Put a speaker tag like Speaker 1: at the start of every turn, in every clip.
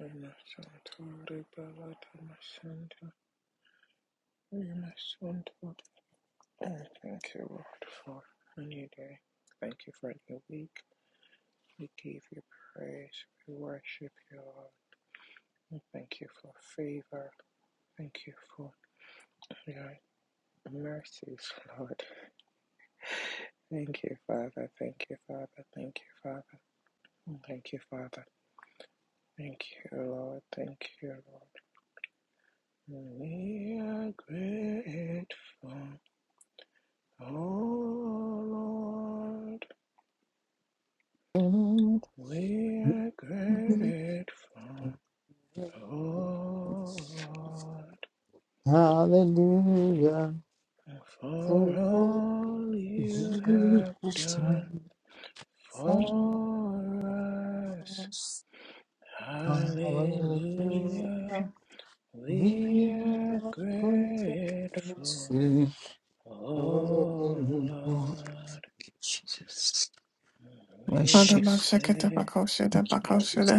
Speaker 1: Yamasantore Balata Masanta Yamasantore. I thank you, Lord, for a new day. Thank you for a new week. We give you praise. We worship you, Lord. We Thank you for favor. Thank you for your mercies, Lord. Thank you, Father. Thank you, Father. Thank you, Father. Thank you, Father. Thank you, Lord. Thank you, Lord. We are grateful. Oh Lord, we are grateful.
Speaker 2: Hallelujah.
Speaker 1: Oh Lord, for
Speaker 2: For
Speaker 1: all you
Speaker 2: Jesus
Speaker 1: have
Speaker 2: Christ.
Speaker 1: done for us. Hallelujah,
Speaker 2: Hallelujah.
Speaker 1: we
Speaker 2: We
Speaker 1: are
Speaker 2: are going to
Speaker 1: grateful.
Speaker 2: sing.
Speaker 1: Oh
Speaker 2: Hallelujah.
Speaker 1: Lord,
Speaker 2: Jesus.
Speaker 1: we will
Speaker 2: Worship.
Speaker 1: say
Speaker 3: Adabashakatabakoshede
Speaker 2: Thank you, Jesus.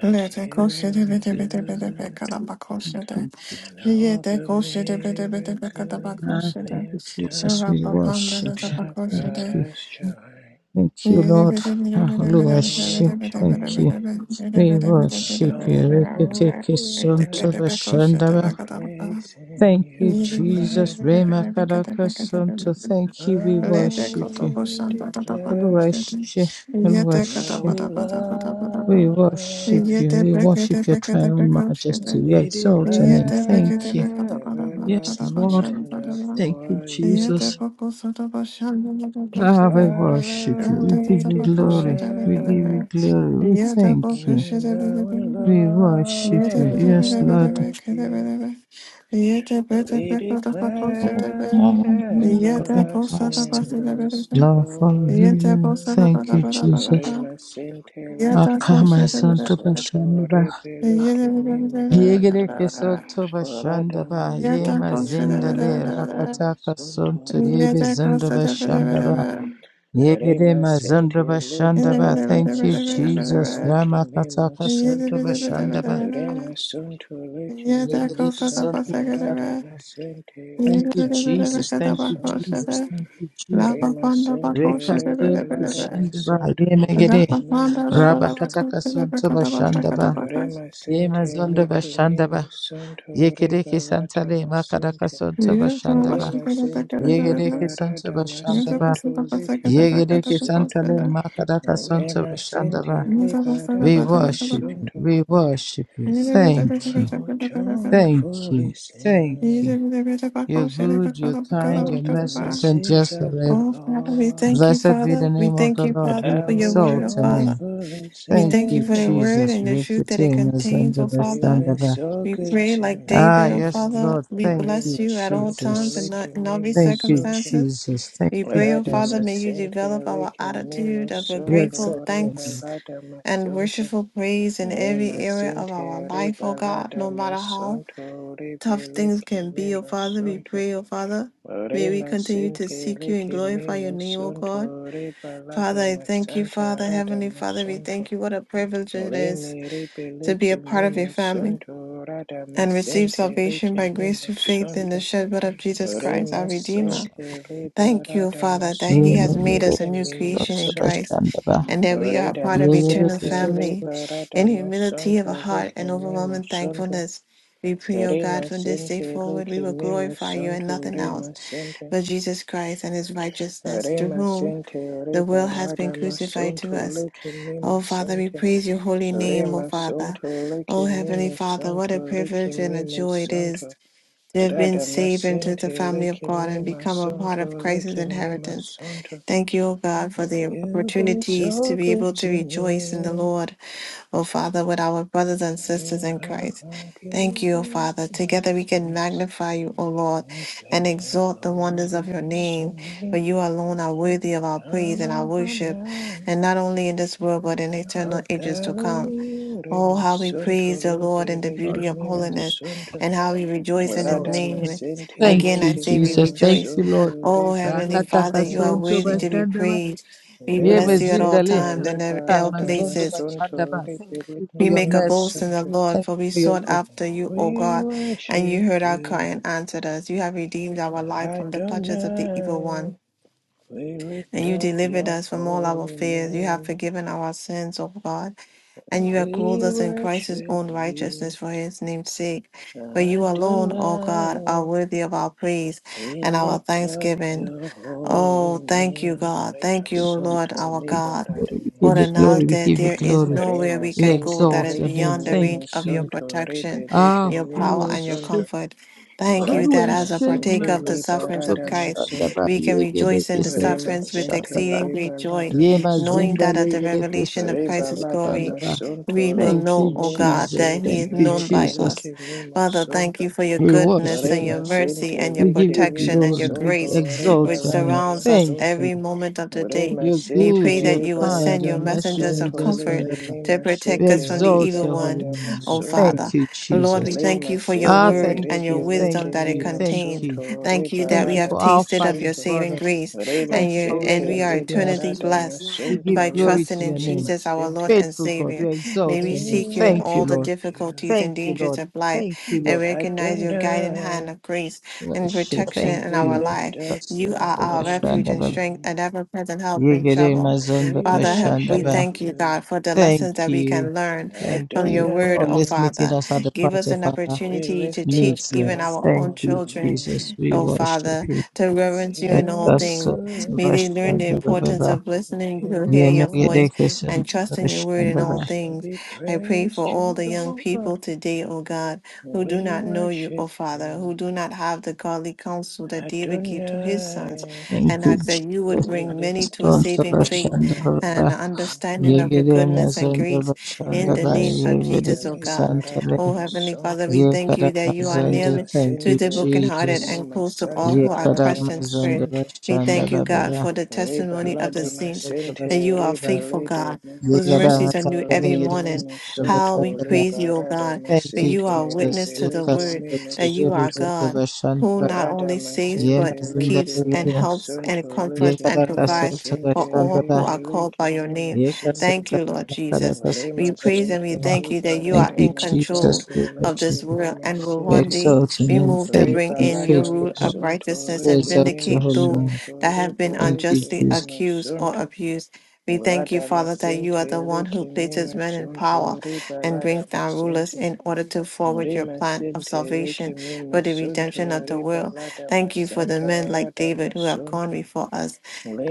Speaker 3: the lete
Speaker 1: you
Speaker 3: koshede
Speaker 1: are
Speaker 2: Thank
Speaker 3: bete
Speaker 2: you.
Speaker 3: bete bete
Speaker 1: good.
Speaker 3: bekada
Speaker 2: Thank
Speaker 3: bakoshede
Speaker 2: you.
Speaker 1: And all
Speaker 3: yete
Speaker 1: the
Speaker 3: koshede bete bete bekada
Speaker 1: miracles
Speaker 2: Ah, thank
Speaker 3: bakoshede
Speaker 2: you,
Speaker 1: we've
Speaker 2: Jesus.
Speaker 1: done
Speaker 2: We
Speaker 3: rapa panda da
Speaker 2: worship you.
Speaker 1: have
Speaker 2: Thank
Speaker 1: brought
Speaker 3: bakoshede
Speaker 2: you.
Speaker 1: us joy.
Speaker 2: Thank you,
Speaker 3: yete
Speaker 2: Lord.
Speaker 3: bete bete bete
Speaker 1: And
Speaker 2: Hallelujah.
Speaker 3: bete
Speaker 1: we've
Speaker 3: bete bete bete
Speaker 2: Thank you.
Speaker 1: changed,
Speaker 3: bete bete
Speaker 2: We
Speaker 3: bete
Speaker 1: and
Speaker 3: bete bete
Speaker 2: worship you.
Speaker 3: bete
Speaker 1: all the hope
Speaker 3: bete
Speaker 2: Rikitiki
Speaker 1: we
Speaker 3: Yete
Speaker 2: Santo
Speaker 3: bete
Speaker 1: have,
Speaker 3: bekoshede
Speaker 2: Bashandaba.
Speaker 1: we
Speaker 3: bekada
Speaker 1: place in
Speaker 2: Thank you,
Speaker 1: you
Speaker 3: yete bete bete
Speaker 1: right
Speaker 2: Jesus. Rema
Speaker 3: bete
Speaker 1: now.
Speaker 3: bekada
Speaker 2: Karaka
Speaker 3: bekada
Speaker 2: Santo. Thank you. We
Speaker 1: Father,
Speaker 3: lete
Speaker 2: worship
Speaker 3: koto
Speaker 2: you.
Speaker 1: we
Speaker 3: boshanda da
Speaker 1: declare,
Speaker 2: Hallelujah.
Speaker 3: bakoshede yete kada
Speaker 1: now
Speaker 2: Hallelujah.
Speaker 3: bada
Speaker 1: we
Speaker 3: bada
Speaker 2: We
Speaker 1: love
Speaker 2: worship you.
Speaker 3: Yete
Speaker 2: We
Speaker 1: you.
Speaker 3: peke de
Speaker 2: worship your
Speaker 3: peke de
Speaker 2: triumph
Speaker 3: peke
Speaker 2: majesty.
Speaker 3: şede.
Speaker 2: We
Speaker 1: We
Speaker 2: exalt your name.
Speaker 3: Yete peke
Speaker 1: declare
Speaker 2: Thank
Speaker 3: de
Speaker 2: you.
Speaker 3: pada pada.
Speaker 1: an
Speaker 3: bana bana
Speaker 2: Yes,
Speaker 3: bana
Speaker 2: Lord.
Speaker 3: başan
Speaker 1: everlasting
Speaker 3: bana
Speaker 1: love
Speaker 3: bana.
Speaker 2: Thank you,
Speaker 1: for you.
Speaker 3: Yete
Speaker 2: Jesus.
Speaker 3: poku sada başan pada bana
Speaker 2: Ah, we
Speaker 3: şede.
Speaker 2: worship
Speaker 1: Father,
Speaker 2: you. We
Speaker 3: Önde de
Speaker 1: we
Speaker 2: give
Speaker 3: de
Speaker 2: you
Speaker 3: poku
Speaker 2: glory.
Speaker 3: şede
Speaker 2: We
Speaker 3: peke de
Speaker 2: give you
Speaker 1: declare
Speaker 2: glory.
Speaker 3: peke.
Speaker 2: We
Speaker 3: Yete
Speaker 2: thank you.
Speaker 3: poku şede peke
Speaker 1: that
Speaker 3: de
Speaker 1: we
Speaker 3: peke.
Speaker 2: We worship you,
Speaker 3: Yete peke de peke
Speaker 2: yes,
Speaker 3: de
Speaker 2: Lord, the
Speaker 1: love
Speaker 3: peke de
Speaker 1: you.
Speaker 3: peke de. Yete
Speaker 1: That
Speaker 3: peke
Speaker 1: we
Speaker 3: peke de poku şede
Speaker 1: declare
Speaker 3: peke.
Speaker 1: an
Speaker 2: Father of
Speaker 3: Yete poku sada
Speaker 1: everlasting
Speaker 2: everlasting
Speaker 3: başan bana
Speaker 1: lust
Speaker 2: love for
Speaker 1: for
Speaker 3: Yete poku
Speaker 2: you.
Speaker 1: you.
Speaker 3: sada
Speaker 2: Thank
Speaker 3: bana
Speaker 2: you,
Speaker 3: bana bana
Speaker 2: Jesus.
Speaker 3: bana.
Speaker 1: Rima sente
Speaker 3: Yete
Speaker 1: leke
Speaker 3: poku
Speaker 2: Akama
Speaker 1: mima
Speaker 3: şede
Speaker 2: Santo
Speaker 1: sunto
Speaker 2: Bashandaba.
Speaker 1: rebe
Speaker 3: Yada
Speaker 1: leke mima santa.
Speaker 2: Yegereke Santo
Speaker 1: Orada
Speaker 2: Bashandaba. Yema
Speaker 1: masente le
Speaker 2: Zindale
Speaker 1: barada
Speaker 2: Rakataka
Speaker 1: masunto
Speaker 2: Santo Yebe
Speaker 1: leke
Speaker 2: Zando
Speaker 1: mima santo.
Speaker 2: Bashandaba.
Speaker 1: Re
Speaker 2: Yegere Mazando
Speaker 1: masente le
Speaker 2: Bashandaba.
Speaker 1: parada
Speaker 2: Thank you,
Speaker 1: masonto
Speaker 2: Jesus.
Speaker 1: le ke
Speaker 2: Ramakataka Santo
Speaker 1: masonto
Speaker 2: Bashandaba.
Speaker 1: re masonto le ke me
Speaker 2: Yegereke Santo
Speaker 1: masonto rada
Speaker 2: Bashandaba.
Speaker 1: masente re
Speaker 2: Thank you,
Speaker 1: balada
Speaker 2: Jesus. Thank you,
Speaker 1: masonto
Speaker 2: Jesus. Thank you,
Speaker 1: re
Speaker 2: Jesus.
Speaker 1: masente
Speaker 2: Reka
Speaker 1: re
Speaker 2: santo
Speaker 1: balada
Speaker 2: shindaba
Speaker 1: masonto le
Speaker 2: yemegede.
Speaker 1: ke masonto
Speaker 2: Rabakataka santo bashandaba.
Speaker 1: re masente
Speaker 2: Yemazondo
Speaker 1: le ke
Speaker 2: bashandaba.
Speaker 1: masonto re
Speaker 2: Yekedeke
Speaker 1: balada
Speaker 2: santale makadaka
Speaker 1: masente
Speaker 2: santo
Speaker 1: re
Speaker 2: bashandaba.
Speaker 1: masente le
Speaker 2: Yegedeke santo
Speaker 1: parada
Speaker 2: bashandaba.
Speaker 1: masonto le ke
Speaker 2: Yegedeke
Speaker 1: masonto
Speaker 2: santale makadaka santo bashandaba.
Speaker 3: Oh,
Speaker 1: Olemasintele
Speaker 3: Father, we
Speaker 2: We worship you.
Speaker 1: Baradamasunto.
Speaker 2: We worship you. Thank
Speaker 1: I
Speaker 2: you.
Speaker 1: will
Speaker 2: Thank
Speaker 1: joyfully
Speaker 2: you. Thank
Speaker 1: sing
Speaker 2: you. You're good, you're kind,
Speaker 1: of
Speaker 2: your
Speaker 1: the
Speaker 2: mercies and
Speaker 1: mercies
Speaker 2: just
Speaker 1: of
Speaker 2: forever.
Speaker 1: the
Speaker 3: thank
Speaker 1: Lord.
Speaker 3: you,
Speaker 2: Blessed be the
Speaker 3: Father. We
Speaker 2: name of
Speaker 3: thank
Speaker 2: the
Speaker 3: you,
Speaker 2: Lord.
Speaker 3: Father,
Speaker 2: We
Speaker 1: I
Speaker 3: for your
Speaker 1: will
Speaker 3: word,
Speaker 2: exalt
Speaker 3: oh,
Speaker 2: exalted
Speaker 3: Father.
Speaker 2: name.
Speaker 1: joyfully
Speaker 3: We
Speaker 2: Thank
Speaker 3: thank you
Speaker 2: you,
Speaker 3: for the
Speaker 1: sing.
Speaker 3: word
Speaker 2: Jesus.
Speaker 3: and the truth that it
Speaker 2: Rikitena
Speaker 3: contains, oh,
Speaker 2: zandaba
Speaker 1: You've
Speaker 3: Father.
Speaker 1: been
Speaker 2: shandaba.
Speaker 1: so
Speaker 3: We
Speaker 1: good
Speaker 3: pray
Speaker 1: to
Speaker 3: like
Speaker 2: Ah,
Speaker 3: David, oh,
Speaker 2: yes,
Speaker 1: me.
Speaker 3: Father.
Speaker 2: Lord.
Speaker 3: We
Speaker 2: Thank
Speaker 3: bless
Speaker 2: you,
Speaker 1: Lema
Speaker 3: you at all
Speaker 1: santo
Speaker 3: times and
Speaker 2: Jesus.
Speaker 3: not
Speaker 1: leke
Speaker 3: in
Speaker 1: mi
Speaker 3: every
Speaker 2: Thank you,
Speaker 1: masunto,
Speaker 3: circumstances.
Speaker 2: Jesus. Thank
Speaker 3: We
Speaker 2: you,
Speaker 3: pray, oh, Father, may
Speaker 2: Jesus.
Speaker 3: you
Speaker 1: Olemasunto lekimimasunto. Radamasinto
Speaker 3: develop our attitude of a
Speaker 2: We
Speaker 1: lekimimasunto.
Speaker 3: grateful
Speaker 2: exalt your
Speaker 3: thanks
Speaker 2: name.
Speaker 1: Rebalada
Speaker 3: and
Speaker 1: masunto.
Speaker 3: worshipful praise in every
Speaker 1: Lima
Speaker 3: area of our
Speaker 1: Sintere
Speaker 3: life, oh God, no
Speaker 1: Balada
Speaker 3: matter how
Speaker 1: Masonto
Speaker 3: tough things
Speaker 1: Rebeleke
Speaker 3: can be, oh Father. We
Speaker 1: Mimasonto
Speaker 3: pray, oh Father, may we
Speaker 1: Rema
Speaker 3: continue to
Speaker 1: Sinte
Speaker 3: seek you and
Speaker 1: Leke
Speaker 3: glorify your name, oh God.
Speaker 1: Mimasonto
Speaker 3: Father,
Speaker 1: Rebalada
Speaker 3: I thank you,
Speaker 1: Masanta
Speaker 3: Father,
Speaker 1: Rada
Speaker 3: Heavenly Father, we
Speaker 1: Masonto
Speaker 3: thank you. What a privilege it is
Speaker 1: Leme
Speaker 3: to be a
Speaker 1: Rebeleke
Speaker 3: part of your family
Speaker 1: Mimasonto Rada
Speaker 3: and receive
Speaker 1: Masente
Speaker 3: salvation
Speaker 1: Leke
Speaker 3: by grace through faith in the
Speaker 1: Mimasonto
Speaker 3: shed blood of Jesus Christ, our
Speaker 1: Rema
Speaker 2: Exalted
Speaker 3: Redeemer.
Speaker 2: shandaba.
Speaker 1: Sinte
Speaker 3: Thank you,
Speaker 1: Lebarada
Speaker 3: Father, that He has
Speaker 1: Masonto
Speaker 3: made
Speaker 2: Yemele
Speaker 3: us a
Speaker 1: Leke
Speaker 3: new creation
Speaker 2: exalted
Speaker 3: in Christ
Speaker 1: Mimasonto
Speaker 2: shandaba.
Speaker 3: and that we are
Speaker 1: Rita
Speaker 3: part of
Speaker 2: Yemele
Speaker 3: eternal
Speaker 1: Masente
Speaker 2: exalted
Speaker 3: family.
Speaker 2: shandaba.
Speaker 1: Liberata
Speaker 3: In humility of a
Speaker 1: Masunto
Speaker 3: heart and
Speaker 1: Likimi
Speaker 3: overwhelming
Speaker 1: Musunto
Speaker 3: thankfulness, we pray, O
Speaker 1: Rima
Speaker 3: God, from this day
Speaker 1: Sente
Speaker 3: forward, we will
Speaker 1: Likimi
Speaker 3: glorify you and
Speaker 1: Musunto
Speaker 3: nothing else
Speaker 1: Rima Sente
Speaker 3: but Jesus Christ and his righteousness, to
Speaker 1: Rima
Speaker 3: whom
Speaker 1: Sente
Speaker 3: the will has been
Speaker 1: Ribalada
Speaker 3: crucified to
Speaker 1: Masunto
Speaker 3: us.
Speaker 1: Likimi
Speaker 3: O Father, we
Speaker 1: Masente
Speaker 3: praise your holy name, O
Speaker 1: Rima
Speaker 3: Father.
Speaker 1: Sunto
Speaker 3: O
Speaker 1: Likimi
Speaker 3: Heavenly Father, what a
Speaker 1: Musunto
Speaker 3: privilege and
Speaker 1: Likimi
Speaker 3: a joy it is
Speaker 1: Musunto
Speaker 3: to have been
Speaker 1: Rada
Speaker 3: saved into the
Speaker 1: Masente
Speaker 3: family of God
Speaker 1: Likimi
Speaker 3: and become a part
Speaker 1: Masunto
Speaker 3: of Christ's
Speaker 1: Likimi
Speaker 3: inheritance.
Speaker 1: Masunto
Speaker 3: Thank you, O God, for the
Speaker 1: You've been
Speaker 3: opportunities to
Speaker 1: so
Speaker 3: be
Speaker 1: good
Speaker 3: able to
Speaker 1: to
Speaker 3: rejoice in the
Speaker 1: me.
Speaker 3: Lord, O Father, with our brothers and sisters
Speaker 1: You
Speaker 3: in
Speaker 1: have
Speaker 3: Christ. Thank
Speaker 1: forgiven
Speaker 3: you, O
Speaker 1: me
Speaker 3: Father.
Speaker 1: my
Speaker 3: Together we can
Speaker 1: sins
Speaker 3: magnify you, O Lord,
Speaker 1: and
Speaker 3: and
Speaker 1: send the
Speaker 3: exalt the wonders
Speaker 1: Holy
Speaker 3: of your
Speaker 1: Ghost to
Speaker 3: name, for
Speaker 1: me.
Speaker 3: you alone are worthy of our praise
Speaker 1: Out
Speaker 3: and our
Speaker 1: of my
Speaker 3: worship,
Speaker 1: mind
Speaker 3: and not only in this world, but in eternal
Speaker 1: of
Speaker 3: ages to come.
Speaker 1: Galilee,
Speaker 3: Oh, how we
Speaker 1: Remasunto
Speaker 3: praise the Lord
Speaker 1: Libe
Speaker 3: in the
Speaker 2: Lord,
Speaker 3: beauty of
Speaker 2: what we
Speaker 3: holiness
Speaker 1: Lekimimusunto.
Speaker 3: and how we rejoice in his
Speaker 2: Exalt.
Speaker 1: Rada
Speaker 3: name.
Speaker 1: Masente
Speaker 2: Thank
Speaker 3: Again,
Speaker 2: you,
Speaker 3: I say we
Speaker 2: Jesus. Thank
Speaker 3: rejoice.
Speaker 2: you,
Speaker 1: Lekimimusunto
Speaker 2: Lord.
Speaker 3: Oh,
Speaker 1: Ribe
Speaker 3: Heavenly Father,
Speaker 2: Rakataka
Speaker 3: you are
Speaker 2: sonto
Speaker 3: worthy to be
Speaker 1: Lekimimusunto.
Speaker 2: bashandaba.
Speaker 3: praised. We
Speaker 2: Ye
Speaker 3: bless you at all
Speaker 2: Yemezindale,
Speaker 1: Remasente
Speaker 3: times and in
Speaker 2: Rakata,
Speaker 3: all
Speaker 1: Leparada
Speaker 2: Mazondo,
Speaker 3: places.
Speaker 1: Masunto
Speaker 2: Bachandaba. Thank
Speaker 1: Ribe
Speaker 2: you for
Speaker 3: We
Speaker 2: your
Speaker 3: make a boast
Speaker 2: mercy.
Speaker 3: in the
Speaker 1: Lekimimusunto.
Speaker 3: Lord,
Speaker 2: Thank
Speaker 3: for
Speaker 2: you
Speaker 3: we
Speaker 2: for your
Speaker 3: sought
Speaker 2: love.
Speaker 3: after you, O
Speaker 1: We
Speaker 3: God, and you
Speaker 1: worship
Speaker 3: heard our
Speaker 1: you.
Speaker 3: cry and answered us. You have redeemed our life from the clutches of the evil
Speaker 1: Adonai,
Speaker 3: one,
Speaker 1: we lift
Speaker 3: and you
Speaker 1: up
Speaker 3: delivered
Speaker 1: your
Speaker 3: us from all our
Speaker 1: holy
Speaker 3: fears. You have
Speaker 1: name.
Speaker 3: forgiven our sins, O God and you have clothed
Speaker 1: We
Speaker 3: us in Christ's
Speaker 1: worship
Speaker 3: own
Speaker 1: you.
Speaker 3: righteousness for his name's sake. For you alone, O God, are
Speaker 1: Adonai,
Speaker 3: worthy of our praise
Speaker 1: we
Speaker 3: and our
Speaker 1: lift up
Speaker 3: thanksgiving.
Speaker 1: your holy
Speaker 3: Oh, thank you,
Speaker 1: name.
Speaker 3: God. Thank you, Lord,
Speaker 1: Remasunto
Speaker 3: our God,
Speaker 1: liberadum
Speaker 2: We
Speaker 3: for
Speaker 2: give you
Speaker 3: the
Speaker 2: glory.
Speaker 3: knowledge
Speaker 1: masunto.
Speaker 2: We
Speaker 3: that
Speaker 2: give you
Speaker 3: there is
Speaker 2: glory.
Speaker 3: nowhere we
Speaker 2: We
Speaker 3: can go
Speaker 1: Remasente
Speaker 3: that
Speaker 2: exalt
Speaker 3: is
Speaker 2: your
Speaker 1: lecem
Speaker 2: name.
Speaker 3: beyond the
Speaker 2: Thank
Speaker 3: reach of your
Speaker 2: you.
Speaker 1: nimasunto.
Speaker 3: protection,
Speaker 1: Rebe
Speaker 2: Ah,
Speaker 1: lecem
Speaker 3: your power, and your
Speaker 2: Oluweshe.
Speaker 1: nimasunto.
Speaker 3: comfort. Thank you that as a
Speaker 2: Oluweshe.
Speaker 1: Radamasente
Speaker 3: partaker of the sufferings
Speaker 2: Makasonto
Speaker 3: of Christ,
Speaker 2: Bashandaba.
Speaker 1: liberadamasunto.
Speaker 3: we can
Speaker 2: Yegede
Speaker 3: rejoice in the
Speaker 2: Pesonto
Speaker 3: sufferings with
Speaker 1: Remasente
Speaker 2: Bashandaba.
Speaker 3: exceeding great joy, knowing
Speaker 1: liberadamasunto.
Speaker 3: that
Speaker 2: Yemazindale
Speaker 3: at the
Speaker 2: Yegede
Speaker 3: revelation of
Speaker 2: Pesonto
Speaker 1: Reba
Speaker 3: Christ's
Speaker 1: lada
Speaker 3: glory,
Speaker 2: Bashandaba.
Speaker 1: masunto
Speaker 3: we will
Speaker 2: Thank
Speaker 1: leke
Speaker 3: know,
Speaker 2: you,
Speaker 3: O
Speaker 1: me
Speaker 3: God,
Speaker 2: Jesus.
Speaker 3: that
Speaker 1: masente
Speaker 3: He
Speaker 2: Thank
Speaker 3: is
Speaker 2: you,
Speaker 3: known
Speaker 1: rebe
Speaker 3: by
Speaker 2: Jesus.
Speaker 3: us.
Speaker 1: leke me
Speaker 3: Father, thank you
Speaker 1: masunto
Speaker 3: for your
Speaker 2: We
Speaker 3: goodness
Speaker 2: worship
Speaker 1: re
Speaker 3: and
Speaker 2: you.
Speaker 3: your mercy
Speaker 1: masente
Speaker 3: and your
Speaker 2: We give
Speaker 1: leke
Speaker 2: you
Speaker 1: me
Speaker 3: protection and
Speaker 2: glory.
Speaker 3: your
Speaker 2: We
Speaker 3: grace
Speaker 1: masunto reba
Speaker 3: which
Speaker 2: exalt your name.
Speaker 3: surrounds us
Speaker 2: Thank
Speaker 1: masunto
Speaker 2: you.
Speaker 3: every moment of the
Speaker 1: re
Speaker 3: day.
Speaker 2: You're
Speaker 3: We
Speaker 2: good,
Speaker 3: pray
Speaker 1: masente
Speaker 2: you're
Speaker 3: that you will
Speaker 1: reba
Speaker 2: kind,
Speaker 3: send
Speaker 2: your
Speaker 1: lada
Speaker 3: your
Speaker 2: mercies
Speaker 3: messengers of
Speaker 1: masunto
Speaker 2: endures
Speaker 3: comfort
Speaker 1: leke
Speaker 2: forever.
Speaker 1: me
Speaker 3: to
Speaker 2: We
Speaker 3: protect us from
Speaker 1: masente
Speaker 3: the
Speaker 2: exalt
Speaker 1: reba
Speaker 3: evil
Speaker 2: your holy
Speaker 3: one,
Speaker 1: lada
Speaker 2: name,
Speaker 3: O
Speaker 2: Lord.
Speaker 1: masunto
Speaker 2: Thank
Speaker 3: Father.
Speaker 2: you,
Speaker 3: Lord,
Speaker 2: Jesus.
Speaker 3: we
Speaker 1: le
Speaker 3: thank you for your
Speaker 2: Ah,
Speaker 1: masente
Speaker 3: word
Speaker 2: thank
Speaker 3: and your
Speaker 1: rebe
Speaker 2: you, thank
Speaker 3: wisdom
Speaker 1: leke
Speaker 3: that it
Speaker 1: me
Speaker 2: you, thank
Speaker 3: contains.
Speaker 2: you.
Speaker 1: masunto
Speaker 3: Thank you
Speaker 1: reba
Speaker 3: that
Speaker 2: Thank
Speaker 3: we
Speaker 2: you
Speaker 1: lada
Speaker 3: have
Speaker 2: for how
Speaker 3: tasted
Speaker 2: far
Speaker 3: of
Speaker 2: you've
Speaker 3: your
Speaker 1: masunto
Speaker 2: brought
Speaker 3: saving
Speaker 2: us.
Speaker 3: grace
Speaker 1: re
Speaker 2: Thank
Speaker 3: and
Speaker 2: you
Speaker 3: you
Speaker 2: for where
Speaker 3: and
Speaker 1: masente
Speaker 2: you're
Speaker 3: we are
Speaker 1: le
Speaker 2: taking us
Speaker 3: eternally
Speaker 2: to.
Speaker 1: barada
Speaker 3: blessed
Speaker 2: We
Speaker 1: masunto
Speaker 2: give
Speaker 3: by
Speaker 2: glory
Speaker 3: trusting
Speaker 1: leke
Speaker 2: to
Speaker 3: in
Speaker 2: your
Speaker 1: me
Speaker 2: name.
Speaker 3: Jesus our Lord
Speaker 1: masente
Speaker 3: and
Speaker 2: Faithful God,
Speaker 3: Savior.
Speaker 2: we
Speaker 3: May
Speaker 2: exalt
Speaker 3: we
Speaker 2: your
Speaker 1: we
Speaker 2: name.
Speaker 3: seek you in
Speaker 2: Thank you,
Speaker 3: all the
Speaker 2: Lord.
Speaker 1: worship you,
Speaker 3: difficulties and
Speaker 2: Thank you,
Speaker 3: dangers
Speaker 2: Lord.
Speaker 3: of life
Speaker 2: Thank you,
Speaker 3: and
Speaker 2: Lord.
Speaker 3: recognize your guiding hand
Speaker 1: Adonai.
Speaker 3: of grace and
Speaker 2: Worship, Thank
Speaker 3: protection in
Speaker 1: We
Speaker 3: our life.
Speaker 2: you.
Speaker 1: lift up
Speaker 3: You are
Speaker 1: your
Speaker 3: our
Speaker 1: holy
Speaker 3: refuge and strength
Speaker 1: name.
Speaker 3: and ever present help in
Speaker 2: Yigiri
Speaker 3: trouble.
Speaker 1: We
Speaker 2: mazondoro
Speaker 3: Father, have, we
Speaker 2: shandaba.
Speaker 1: worship
Speaker 3: thank you, God,
Speaker 1: you,
Speaker 3: for the
Speaker 2: Thank
Speaker 3: lessons that we
Speaker 2: you.
Speaker 3: can learn
Speaker 2: Thank
Speaker 3: from your
Speaker 2: you for
Speaker 3: word, oh
Speaker 2: always
Speaker 1: Adonai.
Speaker 2: meeting
Speaker 3: Father.
Speaker 2: us at the
Speaker 3: Give
Speaker 2: point
Speaker 3: us
Speaker 2: of
Speaker 3: an
Speaker 2: our
Speaker 1: We
Speaker 3: opportunity to
Speaker 1: lift up
Speaker 3: teach
Speaker 2: needs, Lord.
Speaker 3: even
Speaker 1: your
Speaker 3: our
Speaker 2: Thank
Speaker 3: own
Speaker 2: you,
Speaker 1: holy
Speaker 3: children,
Speaker 2: Jesus.
Speaker 1: name.
Speaker 2: We
Speaker 3: oh
Speaker 2: worship
Speaker 3: Father,
Speaker 2: you.
Speaker 3: to reverence you in all
Speaker 1: You are
Speaker 3: things.
Speaker 1: good.
Speaker 3: May
Speaker 2: Ekasotoro
Speaker 3: they learn the importance
Speaker 2: shandaba.
Speaker 3: of listening to
Speaker 1: You
Speaker 3: hear
Speaker 1: are
Speaker 3: your
Speaker 2: Yemegede
Speaker 3: voice
Speaker 1: worthy
Speaker 3: and
Speaker 2: kesentoro
Speaker 3: trusting your word in all
Speaker 2: shandaba.
Speaker 1: to
Speaker 3: things.
Speaker 1: be
Speaker 3: I pray for
Speaker 1: praised,
Speaker 3: all the young
Speaker 1: Jehovah.
Speaker 3: people today, oh God who do
Speaker 1: We
Speaker 3: not know you, O
Speaker 1: worship
Speaker 3: Father, who
Speaker 1: you,
Speaker 3: do not have the godly counsel that David gave to his sons,
Speaker 1: Adonai.
Speaker 2: Thank
Speaker 3: and
Speaker 2: you,
Speaker 3: ask that you would
Speaker 2: Jesus.
Speaker 1: We
Speaker 3: bring many
Speaker 1: lift
Speaker 3: to a
Speaker 1: up
Speaker 3: saving
Speaker 2: Ekasotoro
Speaker 1: your
Speaker 3: faith
Speaker 1: holy
Speaker 3: and
Speaker 2: shandaba.
Speaker 1: name.
Speaker 3: understanding of your
Speaker 2: Yigiri
Speaker 3: goodness and grace
Speaker 2: mazondoro
Speaker 3: in the
Speaker 2: shandaba.
Speaker 3: name of
Speaker 2: Yigiri
Speaker 3: Jesus, O
Speaker 1: Remasentele
Speaker 3: God.
Speaker 1: parada
Speaker 3: O
Speaker 2: kesantoro.
Speaker 3: Heavenly Father,
Speaker 1: masunto.
Speaker 3: we thank
Speaker 2: Yekara
Speaker 3: you that you are
Speaker 2: mazondo.
Speaker 3: near
Speaker 2: Thank
Speaker 3: to
Speaker 2: you,
Speaker 3: the
Speaker 1: Remasentele
Speaker 3: brokenhearted
Speaker 2: Jesus.
Speaker 1: kimi
Speaker 3: and close to all who are
Speaker 1: masantara
Speaker 2: Yekara
Speaker 1: da
Speaker 3: crushed in
Speaker 2: mazanda
Speaker 3: spirit.
Speaker 1: masunto.
Speaker 3: We
Speaker 2: bashanda
Speaker 3: thank you, God,
Speaker 2: bababa.
Speaker 3: for the testimony of the
Speaker 1: Rebalada
Speaker 2: Yekara
Speaker 3: saints
Speaker 1: masente
Speaker 3: that you are
Speaker 2: bashanda.
Speaker 3: faithful, God,
Speaker 1: rebalede me
Speaker 3: whose
Speaker 2: Yekara
Speaker 3: mercies are new
Speaker 1: masunto
Speaker 2: mazanda
Speaker 3: every
Speaker 1: leki kimi
Speaker 3: morning.
Speaker 2: yekara
Speaker 3: How we
Speaker 1: masunto
Speaker 2: bashanda
Speaker 1: le
Speaker 2: ba.
Speaker 3: praise you, O
Speaker 1: parada
Speaker 3: God. For
Speaker 2: Thank you,
Speaker 3: you are
Speaker 1: masente
Speaker 2: Jesus.
Speaker 3: witness to
Speaker 1: rebele
Speaker 3: the word
Speaker 1: kimi
Speaker 2: Yekasete
Speaker 3: that you are
Speaker 1: masunto.
Speaker 2: yebizende
Speaker 3: God,
Speaker 2: bashanda
Speaker 3: who
Speaker 2: ba.
Speaker 3: not
Speaker 1: Rada
Speaker 3: only saves,
Speaker 1: masente
Speaker 3: but
Speaker 1: leki
Speaker 2: Yemazinda
Speaker 3: keeps
Speaker 1: kimi
Speaker 3: and
Speaker 2: yere.
Speaker 3: helps and
Speaker 1: masunto leki
Speaker 3: comforts and
Speaker 2: Yekara
Speaker 1: kimi
Speaker 3: provides
Speaker 2: kasete
Speaker 1: masente
Speaker 3: for
Speaker 2: bashanda
Speaker 3: all who
Speaker 2: ba.
Speaker 3: are
Speaker 1: rebele
Speaker 3: called by your
Speaker 1: kimi
Speaker 3: name.
Speaker 1: masunto.
Speaker 3: Thank
Speaker 2: Yekasete
Speaker 3: you, Lord
Speaker 2: makara
Speaker 3: Jesus.
Speaker 1: Lare
Speaker 3: We
Speaker 2: kasete
Speaker 3: praise and
Speaker 1: masinte
Speaker 2: bashanda
Speaker 3: we
Speaker 2: ba.
Speaker 3: thank you that you are
Speaker 2: Thank
Speaker 1: liberada
Speaker 2: you,
Speaker 3: in control
Speaker 2: Jesus.
Speaker 1: masonto
Speaker 2: We
Speaker 3: of
Speaker 2: worship
Speaker 3: this
Speaker 1: leke
Speaker 2: you.
Speaker 1: mi
Speaker 3: world and will
Speaker 2: We
Speaker 3: one
Speaker 1: masente.
Speaker 3: day
Speaker 2: exalt your
Speaker 3: be
Speaker 2: name.
Speaker 3: moved to
Speaker 2: Thank
Speaker 1: Lare
Speaker 3: bring
Speaker 2: you,
Speaker 3: in your
Speaker 1: balada
Speaker 2: faithful
Speaker 3: rule
Speaker 2: God.
Speaker 3: of
Speaker 1: masonto
Speaker 3: righteousness
Speaker 2: We
Speaker 3: and
Speaker 1: leke mi
Speaker 2: exalt your
Speaker 3: vindicate
Speaker 2: holy
Speaker 3: those
Speaker 2: name.
Speaker 3: that
Speaker 1: masonto
Speaker 3: have
Speaker 1: rebe
Speaker 3: been
Speaker 2: Thank you,
Speaker 1: leke
Speaker 3: unjustly
Speaker 1: mi
Speaker 2: Jesus.
Speaker 3: accused or
Speaker 1: masonto.
Speaker 3: abused. We thank you,
Speaker 1: Lada
Speaker 3: Father, that you are
Speaker 1: masente,
Speaker 3: the one who
Speaker 1: leke mi
Speaker 3: places men in
Speaker 1: masonto
Speaker 3: power
Speaker 1: reba
Speaker 3: and
Speaker 1: balada
Speaker 3: brings down rulers
Speaker 1: masente,
Speaker 3: in order to forward
Speaker 1: Re
Speaker 3: your plan of
Speaker 1: masente,
Speaker 3: salvation
Speaker 1: leke mi
Speaker 3: for the redemption of
Speaker 1: masonto
Speaker 3: the
Speaker 1: reba
Speaker 3: world.
Speaker 1: lada
Speaker 3: Thank you for the men
Speaker 1: masanta
Speaker 3: like
Speaker 1: rada
Speaker 3: David who have gone
Speaker 1: masonto.
Speaker 3: before us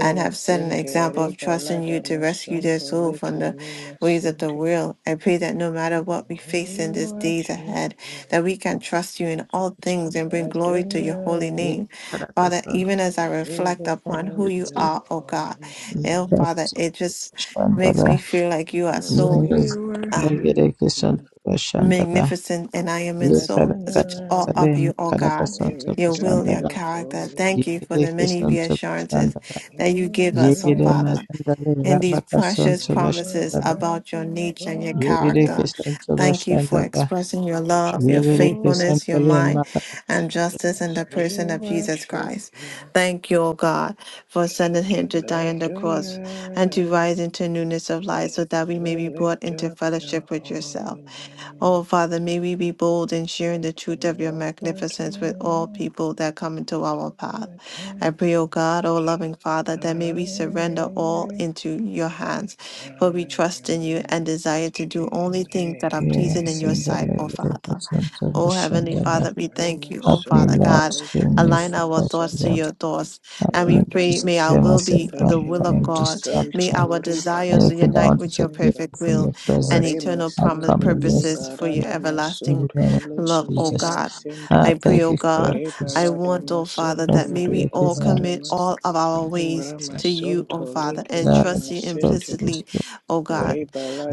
Speaker 3: and have set an
Speaker 1: masente,
Speaker 3: example of
Speaker 1: reba
Speaker 3: trusting you
Speaker 1: balada
Speaker 3: to rescue their
Speaker 1: masonto
Speaker 3: soul from
Speaker 1: leke
Speaker 3: the
Speaker 1: mi
Speaker 3: ways of the
Speaker 1: masente.
Speaker 3: world. I pray that no matter what we face
Speaker 1: We
Speaker 3: in these days
Speaker 1: worship
Speaker 3: ahead,
Speaker 1: you
Speaker 3: that we can trust you in all things and bring
Speaker 1: and
Speaker 3: glory to your holy
Speaker 1: Adonai.
Speaker 2: Ye
Speaker 3: name. Father,
Speaker 2: parakasan
Speaker 3: even as I
Speaker 1: We
Speaker 3: reflect upon
Speaker 1: lift up
Speaker 3: who you
Speaker 2: yeti
Speaker 1: your
Speaker 3: are, oh God,
Speaker 1: holy
Speaker 3: oh
Speaker 1: name.
Speaker 2: yekas
Speaker 3: Father, it just makes
Speaker 2: shandaba
Speaker 3: me feel like you are so.
Speaker 2: yes
Speaker 1: We
Speaker 3: um
Speaker 2: megere
Speaker 1: worship
Speaker 2: kesan
Speaker 1: you,
Speaker 2: shandaba
Speaker 3: magnificent, and I am in
Speaker 2: ye
Speaker 3: so such
Speaker 2: parakasan
Speaker 3: awe
Speaker 1: Adonai.
Speaker 3: of
Speaker 2: salem
Speaker 3: you, O God,
Speaker 2: karakasan
Speaker 1: We
Speaker 3: your
Speaker 1: lift up
Speaker 3: will, your
Speaker 2: shandaba
Speaker 1: your
Speaker 3: character.
Speaker 1: holy
Speaker 2: ye
Speaker 3: Thank you
Speaker 1: name.
Speaker 3: for
Speaker 2: gere
Speaker 3: the many
Speaker 2: kesan
Speaker 3: reassurances
Speaker 2: shandaba
Speaker 3: that you
Speaker 1: You
Speaker 3: give
Speaker 2: ye
Speaker 1: are
Speaker 3: us, O
Speaker 2: gere
Speaker 1: great.
Speaker 3: Father,
Speaker 2: mazandale
Speaker 3: and these
Speaker 2: rabakasan
Speaker 3: precious
Speaker 1: You are
Speaker 3: promises
Speaker 2: shandaba
Speaker 3: about your
Speaker 1: worthy of
Speaker 3: nature and
Speaker 1: all
Speaker 3: your
Speaker 1: our
Speaker 2: ye gere
Speaker 3: character.
Speaker 1: praise.
Speaker 2: kesan
Speaker 3: Thank you for
Speaker 2: shandaba
Speaker 3: expressing your love,
Speaker 2: ye
Speaker 3: your
Speaker 2: gere
Speaker 1: Jehovah,
Speaker 2: kesan
Speaker 3: faithfulness, your
Speaker 2: salem
Speaker 3: mind,
Speaker 2: makarasan
Speaker 3: and justice in
Speaker 1: yes,
Speaker 3: the person
Speaker 1: we
Speaker 3: of Jesus
Speaker 1: worship
Speaker 3: Christ.
Speaker 1: you,
Speaker 3: Thank you, O God, for sending him to die on the cross and to
Speaker 1: Adonai.
Speaker 3: rise into newness of life so that we may be
Speaker 1: We
Speaker 3: brought
Speaker 1: lift
Speaker 3: into
Speaker 1: up your
Speaker 3: fellowship with yourself.
Speaker 1: holy name.
Speaker 3: Oh, Father, may we be bold in sharing the
Speaker 1: Santo
Speaker 3: truth of your magnificence with all
Speaker 1: leke
Speaker 3: people that come into our path. I pray, O God, O loving Father, that may we surrender all into your hands, for we trust in you and desire to do only things that are pleasing in your sight,
Speaker 2: sindale
Speaker 3: O
Speaker 2: gere
Speaker 3: Father.
Speaker 2: kesan
Speaker 3: Oh, Heavenly
Speaker 2: shandaba
Speaker 3: Father, we thank you, oh
Speaker 2: अपने
Speaker 3: Father
Speaker 2: Lord
Speaker 3: God.
Speaker 2: से
Speaker 1: mi
Speaker 3: Align our thoughts to
Speaker 2: मैं
Speaker 1: masanta
Speaker 3: your thoughts.
Speaker 2: Help
Speaker 3: And we
Speaker 2: me
Speaker 1: Rada
Speaker 2: to
Speaker 3: pray, may our
Speaker 2: sever
Speaker 3: will
Speaker 2: myself
Speaker 1: masente
Speaker 3: be
Speaker 2: from
Speaker 3: the
Speaker 2: any
Speaker 1: leke
Speaker 3: will
Speaker 2: form
Speaker 3: of
Speaker 1: mi
Speaker 2: of
Speaker 3: God. May
Speaker 2: distraction.
Speaker 3: our
Speaker 1: masanto riba
Speaker 3: desires
Speaker 2: Anything
Speaker 1: lada
Speaker 2: that
Speaker 3: unite
Speaker 2: wants to
Speaker 3: with your
Speaker 2: take me
Speaker 1: masanto
Speaker 3: perfect
Speaker 2: from
Speaker 3: will
Speaker 2: your
Speaker 3: and
Speaker 1: Re
Speaker 2: presence,
Speaker 3: eternal
Speaker 2: I
Speaker 3: promise
Speaker 1: masente
Speaker 2: come against it
Speaker 3: purposes
Speaker 1: liba
Speaker 3: for your
Speaker 1: rada
Speaker 2: in
Speaker 3: everlasting
Speaker 2: the name
Speaker 1: masanto
Speaker 2: of
Speaker 1: leke
Speaker 3: love, O
Speaker 1: mi
Speaker 2: Jesus.
Speaker 3: God.
Speaker 1: masente
Speaker 2: Ah,
Speaker 3: I pray,
Speaker 2: thank
Speaker 3: O
Speaker 2: you for your
Speaker 3: God,
Speaker 1: Riba
Speaker 3: I
Speaker 2: peace.
Speaker 1: lada
Speaker 3: want, O Father,
Speaker 2: Thank
Speaker 3: that
Speaker 2: you
Speaker 1: masanto
Speaker 3: may
Speaker 2: for your
Speaker 3: we
Speaker 1: riba
Speaker 3: all
Speaker 2: peace and
Speaker 3: commit
Speaker 1: lada
Speaker 3: all of our ways to you,
Speaker 1: Ramasonto
Speaker 3: O Father,
Speaker 1: leke
Speaker 3: and
Speaker 2: that
Speaker 1: me
Speaker 3: trust you
Speaker 2: told
Speaker 1: masente.
Speaker 2: the
Speaker 3: implicitly,
Speaker 2: Spirit
Speaker 3: O God.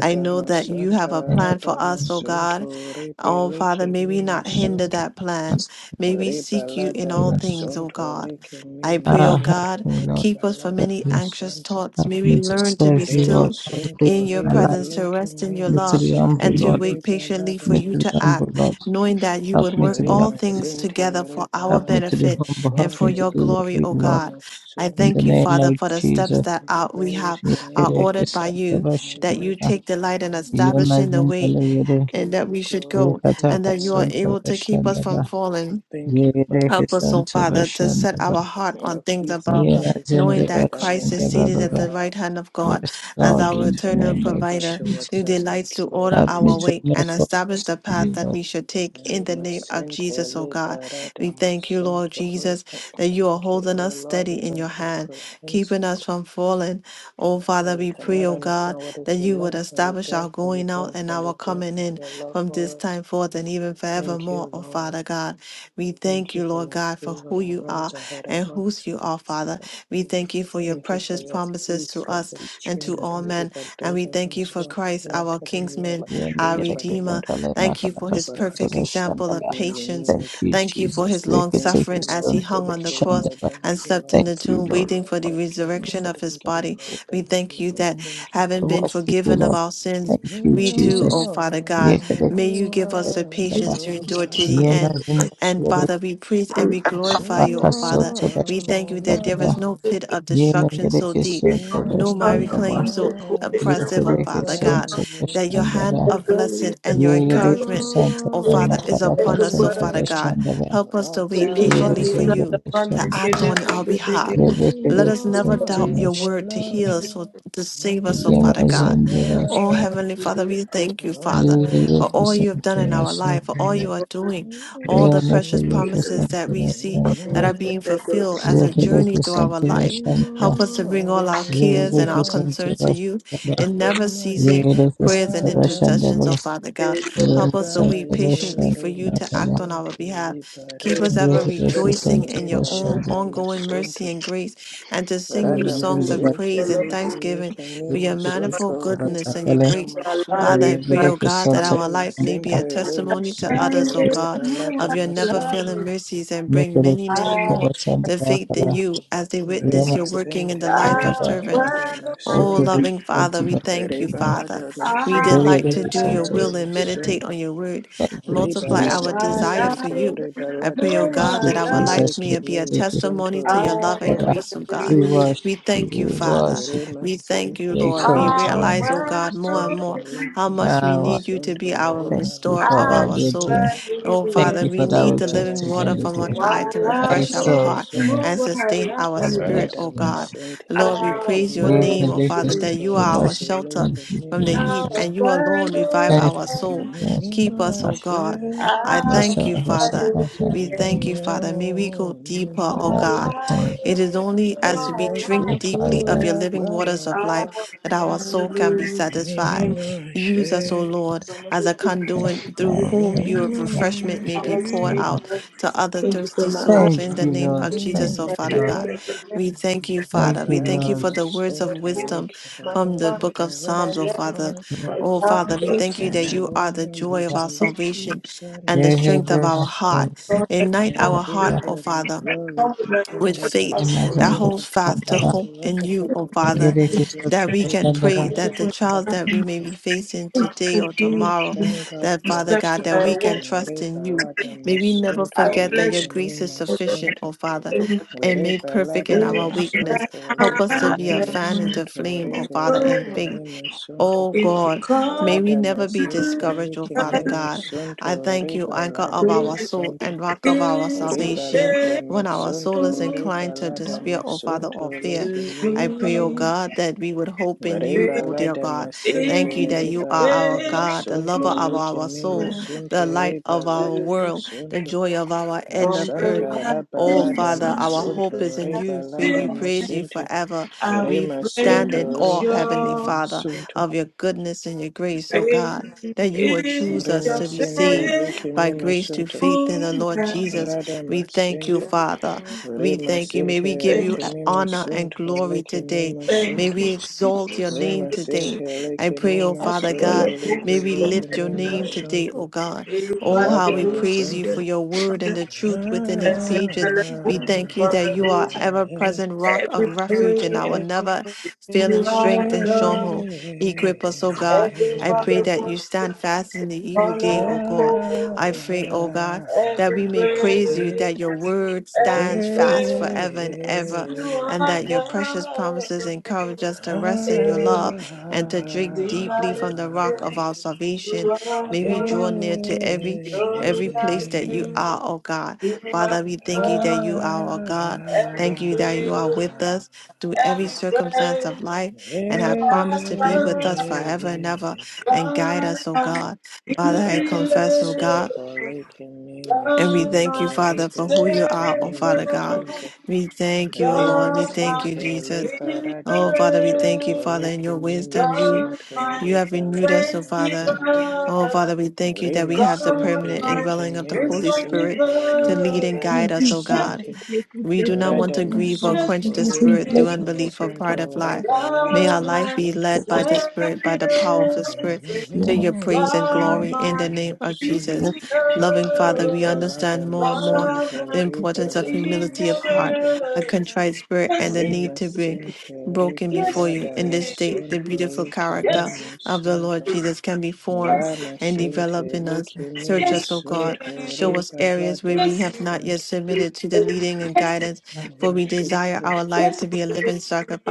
Speaker 3: I know that you have
Speaker 1: masanta
Speaker 3: a
Speaker 2: and
Speaker 3: plan for
Speaker 1: rada
Speaker 3: us, O God.
Speaker 1: masonto rebe
Speaker 3: Oh, Father,
Speaker 1: leke
Speaker 3: may
Speaker 1: me
Speaker 3: we not hinder
Speaker 1: masonto.
Speaker 3: that plan. May we seek you in
Speaker 1: Rebalada
Speaker 2: the
Speaker 3: all things, O
Speaker 1: masonto
Speaker 3: God.
Speaker 1: leke me
Speaker 3: I pray,
Speaker 2: Ah,
Speaker 3: O
Speaker 2: help
Speaker 1: masonto
Speaker 3: God,
Speaker 2: me, Lord.
Speaker 3: keep us from
Speaker 2: Help
Speaker 1: rebalada
Speaker 3: any
Speaker 2: me,
Speaker 3: anxious
Speaker 1: masanta.
Speaker 3: thoughts.
Speaker 2: help
Speaker 3: May we
Speaker 2: me to
Speaker 3: learn to
Speaker 2: serve
Speaker 3: be
Speaker 2: you, Lord,
Speaker 3: still
Speaker 2: all the
Speaker 1: Remasonto
Speaker 2: days
Speaker 3: in
Speaker 2: of
Speaker 3: your
Speaker 2: my
Speaker 1: lebe
Speaker 2: life.
Speaker 3: presence,
Speaker 2: Make
Speaker 3: to
Speaker 1: leke
Speaker 3: rest in
Speaker 1: me
Speaker 3: your
Speaker 2: me to
Speaker 3: love,
Speaker 2: be humble,
Speaker 1: masente
Speaker 3: and to
Speaker 2: Lord.
Speaker 3: wait patiently
Speaker 1: rebalada
Speaker 3: for
Speaker 2: Make
Speaker 3: you
Speaker 2: me to be
Speaker 3: to
Speaker 2: humble,
Speaker 3: act,
Speaker 2: Lord.
Speaker 1: masonto.
Speaker 3: knowing that you
Speaker 2: Help
Speaker 3: would
Speaker 2: me
Speaker 3: work
Speaker 2: to be
Speaker 3: all
Speaker 2: humble.
Speaker 3: things
Speaker 1: Remasente
Speaker 3: together for our
Speaker 2: Help me to
Speaker 1: rebalada
Speaker 2: be
Speaker 3: benefit
Speaker 2: humble.
Speaker 3: and
Speaker 2: Help
Speaker 3: for
Speaker 2: me to
Speaker 1: masonto
Speaker 3: your
Speaker 2: do your
Speaker 1: leke
Speaker 3: glory,
Speaker 2: will,
Speaker 3: O
Speaker 1: me
Speaker 2: Lord.
Speaker 3: God. I
Speaker 2: In the
Speaker 1: masonto.
Speaker 3: thank you,
Speaker 2: name
Speaker 3: Father,
Speaker 2: of
Speaker 3: for the steps
Speaker 2: Jesus.
Speaker 3: that
Speaker 1: We
Speaker 3: are, we have
Speaker 1: praise your
Speaker 3: are
Speaker 1: name,
Speaker 2: Yekereke
Speaker 3: ordered
Speaker 1: Lord.
Speaker 3: by
Speaker 2: Santa
Speaker 3: you,
Speaker 1: We
Speaker 3: that you
Speaker 2: Bashandaba.
Speaker 1: worship
Speaker 3: take
Speaker 1: your
Speaker 3: delight in
Speaker 1: name.
Speaker 3: establishing the way
Speaker 2: Yemazindala
Speaker 1: We
Speaker 2: Yere.
Speaker 3: and
Speaker 1: give
Speaker 3: that
Speaker 1: you
Speaker 3: we should
Speaker 1: glory,
Speaker 3: go,
Speaker 1: we give
Speaker 3: and
Speaker 2: Rekataka
Speaker 3: that
Speaker 1: you
Speaker 3: you are
Speaker 1: honor.
Speaker 2: Santa
Speaker 3: able to keep us from
Speaker 2: Bashandaba.
Speaker 3: falling
Speaker 1: And thank you, Father,
Speaker 2: Yereke
Speaker 3: Help
Speaker 1: for
Speaker 3: us,
Speaker 1: your
Speaker 3: O
Speaker 2: Santa
Speaker 3: Father, to
Speaker 1: peace.
Speaker 3: set
Speaker 2: Bashandaba.
Speaker 3: our heart on
Speaker 1: Your
Speaker 3: things
Speaker 1: peace
Speaker 3: above,
Speaker 1: that passes all
Speaker 3: knowing
Speaker 2: Yemazindaba
Speaker 3: that
Speaker 1: understanding.
Speaker 3: Christ is
Speaker 1: Thank you
Speaker 2: Shandaba
Speaker 3: seated
Speaker 1: for
Speaker 3: at
Speaker 1: your
Speaker 2: Baba.
Speaker 3: the right
Speaker 1: love.
Speaker 3: hand of God
Speaker 2: Yes,
Speaker 3: as
Speaker 2: Lord,
Speaker 1: Thank
Speaker 3: our
Speaker 1: you
Speaker 2: in
Speaker 1: for
Speaker 2: the
Speaker 1: your
Speaker 3: eternal
Speaker 2: name of
Speaker 1: favor
Speaker 3: provider,
Speaker 2: Jesus.
Speaker 3: who
Speaker 1: towards us. Thank
Speaker 3: delights
Speaker 1: you
Speaker 3: to
Speaker 1: for your
Speaker 3: order
Speaker 2: Help me
Speaker 1: grace
Speaker 3: our
Speaker 2: to
Speaker 3: way
Speaker 2: live
Speaker 3: and
Speaker 1: towards
Speaker 2: for
Speaker 1: us.
Speaker 3: establish
Speaker 2: Christ,
Speaker 3: the path
Speaker 2: you,
Speaker 3: that
Speaker 2: Lord.
Speaker 3: we should take in the name of Jesus, O God. We thank you, Lord Jesus, that you are
Speaker 1: Thank you.
Speaker 3: holding
Speaker 1: Your
Speaker 3: us
Speaker 1: love is
Speaker 3: steady in your hand, keeping us
Speaker 1: incomprehensible.
Speaker 3: from falling. O
Speaker 1: And
Speaker 3: Father,
Speaker 1: we
Speaker 3: we pray,
Speaker 1: cannot
Speaker 3: O
Speaker 1: understand
Speaker 3: God,
Speaker 1: what is
Speaker 3: that
Speaker 1: the
Speaker 3: you would
Speaker 1: length and the
Speaker 3: establish our
Speaker 1: depth and the
Speaker 3: going out
Speaker 1: breadth
Speaker 3: and
Speaker 1: and the
Speaker 3: our
Speaker 1: depth
Speaker 3: coming
Speaker 1: of
Speaker 3: in
Speaker 1: your love
Speaker 3: from this
Speaker 1: for us.
Speaker 3: time forth and even
Speaker 1: Thank
Speaker 3: forevermore,
Speaker 1: you,
Speaker 3: O
Speaker 1: Lord.
Speaker 3: Father God. We
Speaker 1: Thank
Speaker 3: thank
Speaker 1: you
Speaker 3: you,
Speaker 1: for
Speaker 3: Lord
Speaker 1: your
Speaker 3: God, for
Speaker 1: favor
Speaker 3: who
Speaker 1: that
Speaker 3: you are
Speaker 1: runs ahead
Speaker 3: and
Speaker 1: of us.
Speaker 3: whose you are, Father.
Speaker 2: Thank
Speaker 3: We
Speaker 2: you,
Speaker 3: thank you for your
Speaker 1: Thank you for
Speaker 3: precious
Speaker 1: your
Speaker 2: Jesus.
Speaker 3: promises to
Speaker 1: peace like
Speaker 2: Thank
Speaker 3: us
Speaker 1: a
Speaker 2: you,
Speaker 3: and to
Speaker 1: stream.
Speaker 2: Jesus.
Speaker 3: all
Speaker 1: Thank
Speaker 2: Thank
Speaker 1: you
Speaker 3: men.
Speaker 1: that
Speaker 2: you,
Speaker 3: And
Speaker 1: those
Speaker 3: we
Speaker 1: of
Speaker 3: thank you
Speaker 1: us
Speaker 3: for
Speaker 1: who are
Speaker 2: Jesus.
Speaker 3: Christ, our
Speaker 1: planted in you are
Speaker 3: kingsman,
Speaker 1: like
Speaker 2: Yeah, my
Speaker 3: our
Speaker 1: trees
Speaker 2: yada
Speaker 1: by the
Speaker 2: kisan
Speaker 3: redeemer.
Speaker 1: water.
Speaker 2: tala ma
Speaker 3: Thank you
Speaker 2: kara
Speaker 3: for his
Speaker 1: We're
Speaker 2: kasan
Speaker 3: perfect
Speaker 2: tala shanda
Speaker 3: example
Speaker 1: consistently
Speaker 3: of
Speaker 2: ba.
Speaker 1: being
Speaker 3: patience.
Speaker 2: Thank
Speaker 1: renewed.
Speaker 2: you,
Speaker 3: Thank you for
Speaker 2: Jesus.
Speaker 3: his
Speaker 2: We
Speaker 3: long
Speaker 2: could
Speaker 1: Thank
Speaker 2: take a
Speaker 3: suffering
Speaker 1: you,
Speaker 3: as he
Speaker 1: Lord.
Speaker 2: stone to
Speaker 3: hung
Speaker 2: the
Speaker 1: Thank
Speaker 3: on the
Speaker 1: you,
Speaker 3: cross
Speaker 1: Lord.
Speaker 2: Shandaba.
Speaker 1: Thank
Speaker 3: and
Speaker 1: you,
Speaker 3: slept in
Speaker 1: Lord.
Speaker 2: Thank
Speaker 3: the
Speaker 2: you,
Speaker 1: Thank
Speaker 3: tomb,
Speaker 2: Lord.
Speaker 1: you,
Speaker 3: waiting
Speaker 1: Lord.
Speaker 3: for
Speaker 2: for
Speaker 3: the
Speaker 2: what
Speaker 1: Thank you, Lord.
Speaker 3: resurrection of his
Speaker 1: Thank you,
Speaker 3: body.
Speaker 2: you
Speaker 1: Lord.
Speaker 3: We
Speaker 1: Thank
Speaker 3: thank
Speaker 1: you,
Speaker 3: you
Speaker 1: Lord.
Speaker 3: that
Speaker 1: Thank you,
Speaker 3: having
Speaker 1: Lord.
Speaker 3: been
Speaker 2: Worship you, do,
Speaker 3: forgiven of
Speaker 2: Lord.
Speaker 3: our sins,
Speaker 2: Thank you,
Speaker 3: we
Speaker 1: Nino
Speaker 3: too, O
Speaker 2: Jesus.
Speaker 3: Father
Speaker 2: We
Speaker 3: God,
Speaker 2: could take a
Speaker 3: may you
Speaker 2: stone
Speaker 1: alalawa
Speaker 3: give
Speaker 2: to the
Speaker 3: us the
Speaker 2: Shandaba.
Speaker 3: patience to endure to the end.
Speaker 1: wapaye.
Speaker 2: Yema zinda
Speaker 3: And
Speaker 2: yere
Speaker 3: Father, we praise and
Speaker 4: and
Speaker 3: we
Speaker 4: added
Speaker 3: glorify you,
Speaker 1: Nino
Speaker 2: kaka
Speaker 3: O Father.
Speaker 2: soto da
Speaker 3: We thank you that there is
Speaker 2: Shandaba.
Speaker 3: no
Speaker 1: alalawa.
Speaker 4: to
Speaker 3: pit of
Speaker 2: Yema
Speaker 3: destruction
Speaker 2: yere
Speaker 3: so
Speaker 2: ke
Speaker 3: deep,
Speaker 4: the
Speaker 2: soto
Speaker 4: count
Speaker 1: Mímọ́
Speaker 2: da
Speaker 3: no
Speaker 1: ni
Speaker 4: on
Speaker 3: miry
Speaker 4: a
Speaker 1: bàbá
Speaker 3: claim
Speaker 2: Shandaba.
Speaker 4: Monday
Speaker 3: so
Speaker 4: who they never
Speaker 3: oppressive, O
Speaker 2: Yere ke
Speaker 3: Father
Speaker 4: took
Speaker 3: God,
Speaker 4: up
Speaker 2: soto da
Speaker 1: ọbaye.
Speaker 3: that your hand
Speaker 2: Shandaba.
Speaker 4: the
Speaker 3: of
Speaker 4: gun
Speaker 3: blessing
Speaker 4: with the
Speaker 3: and your
Speaker 4: man
Speaker 2: Yedek
Speaker 1: Mímọ́
Speaker 4: of
Speaker 3: encouragement,
Speaker 4: the
Speaker 2: Santa
Speaker 3: O
Speaker 4: day.
Speaker 2: Emma
Speaker 3: Father, is
Speaker 2: Paraka
Speaker 4: Like
Speaker 3: upon
Speaker 4: a
Speaker 3: us, O
Speaker 1: lọ́lúwa
Speaker 2: Santa
Speaker 4: boy,
Speaker 3: Father God.
Speaker 2: Veshandava
Speaker 3: Help us to
Speaker 4: the
Speaker 3: wait
Speaker 1: ọbaye.
Speaker 4: liver
Speaker 3: patiently for
Speaker 4: is on
Speaker 3: you
Speaker 4: the
Speaker 2: Yedizandava
Speaker 3: to
Speaker 4: Monday,
Speaker 3: act
Speaker 4: kill
Speaker 2: Shandava
Speaker 4: it
Speaker 3: on
Speaker 4: to
Speaker 3: our
Speaker 4: the day,
Speaker 3: behalf.
Speaker 4: get it to
Speaker 2: Yedek
Speaker 3: Let
Speaker 1: Mímọ́
Speaker 2: Yedek
Speaker 3: us
Speaker 4: the
Speaker 3: never
Speaker 2: Santa
Speaker 3: doubt
Speaker 4: police,
Speaker 3: your
Speaker 2: Mesh
Speaker 3: word to heal
Speaker 1: lọ́lọ́run.
Speaker 3: us or to save us,
Speaker 1: Mímọ́
Speaker 3: O
Speaker 1: ni
Speaker 3: Father God.
Speaker 1: bàbá
Speaker 2: Yemazandava
Speaker 3: Oh, Heavenly
Speaker 4: the
Speaker 2: Shandava
Speaker 3: Father,
Speaker 4: day,
Speaker 3: we thank you, Father, for
Speaker 2: Yedek
Speaker 3: all
Speaker 1: ọbaye.
Speaker 3: you
Speaker 2: Santa
Speaker 3: have done in our life, for all you
Speaker 2: Veshandava
Speaker 3: are doing all the precious
Speaker 1: Ìwọ̀sùn
Speaker 2: Yedek
Speaker 3: promises
Speaker 2: Santa
Speaker 3: that we see
Speaker 4: the
Speaker 1: ìwọ
Speaker 3: that
Speaker 4: day,
Speaker 3: are
Speaker 2: Veshandava
Speaker 4: the
Speaker 1: ni.
Speaker 3: being
Speaker 4: day,
Speaker 3: fulfilled as a journey
Speaker 2: Yedek Santa Veshandava Yedek
Speaker 3: through our
Speaker 2: Santa
Speaker 3: life.
Speaker 1: Mímọ́
Speaker 3: Help
Speaker 2: Veshandava
Speaker 3: us to bring all our cares and
Speaker 1: Olúwa,
Speaker 2: Yedek
Speaker 3: our
Speaker 2: Santa
Speaker 3: concerns to
Speaker 2: Veshandava
Speaker 3: you in never
Speaker 1: mímọ́ ni
Speaker 3: ceasing
Speaker 1: bàbá,
Speaker 3: prayers and
Speaker 2: Yemazandava
Speaker 3: intercessions, oh
Speaker 2: Shandava
Speaker 3: Father
Speaker 4: the day, the
Speaker 3: God. Help us
Speaker 1: ọba
Speaker 4: day,
Speaker 3: to wait
Speaker 1: ayé
Speaker 3: patiently for
Speaker 1: rẹ̀
Speaker 3: you
Speaker 1: máa
Speaker 3: to act on our
Speaker 1: ṣíntì
Speaker 3: behalf.
Speaker 1: líbà
Speaker 3: Keep
Speaker 1: rádà
Speaker 3: us ever
Speaker 1: máa
Speaker 4: the
Speaker 2: Yedek
Speaker 4: day,
Speaker 1: ṣóńtò
Speaker 3: rejoicing
Speaker 2: Santa
Speaker 3: in your
Speaker 1: ríbà
Speaker 3: own
Speaker 2: Veshandava
Speaker 1: ládà máa
Speaker 3: ongoing
Speaker 1: ṣóńtò
Speaker 3: mercy and grace, and to sing new
Speaker 1: rádà máa
Speaker 4: the
Speaker 3: songs
Speaker 2: Yemejimbe
Speaker 3: of
Speaker 1: ṣíntì
Speaker 3: praise
Speaker 2: bashaka
Speaker 3: and
Speaker 1: líbà
Speaker 4: day.
Speaker 3: thanksgiving
Speaker 1: rẹ̀kẹ̀
Speaker 3: for
Speaker 1: mímọ́
Speaker 3: your
Speaker 2: ekiteekiso
Speaker 1: ṣóńtò
Speaker 3: manifold
Speaker 1: ríbà
Speaker 3: goodness and your
Speaker 2: bakyagala
Speaker 1: ládà
Speaker 3: grace.
Speaker 1: máa
Speaker 3: Father,
Speaker 1: ṣóńtò
Speaker 3: I
Speaker 4: Salary,
Speaker 3: pray,
Speaker 4: but
Speaker 3: O
Speaker 2: yeerekerekiso
Speaker 3: God, that
Speaker 1: rẹ̀
Speaker 3: our
Speaker 1: máa
Speaker 3: life may be
Speaker 2: kyakka
Speaker 1: ṣíntì
Speaker 3: a
Speaker 1: rẹ̀ máa
Speaker 3: testimony to
Speaker 4: salary,
Speaker 1: ṣóńtò
Speaker 3: others, O God
Speaker 1: ríbà
Speaker 4: you
Speaker 1: ládà
Speaker 3: of your
Speaker 1: máa
Speaker 4: are
Speaker 3: never
Speaker 1: ṣóńtò
Speaker 3: failing
Speaker 4: lying.
Speaker 3: mercies and bring many,
Speaker 2: n'ekireekiso
Speaker 3: many
Speaker 4: Ah,
Speaker 3: more to
Speaker 2: kyebakyagala
Speaker 3: faith
Speaker 2: akala
Speaker 3: in you as they
Speaker 1: rẹ̀
Speaker 3: witness your
Speaker 1: máa
Speaker 2: yeemaze
Speaker 3: working in
Speaker 1: ṣíntì
Speaker 3: the lives of
Speaker 2: bakyagala
Speaker 4: ah,
Speaker 1: líbà
Speaker 3: servants
Speaker 1: rádà máa
Speaker 3: Oh,
Speaker 1: ṣóńtò.
Speaker 4: Hallelujah.
Speaker 3: loving
Speaker 2: yeekerekiso
Speaker 3: Father, we thank you,
Speaker 2: kyebakyagala
Speaker 3: Father.
Speaker 1: Rebalada
Speaker 4: Our
Speaker 3: We
Speaker 1: Masinte,
Speaker 3: delight to do
Speaker 2: yeeyerekiso
Speaker 3: your
Speaker 4: Hallelujah.
Speaker 1: Rebalada
Speaker 3: will and
Speaker 2: kyebakyagala
Speaker 3: meditate on
Speaker 1: Masunto,
Speaker 3: your word.
Speaker 2: Thank you,
Speaker 4: no
Speaker 3: Multiply
Speaker 2: Jesus.
Speaker 3: our
Speaker 1: Rebalada
Speaker 2: Thank you,
Speaker 3: desire for
Speaker 1: Masinte,
Speaker 4: alive,
Speaker 3: you. I
Speaker 4: no
Speaker 3: pray,
Speaker 1: Rebalada
Speaker 3: oh
Speaker 2: thank
Speaker 3: God,
Speaker 2: you,
Speaker 3: that our
Speaker 4: alive.
Speaker 1: Masunto,
Speaker 3: life
Speaker 2: Jesus. We
Speaker 3: may
Speaker 1: Lake
Speaker 3: be
Speaker 1: Me
Speaker 3: a
Speaker 2: take it
Speaker 3: testimony to
Speaker 1: Masunto,
Speaker 4: Our
Speaker 3: your love and
Speaker 4: Hallelujah.
Speaker 2: together.
Speaker 1: Rebalada
Speaker 3: grace, oh
Speaker 4: our
Speaker 3: God.
Speaker 2: We
Speaker 4: world,
Speaker 1: Masinte,
Speaker 3: We
Speaker 2: worship you.
Speaker 3: thank you,
Speaker 2: We
Speaker 3: Father.
Speaker 2: worship you.
Speaker 1: Rema
Speaker 3: We thank
Speaker 1: Sinte,
Speaker 3: you,
Speaker 2: We
Speaker 3: Lord. We
Speaker 2: exalt your
Speaker 4: our Hallelujah. no
Speaker 3: realize,
Speaker 2: name.
Speaker 3: oh
Speaker 1: Rebalada
Speaker 4: alive,
Speaker 3: God, more and more
Speaker 1: Masunto,
Speaker 4: no
Speaker 1: Lake
Speaker 3: how
Speaker 2: Yeah,
Speaker 3: much we
Speaker 2: I
Speaker 1: Me
Speaker 3: need
Speaker 2: worship
Speaker 3: you to
Speaker 1: Masunto,
Speaker 3: be
Speaker 2: you.
Speaker 3: our
Speaker 2: Thank you
Speaker 3: restorer
Speaker 2: for
Speaker 1: Rebalada
Speaker 3: of
Speaker 2: all
Speaker 3: our
Speaker 2: you
Speaker 3: soul.
Speaker 2: do.
Speaker 1: Masunto,
Speaker 3: Oh
Speaker 2: Thank
Speaker 3: Father,
Speaker 2: you
Speaker 3: we
Speaker 2: for that
Speaker 3: need the
Speaker 2: which
Speaker 1: Rada
Speaker 2: has
Speaker 3: living
Speaker 2: to
Speaker 3: water
Speaker 2: learn to
Speaker 3: from
Speaker 2: do.
Speaker 3: on
Speaker 1: Masinte,
Speaker 3: high to
Speaker 2: I
Speaker 3: refresh
Speaker 1: Rebalada
Speaker 3: our
Speaker 2: exalt
Speaker 4: alive.
Speaker 3: heart
Speaker 2: your name.
Speaker 3: and
Speaker 1: Masunto,
Speaker 3: sustain our
Speaker 2: I
Speaker 3: spirit,
Speaker 2: bless
Speaker 1: Rada
Speaker 3: oh
Speaker 2: your name.
Speaker 3: God.
Speaker 1: Masinte,
Speaker 3: Lord, we
Speaker 1: Lake
Speaker 4: Our
Speaker 3: praise your
Speaker 1: Me
Speaker 2: You
Speaker 3: name,
Speaker 2: can
Speaker 3: O
Speaker 2: do
Speaker 3: Father,
Speaker 4: world,
Speaker 2: this
Speaker 3: that
Speaker 2: in
Speaker 3: you
Speaker 1: Masunto,
Speaker 3: are our
Speaker 2: production.
Speaker 3: shelter
Speaker 1: Rebelake
Speaker 2: Thank you,
Speaker 3: from
Speaker 4: our Hallelujah.
Speaker 3: the heat
Speaker 2: Jesus.
Speaker 3: and
Speaker 1: Masunto.
Speaker 3: you
Speaker 4: our
Speaker 3: alone revive
Speaker 2: Thank
Speaker 3: our
Speaker 2: you for
Speaker 1: Ìwọ
Speaker 3: soul.
Speaker 4: Hallelujah.
Speaker 2: yes,
Speaker 3: Keep
Speaker 2: loving
Speaker 3: us, O
Speaker 2: us.
Speaker 3: God. I
Speaker 2: Mercy
Speaker 3: thank you,
Speaker 2: of us, O
Speaker 3: Father. We thank
Speaker 2: and
Speaker 3: you, Father. May we go deeper,
Speaker 4: no
Speaker 2: the
Speaker 3: O
Speaker 2: Lord, the
Speaker 3: God.
Speaker 2: Son,
Speaker 3: It
Speaker 4: alive,
Speaker 3: is only as we
Speaker 4: no
Speaker 3: drink
Speaker 2: the
Speaker 4: alive.
Speaker 1: kúkú
Speaker 3: deeply of
Speaker 2: Father,
Speaker 3: your living
Speaker 1: lágbára
Speaker 3: waters of
Speaker 1: wa.
Speaker 3: life that our soul can be
Speaker 4: Hallelujah.
Speaker 1: Mímí
Speaker 3: satisfied.
Speaker 4: Thank
Speaker 2: and the
Speaker 4: you
Speaker 1: máa ṣe,
Speaker 3: Use us, O
Speaker 2: Holy
Speaker 3: Lord,
Speaker 2: Spirit.
Speaker 4: for
Speaker 3: as
Speaker 4: another day,
Speaker 3: a
Speaker 2: Thank
Speaker 3: conduit
Speaker 2: you,
Speaker 3: through
Speaker 2: Lord.
Speaker 3: whom
Speaker 2: Thank you,
Speaker 1: mímí
Speaker 3: your
Speaker 2: Lord.
Speaker 4: Thank
Speaker 1: máa
Speaker 4: you
Speaker 3: refreshment may
Speaker 4: for
Speaker 1: ṣe,
Speaker 3: be
Speaker 4: another
Speaker 3: poured out to other
Speaker 4: Thank you for the power to make love. Thank you for
Speaker 3: thirsty
Speaker 4: my eyes,
Speaker 3: souls.
Speaker 2: Thank
Speaker 3: In the
Speaker 2: you,
Speaker 1: mímí
Speaker 3: name
Speaker 2: Lord.
Speaker 3: of
Speaker 2: Thank
Speaker 1: máa
Speaker 3: Jesus, O
Speaker 1: mo
Speaker 4: my
Speaker 2: you,
Speaker 3: Father
Speaker 2: Lord.
Speaker 4: ears,
Speaker 3: God.
Speaker 1: dúpẹ́.
Speaker 4: that can
Speaker 3: We thank you,
Speaker 2: Thank
Speaker 3: Father.
Speaker 2: you,
Speaker 3: We thank
Speaker 1: Rather
Speaker 3: you
Speaker 2: Lord.
Speaker 3: for
Speaker 1: my
Speaker 3: the words
Speaker 1: son
Speaker 3: of
Speaker 1: to
Speaker 3: wisdom
Speaker 1: like you, the
Speaker 4: my
Speaker 3: from
Speaker 1: one
Speaker 3: the
Speaker 1: who
Speaker 4: mouth,
Speaker 3: book of
Speaker 4: my
Speaker 1: directs
Speaker 3: Psalms,
Speaker 4: mouth, my tongue, my
Speaker 3: oh
Speaker 1: my
Speaker 4: legs,
Speaker 3: Father.
Speaker 1: heart,
Speaker 2: Yes,
Speaker 4: my
Speaker 3: Oh
Speaker 4: back.
Speaker 3: Father, we
Speaker 4: Thank
Speaker 2: yes,
Speaker 3: thank
Speaker 4: you,
Speaker 3: you
Speaker 1: and
Speaker 3: that
Speaker 1: the
Speaker 4: Jesus.
Speaker 3: you are
Speaker 1: one
Speaker 3: the
Speaker 1: who
Speaker 3: joy
Speaker 1: is
Speaker 3: of
Speaker 2: yes.
Speaker 3: our
Speaker 1: my
Speaker 3: salvation
Speaker 1: peace and
Speaker 3: and the
Speaker 1: my
Speaker 2: Yes,
Speaker 3: strength of our
Speaker 1: rest.
Speaker 3: heart.
Speaker 4: Lord, I
Speaker 3: Ignite
Speaker 1: My
Speaker 4: come
Speaker 2: yes,
Speaker 3: our
Speaker 4: to you.
Speaker 3: heart,
Speaker 2: yes.
Speaker 3: oh
Speaker 1: favor, my
Speaker 3: Father
Speaker 1: glory,
Speaker 4: Come with
Speaker 1: we
Speaker 4: my
Speaker 1: thank
Speaker 3: with
Speaker 1: God
Speaker 4: request,
Speaker 1: that
Speaker 3: faith
Speaker 1: the
Speaker 4: Pastor.
Speaker 3: that
Speaker 2: Amazon
Speaker 1: radiant
Speaker 3: holds
Speaker 1: of the
Speaker 3: fast to
Speaker 2: Tandaba,
Speaker 1: Lord, the
Speaker 3: hope in
Speaker 1: righteous
Speaker 3: you,
Speaker 1: of
Speaker 3: O
Speaker 1: the Lord are
Speaker 3: Father,
Speaker 2: Yere Sister
Speaker 1: radiant, their
Speaker 3: that we can
Speaker 1: faces can
Speaker 3: pray
Speaker 2: Tabashandaba,
Speaker 4: Thank you
Speaker 1: never
Speaker 3: that
Speaker 1: be
Speaker 4: for
Speaker 3: the trials
Speaker 1: covered with
Speaker 3: that we may
Speaker 1: shame.
Speaker 3: be facing
Speaker 4: thank you for
Speaker 3: today or
Speaker 4: being
Speaker 1: We
Speaker 4: with
Speaker 3: tomorrow,
Speaker 4: me.
Speaker 1: thank God
Speaker 3: that
Speaker 1: for
Speaker 3: Father
Speaker 4: Respect to
Speaker 3: God, that
Speaker 4: my
Speaker 3: we can
Speaker 4: work.
Speaker 1: restoration.
Speaker 3: trust in you.
Speaker 1: Rebalada
Speaker 3: May we never
Speaker 4: I
Speaker 1: masunto
Speaker 3: forget that
Speaker 4: bless
Speaker 3: your
Speaker 1: lekimi
Speaker 3: grace is sufficient, O
Speaker 1: masunto.
Speaker 3: Father,
Speaker 4: you.
Speaker 3: and made perfect
Speaker 4: We
Speaker 3: in
Speaker 4: are
Speaker 1: Rebalada
Speaker 3: our weakness.
Speaker 1: masunto
Speaker 3: Help us to
Speaker 4: not
Speaker 3: be
Speaker 1: lekimi
Speaker 3: a fan and
Speaker 4: alone.
Speaker 3: to
Speaker 1: masunto.
Speaker 3: flame, O
Speaker 4: We
Speaker 1: Rebe
Speaker 4: go
Speaker 3: Father, in faith
Speaker 1: lekimi masunto.
Speaker 3: Oh
Speaker 4: if you
Speaker 3: God,
Speaker 4: come
Speaker 3: may we
Speaker 1: Rada
Speaker 3: never be
Speaker 1: masente
Speaker 3: discouraged, oh
Speaker 4: right,
Speaker 3: Father
Speaker 1: lekimi
Speaker 3: God. I
Speaker 1: masunto.
Speaker 3: thank you, anchor of
Speaker 1: Rebalada
Speaker 4: great
Speaker 3: our
Speaker 4: is
Speaker 3: soul
Speaker 1: masunto.
Speaker 3: and rock of our
Speaker 1: Re
Speaker 4: your
Speaker 3: salvation.
Speaker 1: balada
Speaker 4: faithfulness
Speaker 3: When our soul is
Speaker 1: masunto, re
Speaker 3: inclined to
Speaker 1: balada
Speaker 3: despair, oh Father, or
Speaker 1: masunto,
Speaker 4: to
Speaker 3: fear,
Speaker 1: leke me
Speaker 3: I pray, oh
Speaker 1: masunto.
Speaker 4: me.
Speaker 3: God, that we would hope in
Speaker 1: Re
Speaker 3: you, oh
Speaker 4: Great
Speaker 3: dear
Speaker 1: balada
Speaker 3: God. Thank you
Speaker 1: masente,
Speaker 4: is
Speaker 3: that
Speaker 1: re
Speaker 4: your
Speaker 3: you are our
Speaker 1: balada
Speaker 3: God, the
Speaker 1: masunto,
Speaker 3: lover of
Speaker 4: faithfulness
Speaker 1: leke
Speaker 3: our
Speaker 1: me
Speaker 3: soul,
Speaker 1: masunte,
Speaker 3: the light
Speaker 1: re
Speaker 3: of
Speaker 4: to
Speaker 3: our
Speaker 1: balada
Speaker 4: me.
Speaker 3: world, the
Speaker 1: masunto.
Speaker 3: joy of our end
Speaker 4: from
Speaker 3: of
Speaker 4: the
Speaker 3: earth.
Speaker 1: Asanta la
Speaker 3: Oh
Speaker 4: rising
Speaker 1: balada
Speaker 3: Father,
Speaker 4: sun
Speaker 3: our
Speaker 4: to
Speaker 3: hope
Speaker 4: the
Speaker 3: is
Speaker 1: masunto,
Speaker 3: in
Speaker 1: re
Speaker 3: you. May we
Speaker 1: balada
Speaker 4: setting
Speaker 3: praise
Speaker 4: sun.
Speaker 3: you
Speaker 1: masente,
Speaker 3: forever.
Speaker 4: I
Speaker 1: re
Speaker 4: will
Speaker 3: We stand in
Speaker 1: masunto,
Speaker 4: praise
Speaker 1: re
Speaker 3: awe, Heavenly
Speaker 1: balada
Speaker 4: your
Speaker 3: Father
Speaker 1: masunto.
Speaker 3: of your goodness and your grace, oh
Speaker 4: great
Speaker 3: God, that you would
Speaker 4: is
Speaker 3: choose
Speaker 1: Re
Speaker 3: us
Speaker 4: your
Speaker 3: to be
Speaker 1: masente,
Speaker 3: saved
Speaker 1: leke
Speaker 3: by
Speaker 1: me
Speaker 3: grace through
Speaker 1: masunto,
Speaker 3: faith in the Lord
Speaker 4: faithfulness.
Speaker 3: Jesus.
Speaker 1: rada
Speaker 3: We thank you,
Speaker 1: masente.
Speaker 4: you.
Speaker 3: Father. We
Speaker 1: Rema
Speaker 3: thank you. May
Speaker 1: sente
Speaker 3: we give you
Speaker 1: leke
Speaker 4: Thank
Speaker 3: a-
Speaker 4: you.
Speaker 1: mima
Speaker 3: honor and
Speaker 1: sunto
Speaker 3: glory
Speaker 1: leke
Speaker 3: today.
Speaker 1: mima
Speaker 4: Thank
Speaker 3: May we
Speaker 1: sunto.
Speaker 4: you,
Speaker 3: exalt your
Speaker 4: Jesus. We
Speaker 3: name
Speaker 1: Rema
Speaker 4: bless you.
Speaker 3: today.
Speaker 1: sente
Speaker 3: I
Speaker 1: leke
Speaker 3: pray, oh
Speaker 1: mima
Speaker 3: Father
Speaker 4: Adabala
Speaker 3: God,
Speaker 1: sunto
Speaker 3: may
Speaker 1: lebe
Speaker 4: books
Speaker 3: we
Speaker 4: from
Speaker 1: leke
Speaker 3: lift your
Speaker 1: mima
Speaker 3: name
Speaker 4: heaven.
Speaker 3: today, oh
Speaker 1: sunto.
Speaker 3: God.
Speaker 4: You
Speaker 3: Oh,
Speaker 4: find
Speaker 3: how
Speaker 4: the
Speaker 1: Rada
Speaker 3: we
Speaker 4: rules
Speaker 3: praise you for
Speaker 1: masente.
Speaker 3: your word and
Speaker 4: together.
Speaker 3: the truth within its
Speaker 4: As a
Speaker 1: Ah,
Speaker 3: pages.
Speaker 4: fellow
Speaker 3: We
Speaker 4: books
Speaker 3: thank you
Speaker 4: for
Speaker 3: that you are
Speaker 4: those.
Speaker 3: ever present rock of
Speaker 4: Every
Speaker 3: refuge
Speaker 4: praise
Speaker 3: and our
Speaker 1: yeah,
Speaker 3: never failing
Speaker 4: you
Speaker 1: yeah,
Speaker 3: strength
Speaker 4: are
Speaker 3: and
Speaker 4: God.
Speaker 3: stronghold. Equip us, O God.
Speaker 4: Every
Speaker 3: I pray
Speaker 4: mother
Speaker 3: that you
Speaker 4: worship.
Speaker 3: stand fast in the evil day,
Speaker 4: Honor
Speaker 3: O God.
Speaker 4: for
Speaker 3: I pray, O God, that
Speaker 4: every
Speaker 3: we may praise you,
Speaker 4: praise.
Speaker 3: that your word
Speaker 4: Every
Speaker 3: stands
Speaker 1: yeah, ah,
Speaker 3: fast forever and
Speaker 4: praise
Speaker 3: ever,
Speaker 4: you
Speaker 3: and
Speaker 4: are
Speaker 3: that
Speaker 1: eh,
Speaker 3: your
Speaker 1: eh,
Speaker 3: precious promises encourage us
Speaker 1: I
Speaker 3: to rest in your love
Speaker 1: am.
Speaker 4: God.
Speaker 1: I
Speaker 3: and to drink
Speaker 4: Sing
Speaker 3: deeply
Speaker 4: hallelujah.
Speaker 3: from the rock of our
Speaker 4: You
Speaker 3: salvation.
Speaker 4: are the
Speaker 3: May we
Speaker 4: Lord.
Speaker 1: am.
Speaker 3: draw near to every
Speaker 4: Glory,
Speaker 3: every place that you
Speaker 4: hallelujah.
Speaker 3: are, O God.
Speaker 4: You are
Speaker 3: Father, we
Speaker 4: the
Speaker 3: thank you that
Speaker 4: Lord.
Speaker 3: you are our God.
Speaker 4: Every
Speaker 3: Thank you that you are
Speaker 4: praise,
Speaker 3: with us through every
Speaker 4: every
Speaker 3: circumstance of
Speaker 4: praise.
Speaker 3: life and
Speaker 4: You
Speaker 3: have
Speaker 4: are
Speaker 3: promised
Speaker 4: the
Speaker 3: to be with
Speaker 4: Lord.
Speaker 3: us forever and ever and guide us, O
Speaker 4: God.
Speaker 3: God. Father, I
Speaker 4: You
Speaker 3: confess, O God.
Speaker 1: Radamasunto leke
Speaker 4: are
Speaker 1: mima
Speaker 3: And we
Speaker 4: God,
Speaker 3: thank you,
Speaker 4: my
Speaker 1: sunto
Speaker 3: Father, for
Speaker 1: ribe
Speaker 3: who you
Speaker 1: leke
Speaker 3: are,
Speaker 4: Savior.
Speaker 3: O
Speaker 1: mima
Speaker 3: Father God.
Speaker 4: God,
Speaker 1: sunto
Speaker 3: We thank you, O Lord.
Speaker 1: rima
Speaker 3: We thank you,
Speaker 1: sinte
Speaker 3: Jesus.
Speaker 1: liba
Speaker 4: my
Speaker 3: Oh, Father, we thank
Speaker 1: radamasunto
Speaker 3: you,
Speaker 4: healer.
Speaker 3: Father, in
Speaker 1: leke
Speaker 3: your
Speaker 1: mima
Speaker 3: wisdom. You
Speaker 4: God,
Speaker 1: sunto
Speaker 4: my
Speaker 3: you have
Speaker 1: ribe
Speaker 3: renewed us, O Father. Oh,
Speaker 4: Thanksgiving.
Speaker 3: Father, we thank you that we
Speaker 4: God,
Speaker 3: have the
Speaker 1: Remasente
Speaker 3: permanent
Speaker 4: my,
Speaker 3: indwelling of
Speaker 1: lekeme
Speaker 3: the
Speaker 4: it's
Speaker 3: Holy
Speaker 4: like you
Speaker 3: Spirit
Speaker 1: masunto
Speaker 3: to
Speaker 1: riba
Speaker 3: lead and
Speaker 1: lada
Speaker 3: guide us, O
Speaker 4: Yes,
Speaker 3: God.
Speaker 1: masente
Speaker 3: We do not want
Speaker 1: rada
Speaker 3: to grieve or
Speaker 4: yes,
Speaker 1: masunto
Speaker 3: quench the Spirit through
Speaker 1: lekeme
Speaker 4: please.
Speaker 3: unbelief or
Speaker 1: masunto
Speaker 3: pride of life.
Speaker 1: riba
Speaker 3: May
Speaker 1: lada
Speaker 3: our
Speaker 4: God,
Speaker 3: life
Speaker 4: my
Speaker 3: be
Speaker 1: masunto
Speaker 3: led by the Spirit, by the power of
Speaker 4: Savior,
Speaker 3: the Spirit, to your praise and
Speaker 4: God,
Speaker 3: glory in
Speaker 4: my
Speaker 3: the name of
Speaker 1: remasunto
Speaker 3: Jesus. Loving Father, we
Speaker 1: riba
Speaker 4: leader,
Speaker 1: lada
Speaker 3: understand more and more
Speaker 4: God,
Speaker 1: masunto
Speaker 3: the
Speaker 4: my
Speaker 1: riba
Speaker 3: importance of
Speaker 1: lada
Speaker 3: humility of heart,
Speaker 1: masente
Speaker 4: believer.
Speaker 3: a contrite spirit, and
Speaker 4: Yes,
Speaker 3: the
Speaker 4: he,
Speaker 3: need to be
Speaker 1: lemasente
Speaker 3: broken
Speaker 1: riba
Speaker 4: yes,
Speaker 3: before
Speaker 4: he
Speaker 3: you.
Speaker 1: lada
Speaker 3: In this
Speaker 4: is.
Speaker 3: state, the
Speaker 1: masunto
Speaker 3: beautiful
Speaker 1: lekeme
Speaker 3: character
Speaker 4: Yes, he
Speaker 3: of the
Speaker 1: masunto
Speaker 3: Lord Jesus can be formed
Speaker 4: Yes, he
Speaker 3: and
Speaker 1: Ramasente
Speaker 3: developed in us.
Speaker 1: Likimi
Speaker 3: Search
Speaker 4: Yes,
Speaker 3: us, O
Speaker 4: he
Speaker 3: God
Speaker 4: is.
Speaker 1: Masuntore
Speaker 3: Show us areas
Speaker 1: Balada
Speaker 3: where we
Speaker 4: Yes,
Speaker 3: have not
Speaker 4: he
Speaker 3: yet
Speaker 1: Masanta.
Speaker 4: is.
Speaker 3: submitted to the leading and
Speaker 4: Yes, he
Speaker 3: guidance,
Speaker 4: is.
Speaker 1: We
Speaker 3: for we
Speaker 1: worship
Speaker 3: desire
Speaker 1: you.
Speaker 3: our life
Speaker 4: Yes,
Speaker 3: to be a
Speaker 4: you are.
Speaker 3: living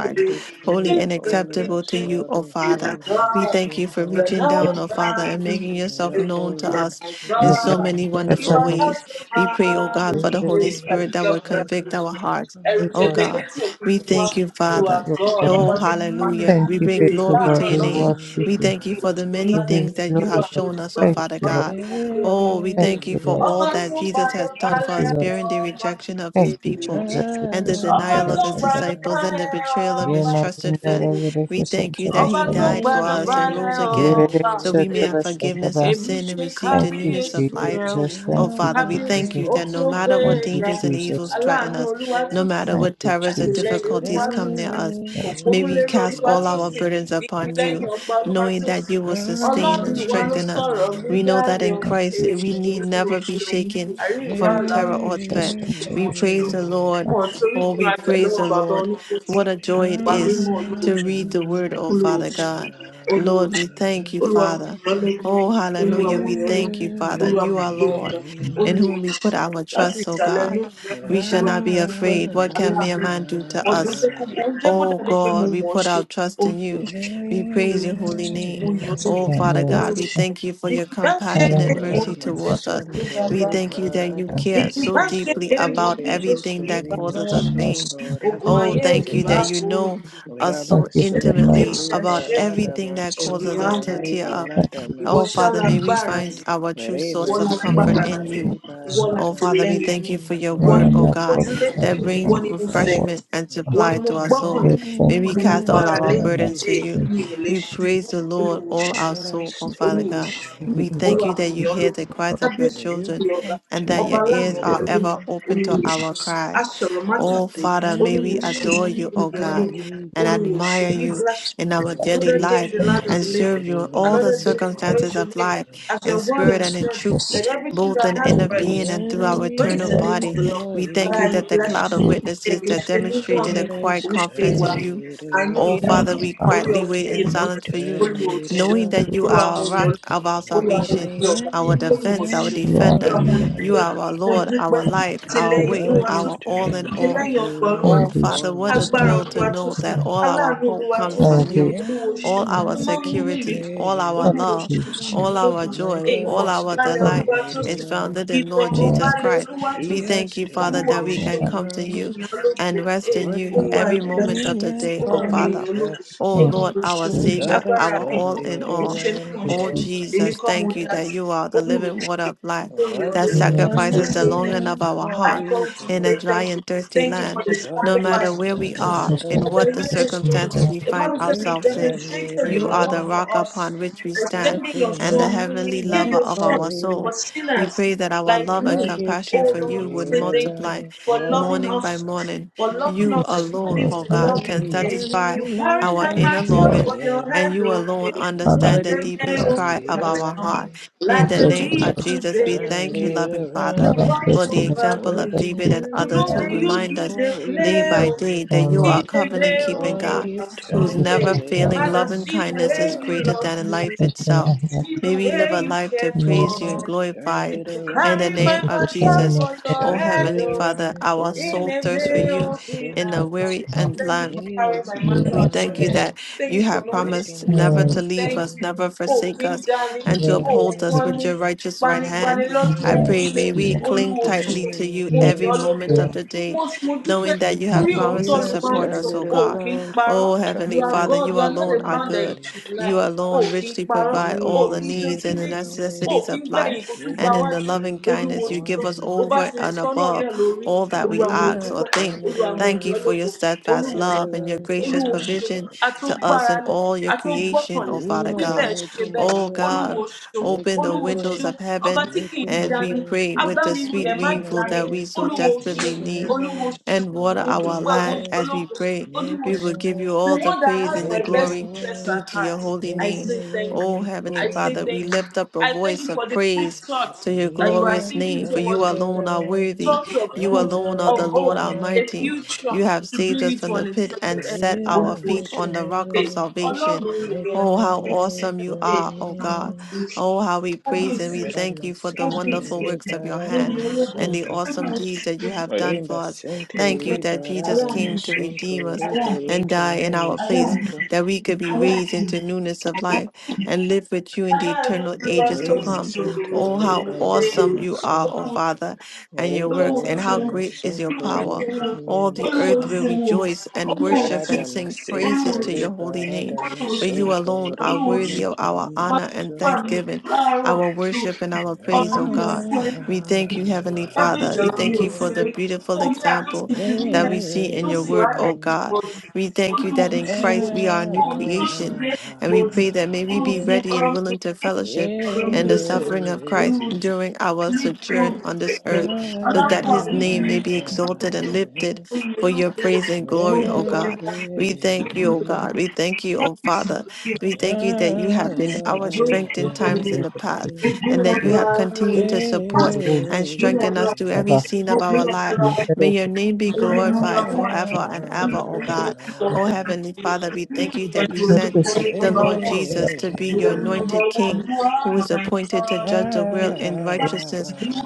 Speaker 1: I
Speaker 4: Yes,
Speaker 1: declare
Speaker 4: you
Speaker 3: holy
Speaker 1: your
Speaker 3: and acceptable to
Speaker 1: holiness,
Speaker 3: you,
Speaker 1: Lord,
Speaker 3: O
Speaker 1: your
Speaker 4: You
Speaker 3: Father.
Speaker 4: are
Speaker 3: We
Speaker 4: God.
Speaker 1: holiness,
Speaker 3: thank
Speaker 1: your
Speaker 3: you for
Speaker 4: You are
Speaker 3: reaching
Speaker 1: holiness.
Speaker 4: not
Speaker 3: down, O Father,
Speaker 4: a
Speaker 3: and
Speaker 4: man.
Speaker 3: making yourself
Speaker 1: Your
Speaker 4: Hey,
Speaker 3: known to
Speaker 4: you are
Speaker 3: us
Speaker 4: my
Speaker 1: holiness, we
Speaker 3: in so
Speaker 1: declare
Speaker 4: God.
Speaker 1: your
Speaker 3: many
Speaker 4: You
Speaker 3: wonderful
Speaker 4: are not
Speaker 1: holiness.
Speaker 3: ways. We pray, O
Speaker 4: a
Speaker 3: God,
Speaker 4: man.
Speaker 3: for
Speaker 1: Your
Speaker 3: the Holy
Speaker 4: Hey,
Speaker 3: Spirit that
Speaker 4: Pastor
Speaker 1: holiness,
Speaker 3: will
Speaker 1: Lord,
Speaker 3: convict
Speaker 1: my
Speaker 4: Barabas.
Speaker 3: our hearts.
Speaker 4: Ẹ̀rù
Speaker 1: Ramasanta.
Speaker 3: O
Speaker 4: jẹjẹ
Speaker 3: God,
Speaker 4: létí òkun
Speaker 3: we
Speaker 4: pupa.
Speaker 3: thank you,
Speaker 4: You are
Speaker 3: Father.
Speaker 4: God. Ọba
Speaker 3: Oh,
Speaker 4: tó ń pa
Speaker 3: hallelujah.
Speaker 4: mímọ́.
Speaker 2: Thank
Speaker 3: We
Speaker 2: you,
Speaker 3: bring
Speaker 4: Hey,
Speaker 2: faithful
Speaker 3: glory to
Speaker 2: Lord.
Speaker 4: láàárọ̀
Speaker 3: your
Speaker 2: We
Speaker 4: lọ́sàn-án.
Speaker 3: name.
Speaker 4: Hey,
Speaker 2: worship
Speaker 3: We
Speaker 2: you.
Speaker 3: thank
Speaker 4: ní
Speaker 3: you for the
Speaker 1: Ah,
Speaker 4: ojú
Speaker 3: many
Speaker 2: We
Speaker 4: lálẹ́.
Speaker 2: give you
Speaker 3: things that you
Speaker 4: Olú
Speaker 2: glory,
Speaker 3: have
Speaker 4: àwọn
Speaker 2: Lord.
Speaker 3: shown us,
Speaker 4: ojúgbẹ́
Speaker 3: oh
Speaker 4: mo
Speaker 2: Thank
Speaker 4: lè
Speaker 3: Father
Speaker 2: you,
Speaker 4: lọ́lọ́
Speaker 2: Lord.
Speaker 3: God.
Speaker 4: pé
Speaker 1: yeah,
Speaker 4: mo gbé ọba.
Speaker 3: Oh, we
Speaker 2: Thank
Speaker 4: Hey,
Speaker 3: thank
Speaker 1: yeah.
Speaker 3: you
Speaker 2: you,
Speaker 3: for
Speaker 2: Lord.
Speaker 3: all
Speaker 4: ọba
Speaker 3: that
Speaker 4: tó ń
Speaker 3: Jesus
Speaker 4: padà
Speaker 3: has done
Speaker 2: Thank
Speaker 3: for
Speaker 4: balẹ̀
Speaker 2: you,
Speaker 3: us,
Speaker 1: yeah.
Speaker 2: Lord.
Speaker 3: bearing the
Speaker 4: ọba.
Speaker 3: rejection of
Speaker 4: Hey,
Speaker 3: his
Speaker 2: Thank
Speaker 1: I
Speaker 2: you,
Speaker 1: am.
Speaker 4: hey,
Speaker 3: people
Speaker 4: hey.
Speaker 2: Jesus. We
Speaker 3: and the
Speaker 2: just
Speaker 4: Ọba
Speaker 3: denial
Speaker 4: tó
Speaker 3: of
Speaker 4: ń
Speaker 3: his
Speaker 2: intercession, Lord.
Speaker 4: padà
Speaker 3: disciples and
Speaker 4: balẹ̀
Speaker 3: the betrayal of
Speaker 2: Yeah,
Speaker 4: ọba.
Speaker 3: his trusted
Speaker 2: imagine
Speaker 3: friend.
Speaker 4: Hey,
Speaker 3: We thank you
Speaker 1: I
Speaker 3: that
Speaker 2: that
Speaker 4: ọba
Speaker 3: he
Speaker 2: I
Speaker 4: tó
Speaker 2: will
Speaker 4: ń
Speaker 3: died for us and
Speaker 4: gbàdọ̀balẹ̀
Speaker 3: rose again
Speaker 4: ọba
Speaker 3: so we may
Speaker 4: eh,
Speaker 3: have forgiveness
Speaker 1: am.
Speaker 3: of
Speaker 2: Yerekesheteleshendaba.
Speaker 4: èmi
Speaker 3: sin and
Speaker 4: ṣe
Speaker 3: receive the
Speaker 2: Thank you,
Speaker 3: newness of
Speaker 4: kábíyèsí
Speaker 3: life.
Speaker 4: ẹ o
Speaker 2: Jesus.
Speaker 3: Oh,
Speaker 2: Thank you,
Speaker 3: Father, we
Speaker 4: kábíyèsí
Speaker 3: thank
Speaker 2: Jesus.
Speaker 3: you
Speaker 4: ó
Speaker 3: that
Speaker 4: tó
Speaker 3: no
Speaker 4: gbé
Speaker 3: matter what
Speaker 2: Thank
Speaker 4: e
Speaker 2: you,
Speaker 4: ga
Speaker 3: dangers and
Speaker 2: Jesus.
Speaker 3: evils threaten
Speaker 4: aláàánú
Speaker 3: us, no
Speaker 4: olúwatúnsìn
Speaker 3: matter
Speaker 2: Thank
Speaker 3: what
Speaker 2: you,
Speaker 3: terrors or
Speaker 4: àtìlẹyìn
Speaker 2: Jesus.
Speaker 3: difficulties come near
Speaker 4: olúwatúnsìn
Speaker 3: us,
Speaker 2: Thank
Speaker 3: may we
Speaker 2: you,
Speaker 4: òpómúléró
Speaker 3: cast all our
Speaker 4: olúwatúnsìn
Speaker 3: burdens upon
Speaker 4: ìpìlẹyìn
Speaker 3: you,
Speaker 2: Jesus.
Speaker 4: ọgbà
Speaker 3: knowing that you
Speaker 4: olúwatúnsìn
Speaker 1: I
Speaker 3: will
Speaker 1: am.
Speaker 3: sustain
Speaker 4: ọlọrun
Speaker 3: and
Speaker 2: Thank
Speaker 4: ìwọ ló
Speaker 3: strengthen us
Speaker 4: sọrọ mi
Speaker 3: we know that
Speaker 4: dáyọ
Speaker 3: in Christ
Speaker 2: you,
Speaker 4: èyí
Speaker 3: eh,
Speaker 2: Jesus. Thank you,
Speaker 3: we
Speaker 2: Jesus.
Speaker 3: need never be
Speaker 4: olúwoṣeun
Speaker 3: shaken
Speaker 4: àríwá
Speaker 3: from
Speaker 4: àlà
Speaker 3: terror or
Speaker 4: olúwoṣeun mo.
Speaker 3: threat.
Speaker 2: Thank
Speaker 4: ọmọ
Speaker 3: We praise the
Speaker 4: ológun
Speaker 3: Lord.
Speaker 4: wọn ò torí
Speaker 3: Oh,
Speaker 4: mi
Speaker 3: we
Speaker 4: rajà
Speaker 3: praise
Speaker 4: lọwọ
Speaker 3: the
Speaker 4: bàbá
Speaker 3: Lord.
Speaker 4: onípótì
Speaker 3: What a joy it
Speaker 4: pa mí
Speaker 3: is
Speaker 4: mọ
Speaker 3: to
Speaker 4: olúwoṣeun
Speaker 3: read the word, oh Father
Speaker 4: olùwòsàn
Speaker 3: God. Lord, we
Speaker 4: olùwòsàn
Speaker 3: thank you,
Speaker 4: olúwa mo
Speaker 3: Father.
Speaker 4: yàn
Speaker 3: Oh,
Speaker 1: And I
Speaker 4: ọ́
Speaker 1: am
Speaker 3: hallelujah.
Speaker 4: lógo olúwa mo
Speaker 3: We
Speaker 4: yàn ọ́ lógo
Speaker 3: thank you, Father.
Speaker 4: olúwa
Speaker 3: You
Speaker 4: mo
Speaker 3: are
Speaker 4: gbé ọ ga
Speaker 3: Lord in whom we
Speaker 4: olùwòsàn
Speaker 3: put our
Speaker 4: láti
Speaker 3: trust, oh
Speaker 4: ìsàlẹ̀ inú
Speaker 3: God.
Speaker 4: mi wá,
Speaker 3: We shall
Speaker 4: olúwa
Speaker 3: not
Speaker 4: mo
Speaker 3: be
Speaker 4: dúpẹ́
Speaker 3: afraid. What can mere
Speaker 4: aláàánú mi
Speaker 3: man do to
Speaker 4: ọdún
Speaker 3: us?
Speaker 4: jẹ́ kó ohun jẹ́ kó
Speaker 3: Oh
Speaker 4: dàbí pé mo
Speaker 3: God, we
Speaker 4: mọ̀ ọ́
Speaker 3: put
Speaker 4: ṣe
Speaker 3: our trust in you.
Speaker 4: olùwòsàn
Speaker 3: We praise your
Speaker 4: olùwòsàn
Speaker 3: holy
Speaker 4: mo
Speaker 3: name.
Speaker 2: you,
Speaker 4: yàn ọ́ lógo
Speaker 3: Oh Father God, we
Speaker 4: olùwòsàn
Speaker 2: Jesus.
Speaker 3: thank you for
Speaker 4: bí
Speaker 3: your
Speaker 4: kì bá ṣe
Speaker 2: Lord, our Lord, our
Speaker 4: pé
Speaker 3: compassionate
Speaker 1: what
Speaker 4: mo
Speaker 3: mercy
Speaker 1: I'm
Speaker 4: rí
Speaker 1: a
Speaker 4: jésù
Speaker 3: towards us.
Speaker 1: son
Speaker 4: ní
Speaker 1: to
Speaker 3: We
Speaker 4: bàbá,
Speaker 3: thank you that you
Speaker 1: liberata
Speaker 4: bí
Speaker 3: care
Speaker 4: kì
Speaker 3: so
Speaker 4: bá ṣe
Speaker 1: masente
Speaker 3: deeply
Speaker 4: pé mo
Speaker 3: about
Speaker 4: rí jésù
Speaker 1: rebeleke
Speaker 3: everything
Speaker 4: ní
Speaker 3: that
Speaker 1: me
Speaker 4: bàbá
Speaker 3: causes
Speaker 4: o
Speaker 3: us pain.
Speaker 2: mercy.
Speaker 1: masonto
Speaker 4: ogun
Speaker 1: rada
Speaker 2: Thank
Speaker 3: Oh,
Speaker 2: you
Speaker 4: ayé
Speaker 2: for
Speaker 4: ò
Speaker 2: your
Speaker 3: thank you
Speaker 4: bá
Speaker 3: that
Speaker 1: masente
Speaker 3: you
Speaker 2: mercy.
Speaker 4: borí
Speaker 3: know
Speaker 1: what
Speaker 3: us
Speaker 1: I'm a
Speaker 2: Thank
Speaker 3: so
Speaker 2: you for
Speaker 1: son
Speaker 2: your
Speaker 4: ẹ̀mí
Speaker 1: to
Speaker 3: intimately
Speaker 2: mercy.
Speaker 4: mímọ́
Speaker 3: about
Speaker 1: liberata
Speaker 3: everything that
Speaker 4: ẹ̀mí
Speaker 3: causes
Speaker 1: masente
Speaker 3: us
Speaker 4: àwọn
Speaker 3: to
Speaker 4: ẹ̀mí
Speaker 3: tear up.
Speaker 2: Thank you
Speaker 3: Oh
Speaker 4: ìṣá
Speaker 3: Father,
Speaker 1: rebelada
Speaker 3: may we
Speaker 4: lágbára tí
Speaker 3: find our true
Speaker 1: Mare
Speaker 4: ìwọ
Speaker 3: source of
Speaker 2: for your
Speaker 3: comfort
Speaker 4: lágbára
Speaker 1: masunto
Speaker 3: in you.
Speaker 4: ìwọ
Speaker 2: mercy.
Speaker 3: Oh,
Speaker 1: liberata
Speaker 3: Father, we
Speaker 4: látìlẹ́yìn
Speaker 3: thank
Speaker 4: mi
Speaker 3: you for your
Speaker 1: masunto
Speaker 2: There
Speaker 4: ìwọ ni
Speaker 2: were
Speaker 3: word,
Speaker 4: mo
Speaker 3: oh
Speaker 1: lake
Speaker 2: no
Speaker 3: God,
Speaker 1: me
Speaker 4: gbójúlé
Speaker 3: that
Speaker 2: qualified
Speaker 4: ìwọ
Speaker 3: brings
Speaker 2: on
Speaker 1: masunto.
Speaker 4: ni mo
Speaker 2: your work.
Speaker 4: fẹ̀yìntì
Speaker 3: refreshment and
Speaker 4: ìwọ ni
Speaker 1: What
Speaker 3: supply
Speaker 4: mo
Speaker 3: to our
Speaker 1: the
Speaker 3: soul.
Speaker 4: gbọ́kànlé
Speaker 2: Here, thank
Speaker 3: May
Speaker 1: enemy
Speaker 4: ìwọ
Speaker 3: we
Speaker 4: ni
Speaker 2: you for
Speaker 4: mo
Speaker 3: cast
Speaker 1: meant
Speaker 2: fighting
Speaker 3: all
Speaker 4: gbára
Speaker 3: our
Speaker 4: lé
Speaker 2: my
Speaker 1: for
Speaker 3: burdens
Speaker 2: battles.
Speaker 3: to
Speaker 4: ee
Speaker 1: evil,
Speaker 3: you.
Speaker 2: Thank
Speaker 4: mi ò lè
Speaker 3: We
Speaker 4: ṣubú
Speaker 3: praise the Lord,
Speaker 4: olúwo
Speaker 3: all our
Speaker 4: ṣubú
Speaker 1: God
Speaker 3: soul,
Speaker 1: has
Speaker 3: oh Father
Speaker 4: olúwo
Speaker 1: turned
Speaker 3: God.
Speaker 1: it
Speaker 4: ṣubú
Speaker 2: you
Speaker 3: We thank
Speaker 4: olúwa
Speaker 3: you
Speaker 1: around.
Speaker 4: mi
Speaker 3: that you
Speaker 4: yàn án
Speaker 3: hear the
Speaker 4: lókun
Speaker 2: what
Speaker 3: cries of your
Speaker 4: kábíyèsí
Speaker 1: You
Speaker 3: children
Speaker 4: ìlú ọba
Speaker 1: have
Speaker 3: and
Speaker 2: you
Speaker 3: that
Speaker 4: ọba
Speaker 3: your
Speaker 1: turned
Speaker 4: lánàá
Speaker 3: ears
Speaker 1: it
Speaker 4: ọba
Speaker 3: are
Speaker 2: do.
Speaker 4: lónìí
Speaker 3: ever
Speaker 1: around.
Speaker 3: open
Speaker 4: olúwo
Speaker 3: to
Speaker 2: it's
Speaker 3: our
Speaker 4: ṣubú
Speaker 2: the
Speaker 3: cries.
Speaker 4: asọ̀rọ̀ mátà
Speaker 1: What
Speaker 3: Oh,
Speaker 4: sí
Speaker 1: the
Speaker 3: Father, may
Speaker 4: olúwo
Speaker 3: we
Speaker 1: enemy
Speaker 4: ṣe
Speaker 3: adore
Speaker 1: meant
Speaker 3: you, oh
Speaker 4: olùyọ
Speaker 1: for
Speaker 3: God,
Speaker 4: ológo
Speaker 3: and
Speaker 1: evil,
Speaker 4: olúwo
Speaker 3: admire
Speaker 4: we
Speaker 3: you
Speaker 4: bless you
Speaker 3: in our
Speaker 1: God,
Speaker 3: daily
Speaker 4: another
Speaker 1: you've
Speaker 4: day in
Speaker 3: life
Speaker 4: the
Speaker 2: same
Speaker 4: land of
Speaker 1: turned
Speaker 3: and
Speaker 4: the
Speaker 3: serve
Speaker 1: it
Speaker 4: living
Speaker 3: you in all the
Speaker 4: another
Speaker 1: around
Speaker 4: day to
Speaker 1: for
Speaker 2: thing
Speaker 4: praise
Speaker 3: circumstances
Speaker 4: your
Speaker 3: of
Speaker 1: my
Speaker 4: name
Speaker 3: life
Speaker 1: good.
Speaker 4: as
Speaker 3: in
Speaker 4: your
Speaker 2: that
Speaker 4: word
Speaker 2: you
Speaker 3: spirit
Speaker 4: has
Speaker 3: and in
Speaker 2: keep
Speaker 4: said
Speaker 3: truth
Speaker 4: let
Speaker 2: us
Speaker 4: everything
Speaker 3: both
Speaker 4: that
Speaker 3: in
Speaker 4: has
Speaker 1: What
Speaker 2: out
Speaker 3: inner
Speaker 4: breath
Speaker 2: of
Speaker 1: the
Speaker 3: being and through our
Speaker 1: enemy
Speaker 2: the
Speaker 4: praise
Speaker 3: eternal
Speaker 4: the
Speaker 2: threat
Speaker 4: name of
Speaker 1: meant
Speaker 3: body.
Speaker 4: the
Speaker 2: and the
Speaker 4: lord
Speaker 1: for
Speaker 3: We
Speaker 4: but
Speaker 3: thank
Speaker 4: i
Speaker 3: you that the
Speaker 4: bless
Speaker 1: evil.
Speaker 3: cloud
Speaker 4: you
Speaker 3: of
Speaker 2: food
Speaker 4: ẹ
Speaker 3: witnesses
Speaker 4: kì í
Speaker 3: that
Speaker 4: ṣe nínú
Speaker 3: demonstrated
Speaker 4: mi
Speaker 3: a
Speaker 1: God
Speaker 3: quiet
Speaker 1: has
Speaker 4: kì í ṣe
Speaker 3: confidence
Speaker 4: ìwà
Speaker 2: and
Speaker 1: turned
Speaker 3: in
Speaker 4: mi
Speaker 2: the
Speaker 3: you.
Speaker 1: it
Speaker 4: àánú
Speaker 3: Oh,
Speaker 4: yìí náà
Speaker 1: around.
Speaker 2: land.
Speaker 3: Father,
Speaker 4: ni
Speaker 3: we
Speaker 4: orí
Speaker 3: quietly wait
Speaker 4: ọ̀fẹ́
Speaker 3: in
Speaker 4: yìí
Speaker 2: After
Speaker 4: náà
Speaker 1: You've
Speaker 4: ni
Speaker 3: silence
Speaker 2: the
Speaker 3: for you,
Speaker 1: turned
Speaker 4: olúwo
Speaker 1: it
Speaker 4: ti ṣe
Speaker 3: knowing that
Speaker 1: around.
Speaker 2: food,
Speaker 3: you are
Speaker 2: the
Speaker 4: olúwa mo
Speaker 3: our
Speaker 4: yàn
Speaker 3: rock
Speaker 4: ọ́ lógo
Speaker 3: of our
Speaker 4: olúwa mo
Speaker 1: What
Speaker 3: salvation,
Speaker 4: gbé
Speaker 1: the
Speaker 4: ọba
Speaker 3: our
Speaker 2: stress,
Speaker 1: enemy
Speaker 4: ohun
Speaker 3: defense, our
Speaker 1: meant
Speaker 4: ọ̀ṣọ́
Speaker 2: wrong
Speaker 4: bí
Speaker 1: for
Speaker 3: defender.
Speaker 4: ọmọ
Speaker 2: and the
Speaker 3: You
Speaker 2: other.
Speaker 4: dúpẹ́
Speaker 1: evil,
Speaker 3: are our
Speaker 4: mo
Speaker 3: Lord,
Speaker 4: dúpẹ́
Speaker 3: our
Speaker 2: And
Speaker 3: life, our
Speaker 2: thank
Speaker 4: ìtìlẹ́yìn
Speaker 3: way,
Speaker 2: you
Speaker 1: God,
Speaker 4: olúwa tó
Speaker 1: you've
Speaker 3: our
Speaker 4: sì
Speaker 2: for
Speaker 3: all in
Speaker 1: turned
Speaker 3: all.
Speaker 1: it
Speaker 4: ìdílẹ́yìn ọgbà olúwa
Speaker 2: all
Speaker 4: tó
Speaker 1: around
Speaker 3: Oh,
Speaker 4: sì
Speaker 2: these
Speaker 1: for
Speaker 3: Father, what
Speaker 1: my
Speaker 3: a
Speaker 2: just
Speaker 4: agbára
Speaker 2: out
Speaker 3: thrill to
Speaker 4: olúwa
Speaker 2: of
Speaker 1: good.
Speaker 4: tó
Speaker 3: know
Speaker 2: the
Speaker 4: sì
Speaker 3: that
Speaker 2: world.
Speaker 3: all our
Speaker 4: aláàánú
Speaker 3: hope
Speaker 4: olúwa tó
Speaker 3: comes
Speaker 4: sì
Speaker 1: What
Speaker 3: from
Speaker 2: All
Speaker 1: the
Speaker 3: you,
Speaker 2: these,
Speaker 4: olúwo
Speaker 1: enemy
Speaker 3: all
Speaker 4: ṣeun ó
Speaker 3: our
Speaker 1: meant
Speaker 4: máa ń
Speaker 1: for
Speaker 4: múnú mi
Speaker 3: security,
Speaker 4: dùn
Speaker 3: all our
Speaker 1: shame,
Speaker 2: thank
Speaker 4: olúwo
Speaker 3: love,
Speaker 2: you,
Speaker 4: ṣeun yìí
Speaker 2: Jesus.
Speaker 3: all our
Speaker 4: lógo
Speaker 1: my
Speaker 3: joy,
Speaker 4: èyí
Speaker 1: God
Speaker 3: all
Speaker 1: has
Speaker 3: our
Speaker 4: ìfọ̀kànbalẹ̀
Speaker 1: turned
Speaker 3: delight
Speaker 4: olúwa
Speaker 1: it
Speaker 4: tó sì
Speaker 3: is
Speaker 1: around.
Speaker 3: founded in Lord Jesus
Speaker 2: Thank
Speaker 4: ìfọ̀kànbalẹ̀
Speaker 3: Christ.
Speaker 4: olúwa tó
Speaker 3: We
Speaker 1: He
Speaker 4: sì
Speaker 3: thank
Speaker 1: has
Speaker 3: you, Father,
Speaker 4: olúwa
Speaker 1: turned
Speaker 3: that
Speaker 4: ò
Speaker 3: we
Speaker 1: it
Speaker 4: ṣeun
Speaker 3: can
Speaker 2: you,
Speaker 3: come to
Speaker 1: around.
Speaker 3: you
Speaker 4: ènìyàn lógo
Speaker 3: and rest
Speaker 4: èyí
Speaker 3: in
Speaker 1: What
Speaker 3: you
Speaker 2: Thank
Speaker 4: olúwa
Speaker 1: the
Speaker 3: every
Speaker 4: ìgbà
Speaker 3: moment
Speaker 1: enemy
Speaker 3: of the
Speaker 1: meant
Speaker 3: day,
Speaker 4: Olúwa
Speaker 3: oh
Speaker 1: for
Speaker 4: mi ò
Speaker 3: Father.
Speaker 4: ológo,
Speaker 1: weakness.
Speaker 3: Oh Lord,
Speaker 4: Olúwo
Speaker 3: our
Speaker 4: ṣeun,
Speaker 1: When
Speaker 2: you.
Speaker 1: God
Speaker 3: Savior,
Speaker 1: has
Speaker 4: agbára
Speaker 3: our
Speaker 4: mi
Speaker 3: all
Speaker 1: turned
Speaker 4: kọ́,
Speaker 3: in
Speaker 1: it
Speaker 4: kò
Speaker 3: all.
Speaker 4: ṣe mí
Speaker 1: around
Speaker 4: mọ̀ ṣe
Speaker 3: Oh
Speaker 1: for
Speaker 4: mí,
Speaker 1: my
Speaker 4: èmi
Speaker 3: Jesus,
Speaker 4: kọ́ mo
Speaker 3: thank you that
Speaker 1: good.
Speaker 4: dájú,
Speaker 3: you are the
Speaker 4: Olúwo
Speaker 3: living water
Speaker 4: ṣeun,
Speaker 3: of life
Speaker 1: Oh,
Speaker 4: lóyè
Speaker 1: What
Speaker 3: that
Speaker 4: ológo,
Speaker 1: the
Speaker 4: I
Speaker 3: sacrifices the
Speaker 4: say
Speaker 1: enemy
Speaker 3: longing of
Speaker 1: meant
Speaker 3: our
Speaker 4: I
Speaker 1: for
Speaker 3: heart
Speaker 4: come to
Speaker 3: in
Speaker 4: say
Speaker 3: a
Speaker 1: evil,
Speaker 3: dry
Speaker 4: thank you.
Speaker 3: and thirsty
Speaker 4: Thank you for
Speaker 3: land.
Speaker 4: the
Speaker 3: No
Speaker 1: God, you've
Speaker 4: sacrifice
Speaker 3: matter
Speaker 4: of
Speaker 3: where we
Speaker 1: turned
Speaker 4: Jesus.
Speaker 3: are
Speaker 1: it
Speaker 3: and
Speaker 4: As I
Speaker 3: what
Speaker 1: around.
Speaker 3: the
Speaker 4: read this morning,
Speaker 3: circumstances we
Speaker 4: the
Speaker 3: find
Speaker 4: Bible said
Speaker 1: You've
Speaker 4: you
Speaker 3: ourselves in,
Speaker 1: turned it
Speaker 4: demonstrated
Speaker 3: you
Speaker 4: your
Speaker 3: are
Speaker 4: love
Speaker 3: the
Speaker 1: around.
Speaker 4: for
Speaker 3: rock
Speaker 4: us
Speaker 3: upon which we
Speaker 4: by
Speaker 1: What
Speaker 3: stand
Speaker 4: sending your
Speaker 1: the
Speaker 3: and the
Speaker 4: son. You
Speaker 1: enemy
Speaker 3: heavenly
Speaker 4: gave
Speaker 3: lover
Speaker 1: meant
Speaker 4: your
Speaker 3: of
Speaker 4: son
Speaker 1: for
Speaker 3: our soul.
Speaker 4: for
Speaker 1: evil,
Speaker 3: We
Speaker 4: sinners
Speaker 3: pray that our
Speaker 4: like
Speaker 3: love and
Speaker 1: God,
Speaker 4: me.
Speaker 1: you've
Speaker 3: compassion
Speaker 4: Oh
Speaker 3: for
Speaker 1: turned
Speaker 4: Lord,
Speaker 3: you would
Speaker 4: we
Speaker 1: it
Speaker 4: say thank you
Speaker 3: multiply
Speaker 1: around
Speaker 4: for
Speaker 1: for
Speaker 4: loving
Speaker 1: our
Speaker 3: morning by
Speaker 4: us,
Speaker 1: good.
Speaker 3: morning.
Speaker 4: for loving
Speaker 3: You
Speaker 4: us Even way
Speaker 3: alone,
Speaker 4: you've
Speaker 3: oh
Speaker 4: been
Speaker 3: God,
Speaker 1: What
Speaker 4: loving.
Speaker 3: can
Speaker 1: the
Speaker 4: eh.
Speaker 3: satisfy
Speaker 4: You
Speaker 1: enemy meant
Speaker 4: carry
Speaker 3: our
Speaker 4: my
Speaker 1: for
Speaker 3: inner
Speaker 4: matter
Speaker 3: longing,
Speaker 4: for your
Speaker 1: shame,
Speaker 3: and
Speaker 4: head,
Speaker 3: you alone
Speaker 4: okay. In
Speaker 3: understand
Speaker 1: God,
Speaker 3: the
Speaker 4: the
Speaker 1: you've
Speaker 4: day
Speaker 3: deepest
Speaker 1: turned
Speaker 3: cry
Speaker 4: open
Speaker 1: it
Speaker 3: of
Speaker 4: us
Speaker 3: our
Speaker 4: up
Speaker 3: heart.
Speaker 1: around.
Speaker 3: In
Speaker 4: like
Speaker 3: the
Speaker 4: a
Speaker 3: name of
Speaker 4: little
Speaker 3: Jesus, we
Speaker 1: Turned
Speaker 3: thank you,
Speaker 4: baby.
Speaker 1: it
Speaker 3: loving
Speaker 4: You
Speaker 1: around
Speaker 3: Father,
Speaker 4: watch
Speaker 3: for the
Speaker 4: over
Speaker 3: example
Speaker 1: What
Speaker 3: of
Speaker 4: me.
Speaker 1: the
Speaker 3: David and
Speaker 4: You
Speaker 1: enemy
Speaker 4: know
Speaker 3: others who
Speaker 4: they use
Speaker 1: meant
Speaker 3: remind
Speaker 4: me,
Speaker 3: us
Speaker 4: they
Speaker 1: for
Speaker 3: day
Speaker 4: play.
Speaker 3: by
Speaker 4: oh.
Speaker 3: day
Speaker 1: evil,
Speaker 3: that you are
Speaker 4: In
Speaker 3: a
Speaker 4: the
Speaker 3: covenant
Speaker 4: day
Speaker 3: keeping
Speaker 1: God,
Speaker 4: open
Speaker 3: God,
Speaker 1: you've
Speaker 4: us up,
Speaker 3: whose
Speaker 1: turned
Speaker 3: never
Speaker 4: eh.
Speaker 1: it
Speaker 3: failing
Speaker 4: Father,
Speaker 3: loving
Speaker 1: around
Speaker 4: see the
Speaker 3: kindness is
Speaker 4: way
Speaker 1: for our
Speaker 4: you
Speaker 3: greater
Speaker 4: love
Speaker 1: good.
Speaker 3: than
Speaker 4: me.
Speaker 3: life itself.
Speaker 4: See
Speaker 3: May
Speaker 4: the
Speaker 3: we live
Speaker 4: way
Speaker 3: a
Speaker 4: you
Speaker 3: life to
Speaker 4: care
Speaker 3: praise
Speaker 1: You
Speaker 3: you
Speaker 4: for
Speaker 3: and
Speaker 4: me.
Speaker 1: have
Speaker 3: glorify
Speaker 1: turned
Speaker 3: you.
Speaker 1: it
Speaker 4: You
Speaker 3: in the
Speaker 4: carry
Speaker 1: around,
Speaker 4: my
Speaker 3: name of
Speaker 4: matter
Speaker 3: Jesus.
Speaker 4: for your
Speaker 3: O
Speaker 1: turned
Speaker 4: head,
Speaker 1: it
Speaker 3: Heavenly
Speaker 4: oh.
Speaker 3: Father,
Speaker 1: around
Speaker 3: our
Speaker 1: for
Speaker 4: In
Speaker 3: soul
Speaker 1: me,
Speaker 4: a
Speaker 3: thirsts for
Speaker 1: Rema
Speaker 3: you
Speaker 4: male in
Speaker 3: in
Speaker 4: a
Speaker 3: a
Speaker 1: Sinti.
Speaker 4: song.
Speaker 3: weary and
Speaker 4: Thank
Speaker 3: land.
Speaker 4: you for
Speaker 1: He
Speaker 4: carrying
Speaker 1: is
Speaker 4: my matter
Speaker 3: We
Speaker 4: on
Speaker 1: making a
Speaker 4: your
Speaker 3: thank you
Speaker 4: head.
Speaker 1: way,
Speaker 3: that
Speaker 4: Thank
Speaker 3: you
Speaker 4: you for
Speaker 3: have
Speaker 4: not leaving
Speaker 3: promised
Speaker 1: making a
Speaker 4: me.
Speaker 3: never to
Speaker 1: way
Speaker 3: leave
Speaker 1: for
Speaker 4: Thank
Speaker 3: us,
Speaker 4: you.
Speaker 3: never
Speaker 1: me,
Speaker 4: Oh,
Speaker 3: forsake
Speaker 4: King
Speaker 3: us,
Speaker 4: Danny.
Speaker 3: and to
Speaker 4: Oh,
Speaker 1: making
Speaker 3: uphold us
Speaker 1: a
Speaker 4: Kwani.
Speaker 3: with your
Speaker 1: way,
Speaker 3: righteous right
Speaker 4: Gbanigbani
Speaker 3: hand.
Speaker 1: making
Speaker 2: Yes,
Speaker 1: a
Speaker 4: lọ́jọ́
Speaker 3: I pray,
Speaker 1: way,
Speaker 4: ogúnlé.
Speaker 2: yes,
Speaker 3: may we
Speaker 2: yes,
Speaker 3: cling
Speaker 4: Olúwo
Speaker 1: making a
Speaker 4: ṣe.
Speaker 3: tightly to
Speaker 1: way
Speaker 3: you
Speaker 4: Mo yàn
Speaker 1: for
Speaker 3: every
Speaker 4: ọ́
Speaker 1: me.
Speaker 4: lógo.
Speaker 3: moment
Speaker 2: yes.
Speaker 3: of the
Speaker 4: Mo
Speaker 3: day,
Speaker 4: mo dúpẹ́
Speaker 3: knowing that you have
Speaker 4: torí
Speaker 1: And
Speaker 3: promised
Speaker 4: òótọ́
Speaker 1: He
Speaker 3: to
Speaker 4: ló
Speaker 1: has
Speaker 4: máa ń
Speaker 3: support
Speaker 4: sọ.
Speaker 1: turned
Speaker 3: us,
Speaker 1: it
Speaker 3: O
Speaker 4: O ò
Speaker 3: God.
Speaker 4: kí ń
Speaker 1: around,
Speaker 4: parọ́.
Speaker 3: O
Speaker 4: You
Speaker 3: Heavenly
Speaker 1: turned
Speaker 4: are
Speaker 1: it
Speaker 3: Father,
Speaker 4: God.
Speaker 3: you
Speaker 4: You are
Speaker 1: around
Speaker 4: not a
Speaker 3: alone
Speaker 1: for
Speaker 3: are
Speaker 4: man
Speaker 1: my
Speaker 4: that you
Speaker 3: good.
Speaker 4: should
Speaker 1: good.
Speaker 3: You
Speaker 4: lie o
Speaker 3: alone
Speaker 4: kì í
Speaker 3: richly
Speaker 4: parọ́
Speaker 3: provide
Speaker 4: o
Speaker 3: all
Speaker 1: He
Speaker 3: the
Speaker 4: kì
Speaker 1: is
Speaker 4: í
Speaker 3: needs
Speaker 4: ṣojú
Speaker 3: and the
Speaker 1: making
Speaker 4: méjì
Speaker 1: a way,
Speaker 4: o
Speaker 3: necessities
Speaker 4: kì í
Speaker 3: of
Speaker 4: gbẹ̀yìn kó
Speaker 3: life.
Speaker 4: tún gba
Speaker 3: And
Speaker 1: making
Speaker 3: in the
Speaker 1: a
Speaker 4: wájú
Speaker 3: loving
Speaker 1: way
Speaker 4: olúwo
Speaker 3: kindness, you
Speaker 1: for
Speaker 4: ṣọ
Speaker 3: give us
Speaker 1: me.
Speaker 4: bó bá
Speaker 3: over
Speaker 4: ṣe
Speaker 3: and
Speaker 4: sọ náà
Speaker 3: above
Speaker 4: náà lórí
Speaker 3: all that
Speaker 1: And
Speaker 3: we
Speaker 4: olúwa mo
Speaker 1: You
Speaker 3: ask
Speaker 1: have
Speaker 3: or
Speaker 4: dúpẹ́
Speaker 3: think.
Speaker 1: turned it
Speaker 4: olúwa mo
Speaker 3: Thank
Speaker 4: yìn
Speaker 3: you
Speaker 4: ọ́
Speaker 3: for
Speaker 1: around,
Speaker 4: lógo
Speaker 3: your steadfast
Speaker 4: olúwo
Speaker 1: turned
Speaker 4: ṣe,
Speaker 1: it
Speaker 3: love and your
Speaker 1: around for
Speaker 3: gracious
Speaker 4: olúwo
Speaker 1: my
Speaker 4: ṣeun
Speaker 3: provision
Speaker 1: good.
Speaker 4: a tó
Speaker 3: to us
Speaker 4: gbára
Speaker 3: and
Speaker 4: lé
Speaker 3: all your
Speaker 4: a tó
Speaker 3: creation,
Speaker 4: gbọ́kànlé
Speaker 3: O
Speaker 1: And You
Speaker 3: Father
Speaker 4: wí
Speaker 1: are
Speaker 3: God.
Speaker 4: bẹ́ẹ̀ ṣe
Speaker 1: making
Speaker 4: bẹ́ẹ̀
Speaker 1: a
Speaker 3: Oh
Speaker 1: way,
Speaker 4: olúwo
Speaker 3: God,
Speaker 4: ṣeun
Speaker 3: open
Speaker 1: making
Speaker 3: the
Speaker 1: a
Speaker 4: olúwo
Speaker 3: windows
Speaker 1: way,
Speaker 4: ṣeun
Speaker 3: of
Speaker 4: ọba
Speaker 3: heaven
Speaker 4: tí kì í
Speaker 1: making a
Speaker 3: as we
Speaker 4: dani
Speaker 1: way,
Speaker 3: pray with the sweet
Speaker 4: abánimúlẹ̀ má
Speaker 1: making a
Speaker 3: rainfall
Speaker 4: dani
Speaker 3: that we
Speaker 1: way,
Speaker 3: so
Speaker 4: olúwo ṣeun
Speaker 3: desperately
Speaker 1: making a
Speaker 3: need
Speaker 4: olúwo
Speaker 1: way,
Speaker 4: ṣeun
Speaker 3: and water
Speaker 4: mo
Speaker 3: our
Speaker 1: making
Speaker 4: dúpẹ́
Speaker 1: a
Speaker 4: owó
Speaker 3: land
Speaker 1: way,
Speaker 3: as we
Speaker 4: ìrólógo
Speaker 3: pray.
Speaker 4: olúwo
Speaker 3: We
Speaker 1: making
Speaker 3: will
Speaker 1: a
Speaker 4: ṣeun
Speaker 3: give
Speaker 1: way.
Speaker 3: you
Speaker 4: the
Speaker 3: all the
Speaker 4: one that
Speaker 3: praise
Speaker 1: You're
Speaker 4: has
Speaker 3: and the
Speaker 4: my
Speaker 1: making
Speaker 4: best
Speaker 1: your
Speaker 3: glory
Speaker 4: interests
Speaker 3: due
Speaker 1: way,
Speaker 4: at
Speaker 3: to your
Speaker 4: heart.
Speaker 3: holy
Speaker 1: you're
Speaker 4: I
Speaker 3: name.
Speaker 1: making
Speaker 4: say
Speaker 1: your
Speaker 4: thank you.
Speaker 3: Oh
Speaker 1: way
Speaker 3: Heavenly
Speaker 4: I
Speaker 1: for
Speaker 4: say
Speaker 3: Father, we
Speaker 4: thank you.
Speaker 1: me.
Speaker 3: lift up a
Speaker 4: I thank
Speaker 3: voice
Speaker 4: you
Speaker 3: of
Speaker 4: for the good
Speaker 3: praise
Speaker 4: thoughts
Speaker 3: to your
Speaker 4: that you
Speaker 1: You
Speaker 4: are
Speaker 1: have
Speaker 3: glorious
Speaker 4: thinking
Speaker 3: name, for
Speaker 1: turned
Speaker 3: you
Speaker 4: towards
Speaker 1: it
Speaker 4: me.
Speaker 3: alone are
Speaker 1: around,
Speaker 3: worthy.
Speaker 4: Thoughts of
Speaker 3: You
Speaker 1: turned
Speaker 4: good,
Speaker 1: it
Speaker 3: alone are
Speaker 4: of
Speaker 3: the
Speaker 1: around
Speaker 3: Lord
Speaker 4: hope,
Speaker 1: for my
Speaker 4: a
Speaker 3: Almighty.
Speaker 4: future
Speaker 3: You have
Speaker 4: to
Speaker 3: saved
Speaker 4: bring
Speaker 3: us
Speaker 4: you to
Speaker 3: from
Speaker 4: an
Speaker 3: the pit and
Speaker 4: expected
Speaker 1: good.
Speaker 4: end.
Speaker 3: set
Speaker 1: You
Speaker 3: our
Speaker 1: are
Speaker 3: feet
Speaker 4: Olúwoṣe.
Speaker 3: on
Speaker 1: making
Speaker 3: the
Speaker 1: your
Speaker 3: rock of
Speaker 4: Hey,
Speaker 1: way,
Speaker 3: salvation.
Speaker 4: Ọlọ́run ìrìn
Speaker 3: Oh,
Speaker 1: making your
Speaker 3: how
Speaker 1: way
Speaker 3: awesome you
Speaker 1: for
Speaker 3: are, oh God.
Speaker 1: me.
Speaker 3: Oh, how we
Speaker 4: àjò
Speaker 3: praise and
Speaker 4: kábíyèsí
Speaker 3: we thank you for the
Speaker 1: Ramasente
Speaker 3: wonderful
Speaker 4: kábíyèsí
Speaker 3: works of your
Speaker 1: liberata
Speaker 4: lórí
Speaker 3: hand and
Speaker 4: ológun
Speaker 3: the
Speaker 1: masonto,
Speaker 3: awesome deeds
Speaker 4: kábíyèsí
Speaker 3: that you have done for us.
Speaker 1: rebasente
Speaker 3: Thank you that Jesus
Speaker 1: liberata
Speaker 4: ará mi
Speaker 3: came to redeem
Speaker 1: masonto,
Speaker 3: us
Speaker 4: ará mi
Speaker 3: and
Speaker 1: rebeleke
Speaker 3: die in
Speaker 1: me
Speaker 3: our
Speaker 4: ará
Speaker 3: place,
Speaker 4: mi
Speaker 1: masonto,
Speaker 3: that we could be
Speaker 4: ará
Speaker 3: raised
Speaker 4: mi.
Speaker 3: into newness of life and live with you in the
Speaker 4: Ọmọ
Speaker 3: eternal ages to come.
Speaker 1: remasente
Speaker 3: Oh, how
Speaker 1: rebalada
Speaker 3: awesome you are, oh
Speaker 1: masonto.
Speaker 3: Father,
Speaker 1: Where
Speaker 3: and your
Speaker 1: Ore
Speaker 3: works, and
Speaker 1: balada
Speaker 3: how great is your
Speaker 1: masunto le
Speaker 3: power.
Speaker 1: kemi
Speaker 3: All the earth will
Speaker 1: masunto.
Speaker 3: rejoice and worship
Speaker 1: Orada
Speaker 3: and sing
Speaker 1: masinte
Speaker 3: praises to your
Speaker 1: le
Speaker 3: holy
Speaker 1: barada
Speaker 3: name. For you
Speaker 1: masunto
Speaker 3: alone are
Speaker 1: re
Speaker 3: worthy
Speaker 1: bele
Speaker 3: of our
Speaker 1: kemi
Speaker 3: honor and
Speaker 1: masunto.
Speaker 3: thanksgiving, our worship and our praise, O
Speaker 4: mi ò
Speaker 3: God.
Speaker 1: Ah,
Speaker 4: sí
Speaker 3: We thank you, Heavenly Father.
Speaker 4: kábíyèsí
Speaker 3: We
Speaker 4: ọ̀run mi
Speaker 3: thank
Speaker 4: ò
Speaker 3: you
Speaker 1: yeah,
Speaker 4: sí
Speaker 3: for the
Speaker 4: rí
Speaker 3: beautiful
Speaker 4: omi
Speaker 1: yeah, ah,
Speaker 3: example
Speaker 4: àtúnṣe ti
Speaker 3: that
Speaker 4: nílẹ̀
Speaker 3: we see in
Speaker 4: tó
Speaker 3: your
Speaker 4: sì
Speaker 3: word, O
Speaker 4: wálẹ̀ ti
Speaker 3: God.
Speaker 4: pọ̀ jù
Speaker 3: We
Speaker 4: ó
Speaker 3: thank
Speaker 4: ní
Speaker 3: you that
Speaker 4: ohun
Speaker 3: in
Speaker 4: ti wò
Speaker 3: Christ we are a new
Speaker 4: ohun tó sì
Speaker 3: creation.
Speaker 4: dé
Speaker 3: And
Speaker 4: pọ̀
Speaker 3: we
Speaker 4: jù
Speaker 3: pray that
Speaker 1: yeah,
Speaker 3: may we
Speaker 4: ohun
Speaker 3: be
Speaker 4: ti
Speaker 3: ready
Speaker 4: ọ̀rọ̀
Speaker 3: and
Speaker 4: mi ò
Speaker 3: willing to
Speaker 4: sí
Speaker 3: fellowship
Speaker 4: ọ̀rọ̀ mi
Speaker 3: in
Speaker 4: ò
Speaker 3: the
Speaker 4: sí
Speaker 3: suffering of
Speaker 1: yeah,
Speaker 3: Christ
Speaker 4: ohun ti
Speaker 3: during our
Speaker 4: nídìí
Speaker 3: sojourn on this earth
Speaker 1: ah,
Speaker 4: ohun
Speaker 3: so that
Speaker 4: ọlọ́gbọ̀n
Speaker 3: his
Speaker 4: yìí
Speaker 3: name
Speaker 4: ni
Speaker 3: may be exalted and lifted
Speaker 4: olùdókòwò
Speaker 3: for your
Speaker 4: olùdókòwò
Speaker 3: praise and glory, O
Speaker 4: gbogbo
Speaker 1: yeah,
Speaker 3: God.
Speaker 4: ẹ̀ka
Speaker 3: We thank you, O
Speaker 4: gbogbo ẹ̀ka
Speaker 1: yeah.
Speaker 3: God. We thank you, O
Speaker 4: kábíyèsí
Speaker 3: Father.
Speaker 4: ló
Speaker 3: We
Speaker 4: dé.
Speaker 3: thank you that you have been
Speaker 4: Thank
Speaker 3: our strength in times in the past and that you have continued to support and strengthen us through every scene of our life. May your name be glorified forever and ever, O God. O Heavenly Father, we thank you that you sent the Lord Jesus to be your anointed King who is appointed to judge the world in righteousness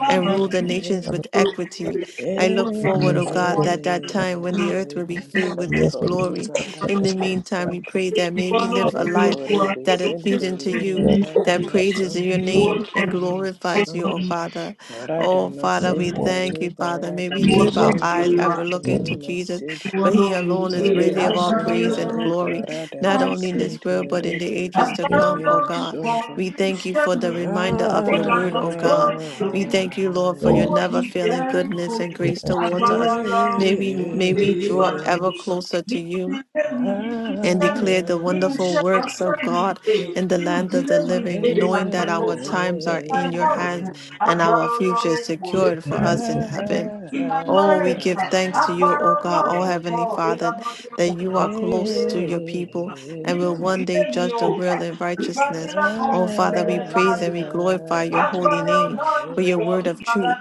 Speaker 3: and rule the nations with equity. I look forward, O God, that that time when the earth will be filled with
Speaker 4: you
Speaker 3: His
Speaker 2: Yes,
Speaker 1: Santo
Speaker 2: it is the
Speaker 3: glory.
Speaker 2: structure
Speaker 3: In
Speaker 2: of
Speaker 1: liberada
Speaker 3: the meantime, we
Speaker 1: santa,
Speaker 3: pray that may
Speaker 4: ìwọ
Speaker 3: we
Speaker 4: náà
Speaker 3: live a
Speaker 4: fi
Speaker 1: me
Speaker 3: life
Speaker 4: olúwa
Speaker 1: corre
Speaker 3: that is
Speaker 1: besente
Speaker 3: pleasing to
Speaker 4: kristi
Speaker 3: you,
Speaker 4: ní
Speaker 1: liberada
Speaker 4: òkè
Speaker 3: that
Speaker 2: the
Speaker 3: praises your
Speaker 1: masunto,
Speaker 4: ìwọ
Speaker 3: name
Speaker 1: leke
Speaker 4: náà
Speaker 3: and
Speaker 4: fi
Speaker 3: glorifies you,
Speaker 4: ọlọ́run
Speaker 3: O
Speaker 1: me
Speaker 4: ní
Speaker 3: Father. Oh,
Speaker 1: Radama
Speaker 3: Father, we
Speaker 1: Sinte
Speaker 3: thank you, Father. May we
Speaker 4: ìwọ
Speaker 1: Liberadama
Speaker 3: keep
Speaker 4: náà
Speaker 3: our
Speaker 4: fi
Speaker 1: Sunto
Speaker 3: eyes
Speaker 4: olúwa
Speaker 3: ever looking to
Speaker 1: Likimima
Speaker 3: Jesus,
Speaker 1: Sinte
Speaker 4: ìwọ
Speaker 3: for he
Speaker 4: náà ní
Speaker 3: alone is
Speaker 4: èrè
Speaker 3: worthy of
Speaker 1: Rema
Speaker 3: all
Speaker 4: agbára.
Speaker 3: praise
Speaker 1: Sunto
Speaker 3: and glory, not
Speaker 1: Liberadama
Speaker 3: only in this
Speaker 1: Sinte
Speaker 3: world, but in the
Speaker 1: Rebe
Speaker 3: ages
Speaker 4: I
Speaker 3: to come,
Speaker 4: held
Speaker 3: O
Speaker 1: Likimimo
Speaker 4: on to
Speaker 3: God.
Speaker 1: Sunto
Speaker 4: what
Speaker 3: We
Speaker 4: you
Speaker 3: thank you
Speaker 4: sent
Speaker 3: for the
Speaker 1: I
Speaker 4: me.
Speaker 3: reminder of
Speaker 4: They
Speaker 3: your
Speaker 4: got
Speaker 3: word,
Speaker 4: my
Speaker 3: O God
Speaker 4: story to
Speaker 3: we
Speaker 4: me.
Speaker 3: thank you, Lord, for your
Speaker 4: Oh,
Speaker 3: never
Speaker 4: the
Speaker 3: failing goodness
Speaker 4: devil.
Speaker 3: and grace
Speaker 4: I
Speaker 3: towards
Speaker 4: got
Speaker 3: us.
Speaker 4: a love
Speaker 3: May we
Speaker 4: to
Speaker 3: may we
Speaker 4: pay
Speaker 3: draw
Speaker 4: my
Speaker 1: am
Speaker 3: ever
Speaker 4: bills.
Speaker 3: closer to
Speaker 4: Nínú
Speaker 3: you
Speaker 4: ilé mi, nínú
Speaker 3: and
Speaker 4: iṣẹ́ mi,
Speaker 3: declare the
Speaker 4: nínú
Speaker 3: wonderful
Speaker 4: iṣẹ́
Speaker 3: works of
Speaker 4: ránṣẹ́ mi,
Speaker 3: God
Speaker 4: eh,
Speaker 3: in the
Speaker 4: nínú
Speaker 3: land of
Speaker 4: ìdílé
Speaker 3: the
Speaker 4: mi,
Speaker 3: living,
Speaker 4: eh,
Speaker 3: knowing that
Speaker 4: àgbẹ̀kọ̀
Speaker 3: our
Speaker 4: sọ.
Speaker 3: times
Speaker 4: In
Speaker 3: are
Speaker 4: my
Speaker 3: in your
Speaker 4: health,
Speaker 3: hands and
Speaker 4: agbára
Speaker 3: our future
Speaker 4: ọlọ́run
Speaker 3: is
Speaker 4: kò lè
Speaker 3: secured
Speaker 1: I
Speaker 3: for
Speaker 4: fẹ́ mi.
Speaker 3: us in heaven.
Speaker 4: In my
Speaker 1: am
Speaker 3: Oh, we
Speaker 4: marriage,
Speaker 3: give thanks to you,
Speaker 4: agbára
Speaker 3: O God, O
Speaker 4: ọlọ́run
Speaker 1: I
Speaker 4: kò
Speaker 3: Heavenly
Speaker 4: lè
Speaker 3: Father, that
Speaker 1: If
Speaker 3: you
Speaker 1: I,
Speaker 3: are close
Speaker 4: fẹ́
Speaker 3: to
Speaker 4: mi.
Speaker 3: your
Speaker 4: In
Speaker 3: people and will one day judge the
Speaker 4: all
Speaker 3: real
Speaker 4: that
Speaker 3: and righteousness. Oh, Father, we praise and we glorify your holy name for your word of truth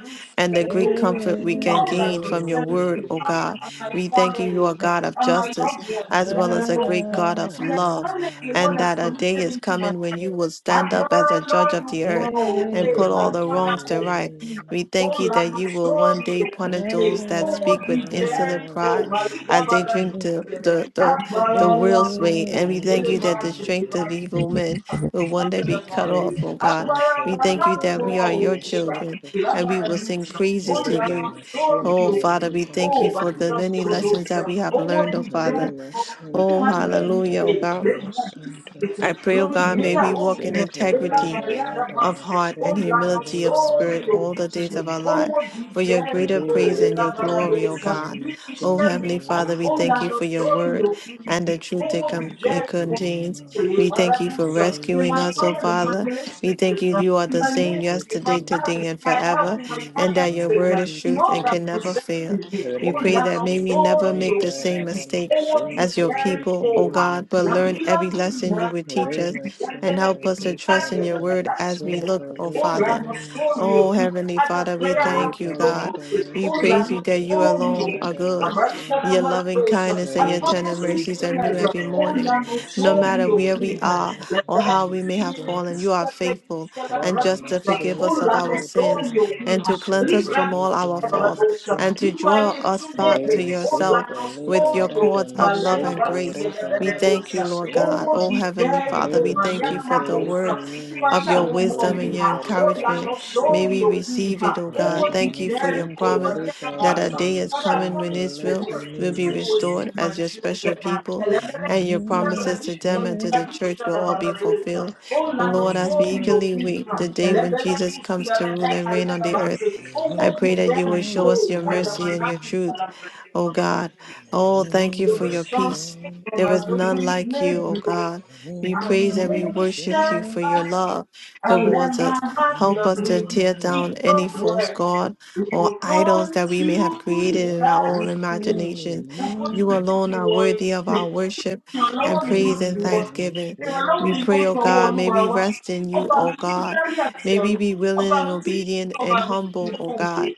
Speaker 1: if I,
Speaker 3: and the
Speaker 1: if
Speaker 3: great comfort we can gain from your
Speaker 4: concerns
Speaker 3: word,
Speaker 4: you
Speaker 3: O
Speaker 4: and
Speaker 3: God.
Speaker 4: my
Speaker 3: We thank you, you are
Speaker 4: family
Speaker 3: God of
Speaker 4: and my
Speaker 3: justice
Speaker 4: loved ones,
Speaker 3: as
Speaker 4: let
Speaker 3: well
Speaker 1: I,
Speaker 4: the
Speaker 3: as a
Speaker 4: Lord
Speaker 3: great God of
Speaker 4: be
Speaker 3: love,
Speaker 4: assigned the Lord
Speaker 3: and
Speaker 4: has
Speaker 3: that a day
Speaker 4: committed
Speaker 3: is
Speaker 4: into my
Speaker 3: coming when
Speaker 4: hand.
Speaker 3: you will stand up as
Speaker 4: Agbára
Speaker 3: a judge
Speaker 4: Ọlọ́run
Speaker 3: of the
Speaker 4: pọ̀
Speaker 3: earth
Speaker 4: o,
Speaker 3: and
Speaker 4: ee,
Speaker 3: put all the
Speaker 4: àlùfáà náà
Speaker 3: wrongs
Speaker 4: kò.
Speaker 3: to right. We
Speaker 4: Oh,
Speaker 3: thank you
Speaker 4: Ola
Speaker 3: that you will one
Speaker 4: masori
Speaker 3: day punish
Speaker 4: okite
Speaker 3: those that
Speaker 4: kowo
Speaker 3: speak
Speaker 4: di
Speaker 3: with insolent
Speaker 4: jeri oh,
Speaker 3: pride
Speaker 4: maliga
Speaker 3: as they
Speaker 4: bada di
Speaker 3: drink the,
Speaker 4: tigere
Speaker 3: the, the,
Speaker 4: agbara
Speaker 3: the world's
Speaker 4: Ọlọ́run
Speaker 3: way.
Speaker 4: pọ
Speaker 3: And we thank
Speaker 4: ele
Speaker 3: you
Speaker 4: máa
Speaker 3: that
Speaker 4: oh, wá
Speaker 3: the strength of
Speaker 4: sí
Speaker 3: evil men will one day
Speaker 4: àlùfáà
Speaker 3: be
Speaker 4: oh, máa
Speaker 3: cut
Speaker 4: rí
Speaker 3: off,
Speaker 1: Rema
Speaker 3: oh God.
Speaker 4: agbára
Speaker 1: Sonto
Speaker 3: We thank
Speaker 4: bàbá
Speaker 3: you that
Speaker 4: pọ̀
Speaker 3: we are
Speaker 4: o
Speaker 1: Liberata
Speaker 3: your
Speaker 4: ìgbà
Speaker 3: children
Speaker 1: Masunto
Speaker 3: and we
Speaker 4: ìlágbára
Speaker 3: will
Speaker 4: di
Speaker 3: sing
Speaker 4: ìtàn
Speaker 3: praises to
Speaker 4: Ola
Speaker 3: you.
Speaker 1: Redama
Speaker 4: masori
Speaker 3: Oh,
Speaker 1: sente
Speaker 4: okite
Speaker 3: Father, we
Speaker 4: o
Speaker 3: thank you
Speaker 1: liberata
Speaker 3: for the
Speaker 4: maliga
Speaker 3: many
Speaker 4: bada oh,
Speaker 3: lessons
Speaker 1: masunto,
Speaker 3: that
Speaker 4: ìtàn
Speaker 3: we have
Speaker 4: owó oh,
Speaker 3: learned, oh, Father.
Speaker 1: lima
Speaker 4: jeri ko nínú
Speaker 1: sente
Speaker 3: Oh,
Speaker 4: ayé mi
Speaker 3: hallelujah,
Speaker 4: èlé
Speaker 3: oh,
Speaker 1: liberata
Speaker 3: God.
Speaker 4: ìwádìí
Speaker 1: masunto,
Speaker 3: I
Speaker 4: ìsìnkú
Speaker 3: pray, oh,
Speaker 4: lórí
Speaker 3: God, may we
Speaker 1: lima
Speaker 4: ìgbéyàwó mi
Speaker 3: walk in
Speaker 1: sente
Speaker 3: integrity
Speaker 4: rẹ̀
Speaker 1: liberata
Speaker 3: of heart and
Speaker 1: masente
Speaker 4: Online of
Speaker 3: humility of
Speaker 4: sorrow.
Speaker 3: spirit
Speaker 1: liberata
Speaker 3: all the days of our
Speaker 1: masunto,
Speaker 3: life
Speaker 4: Over the
Speaker 3: for your greater
Speaker 4: Jericho,
Speaker 3: praise
Speaker 1: lima
Speaker 3: and your glory,
Speaker 1: ribeleke
Speaker 3: O
Speaker 4: Elabaradosa.
Speaker 3: God.
Speaker 1: mimo
Speaker 3: O
Speaker 1: sunto
Speaker 3: Heavenly
Speaker 4: Mishamika,
Speaker 3: Father, we thank you
Speaker 4: online
Speaker 1: liberata.
Speaker 3: for
Speaker 4: of
Speaker 3: your word
Speaker 4: sorrow.
Speaker 3: and the
Speaker 1: We
Speaker 3: truth it,
Speaker 4: Over the
Speaker 3: com-
Speaker 1: worship
Speaker 3: it
Speaker 1: your
Speaker 4: Jericho.
Speaker 1: name,
Speaker 3: contains.
Speaker 1: Lord.
Speaker 3: We thank you for
Speaker 1: We
Speaker 4: Barabusa,
Speaker 1: give
Speaker 4: in
Speaker 3: rescuing
Speaker 1: you
Speaker 4: my
Speaker 3: us, O
Speaker 1: praise.
Speaker 4: family, in my
Speaker 3: Father. We thank
Speaker 4: relationships,
Speaker 3: you,
Speaker 4: uh,
Speaker 3: you are
Speaker 4: in
Speaker 3: the
Speaker 4: my
Speaker 1: We
Speaker 3: same
Speaker 1: give you
Speaker 4: ministry, in my
Speaker 3: yesterday,
Speaker 1: glory.
Speaker 4: marriage,
Speaker 3: today,
Speaker 4: in
Speaker 3: and
Speaker 4: my health,
Speaker 1: We
Speaker 3: forever,
Speaker 4: in my
Speaker 1: give you
Speaker 3: and that your
Speaker 1: honor.
Speaker 4: finances,
Speaker 3: word
Speaker 4: uh,
Speaker 3: is
Speaker 1: We give
Speaker 4: in
Speaker 1: you
Speaker 3: truth
Speaker 4: all
Speaker 3: and
Speaker 4: that
Speaker 1: favor.
Speaker 3: can never fail.
Speaker 4: concerns me.
Speaker 3: We
Speaker 4: Oh,
Speaker 1: Rema
Speaker 3: pray
Speaker 4: Lamb
Speaker 3: that
Speaker 4: of
Speaker 3: may we
Speaker 1: sente
Speaker 3: never
Speaker 4: glory, O
Speaker 3: make
Speaker 1: lipa
Speaker 3: the same
Speaker 1: rada
Speaker 4: King,
Speaker 3: mistake
Speaker 4: oh, what you
Speaker 3: as
Speaker 1: masunto
Speaker 3: your
Speaker 4: carry
Speaker 1: leke
Speaker 3: people, O
Speaker 4: for
Speaker 1: mima
Speaker 3: God, but learn
Speaker 1: sente.
Speaker 3: every lesson you would teach us
Speaker 4: at
Speaker 1: Rema
Speaker 4: the
Speaker 3: and
Speaker 1: sente
Speaker 3: help us to
Speaker 1: lipa
Speaker 3: trust in your
Speaker 1: rada
Speaker 3: word as we look,
Speaker 1: masunto
Speaker 3: oh
Speaker 1: leke
Speaker 3: Father.
Speaker 1: mima
Speaker 3: Oh
Speaker 1: sente.
Speaker 3: Heavenly Father, we
Speaker 4: prayer
Speaker 3: thank
Speaker 4: house
Speaker 1: Reba
Speaker 3: you, God.
Speaker 4: global,
Speaker 1: lada
Speaker 3: We
Speaker 4: oh
Speaker 3: praise
Speaker 1: masente
Speaker 4: Lano
Speaker 3: you that you
Speaker 1: lipa
Speaker 4: Sorio,
Speaker 3: alone are
Speaker 1: lada
Speaker 3: good.
Speaker 1: masunto.
Speaker 4: Americana
Speaker 3: Your loving
Speaker 4: Maradosa,
Speaker 3: kindness
Speaker 4: I
Speaker 3: and your
Speaker 1: Rema
Speaker 3: tender
Speaker 4: purposely
Speaker 3: mercies
Speaker 1: sente
Speaker 3: are new
Speaker 4: prayer,
Speaker 3: every
Speaker 1: lipa
Speaker 4: oh
Speaker 3: morning.
Speaker 1: rada
Speaker 4: Lano
Speaker 3: No matter
Speaker 1: masunto
Speaker 3: where we
Speaker 1: rebe
Speaker 3: are
Speaker 1: leke
Speaker 3: or how we
Speaker 1: mima
Speaker 3: may have fallen,
Speaker 1: sunto.
Speaker 3: you are
Speaker 4: Sorio,
Speaker 3: faithful
Speaker 4: Sakala
Speaker 3: and
Speaker 1: Rada
Speaker 4: bradi
Speaker 3: just to forgive
Speaker 1: masente
Speaker 3: us
Speaker 4: brakula
Speaker 3: of our
Speaker 1: lipa
Speaker 3: sins
Speaker 4: nosolio
Speaker 1: rada
Speaker 3: and
Speaker 4: kuha,
Speaker 3: to cleanse
Speaker 4: sli
Speaker 3: us
Speaker 1: masunto
Speaker 3: from
Speaker 4: bradi
Speaker 3: all
Speaker 1: leke
Speaker 3: our
Speaker 4: sakala
Speaker 3: faults
Speaker 1: mima
Speaker 4: brado
Speaker 3: and to
Speaker 1: sunto.
Speaker 3: draw
Speaker 4: brakulaie
Speaker 3: us
Speaker 1: Ore
Speaker 3: back
Speaker 4: sudete.
Speaker 3: to
Speaker 4: Brakula
Speaker 3: yourself
Speaker 1: masente le
Speaker 3: with your
Speaker 4: nosolio
Speaker 1: parada
Speaker 4: ku
Speaker 3: cords of
Speaker 4: balya
Speaker 3: love and
Speaker 1: masonto
Speaker 3: grace.
Speaker 1: re
Speaker 4: gabasia
Speaker 3: We
Speaker 1: balada
Speaker 4: gabegos.
Speaker 3: thank you, Lord
Speaker 1: masente.
Speaker 3: God.
Speaker 4: Ovo
Speaker 3: Oh, Heavenly
Speaker 4: dijeli
Speaker 1: Ore
Speaker 4: to
Speaker 3: Father, we thank
Speaker 4: manja
Speaker 3: you for
Speaker 1: masonto
Speaker 3: the
Speaker 4: makos
Speaker 1: le
Speaker 3: word
Speaker 1: kemi
Speaker 3: of
Speaker 4: brakulaie
Speaker 3: your
Speaker 4: humo
Speaker 3: wisdom
Speaker 1: masonto
Speaker 3: and
Speaker 1: re
Speaker 3: your
Speaker 4: miha.
Speaker 1: balada
Speaker 4: Brakula
Speaker 3: encouragement. May we
Speaker 4: nosolio
Speaker 1: masonto.
Speaker 4: ku
Speaker 3: receive it, oh
Speaker 4: ovo
Speaker 3: God.
Speaker 1: Orada
Speaker 3: Thank you for
Speaker 4: dijeli
Speaker 3: your
Speaker 4: to
Speaker 1: masente
Speaker 3: promise
Speaker 1: le
Speaker 4: balya
Speaker 3: that
Speaker 4: gabas.
Speaker 3: a
Speaker 1: parada
Speaker 3: day is
Speaker 4: Kada
Speaker 3: coming
Speaker 1: masonto
Speaker 3: when
Speaker 1: le
Speaker 4: komištev
Speaker 3: Israel
Speaker 1: kemi
Speaker 3: will
Speaker 4: se
Speaker 3: be restored
Speaker 1: masonto.
Speaker 4: dosegam
Speaker 3: as your
Speaker 4: čuje
Speaker 3: special people,
Speaker 1: Mi
Speaker 3: and
Speaker 1: mi
Speaker 4: kam.
Speaker 3: your
Speaker 4: Oh,
Speaker 3: promises
Speaker 4: be
Speaker 3: to
Speaker 1: mache,
Speaker 3: them
Speaker 4: very
Speaker 3: and to
Speaker 4: cold.
Speaker 3: the church will all be fulfilled. Lord, as
Speaker 1: mimi
Speaker 3: we
Speaker 1: mama
Speaker 3: eagerly wait
Speaker 1: dupe.
Speaker 3: the day when Jesus comes to rule and reign on the earth.
Speaker 1: Iwa
Speaker 3: I pray that you
Speaker 1: kuku
Speaker 3: will show us your
Speaker 4: I am
Speaker 1: lagbara
Speaker 3: mercy and your
Speaker 1: mi,
Speaker 4: my
Speaker 3: truth, O God. Oh,
Speaker 1: mi mi
Speaker 3: thank you
Speaker 4: there
Speaker 3: for your
Speaker 4: was
Speaker 1: mache,
Speaker 3: peace.
Speaker 4: something in
Speaker 3: There
Speaker 4: my
Speaker 3: is none
Speaker 4: belief
Speaker 3: like
Speaker 4: may
Speaker 3: you, O
Speaker 4: do.
Speaker 3: God. We
Speaker 1: mimi
Speaker 4: I'll
Speaker 3: praise and we
Speaker 4: never
Speaker 3: worship you
Speaker 4: step
Speaker 1: mache.
Speaker 3: for your
Speaker 4: back.
Speaker 3: love
Speaker 4: I'll let
Speaker 3: towards
Speaker 4: my
Speaker 3: us.
Speaker 1: May
Speaker 4: heart
Speaker 3: Help
Speaker 4: love
Speaker 3: us
Speaker 1: I
Speaker 3: to
Speaker 4: you.
Speaker 3: tear
Speaker 1: walk
Speaker 4: Speak
Speaker 3: down
Speaker 1: with
Speaker 3: any
Speaker 4: the
Speaker 1: You?
Speaker 3: false
Speaker 4: word.
Speaker 3: God
Speaker 4: It
Speaker 3: or
Speaker 4: will
Speaker 3: idols
Speaker 4: come
Speaker 3: that we may have
Speaker 4: to
Speaker 1: May
Speaker 3: created in
Speaker 1: I
Speaker 3: our own
Speaker 1: conquer
Speaker 4: pass.
Speaker 3: imagination.
Speaker 4: Nobody
Speaker 1: You?
Speaker 3: You
Speaker 1: May
Speaker 4: will take
Speaker 3: alone
Speaker 4: it
Speaker 3: are worthy of
Speaker 4: away.
Speaker 3: our worship
Speaker 1: You
Speaker 3: and
Speaker 4: Ìrànlọ́wọ́ mi
Speaker 1: be
Speaker 4: ló
Speaker 3: praise
Speaker 4: ti
Speaker 3: and
Speaker 4: wọ́.
Speaker 1: my
Speaker 3: thanksgiving.
Speaker 4: Ìrànlọ́wọ́
Speaker 3: We
Speaker 4: mi
Speaker 1: refuge.
Speaker 4: ló
Speaker 3: pray, O
Speaker 4: tọwọ́
Speaker 3: God, may
Speaker 4: Olúwa
Speaker 3: we
Speaker 4: wá.
Speaker 3: rest in you,
Speaker 4: Ọba
Speaker 3: O
Speaker 4: mi tó
Speaker 3: God.
Speaker 4: dárí àti
Speaker 3: May we
Speaker 4: ọ̀run.
Speaker 3: be willing
Speaker 4: Ọba
Speaker 3: and
Speaker 4: mi tí kì í sùn,
Speaker 3: obedient
Speaker 4: ọba
Speaker 3: and
Speaker 4: mi kì í
Speaker 3: humble, O
Speaker 4: fòǹgbẹ.
Speaker 3: God.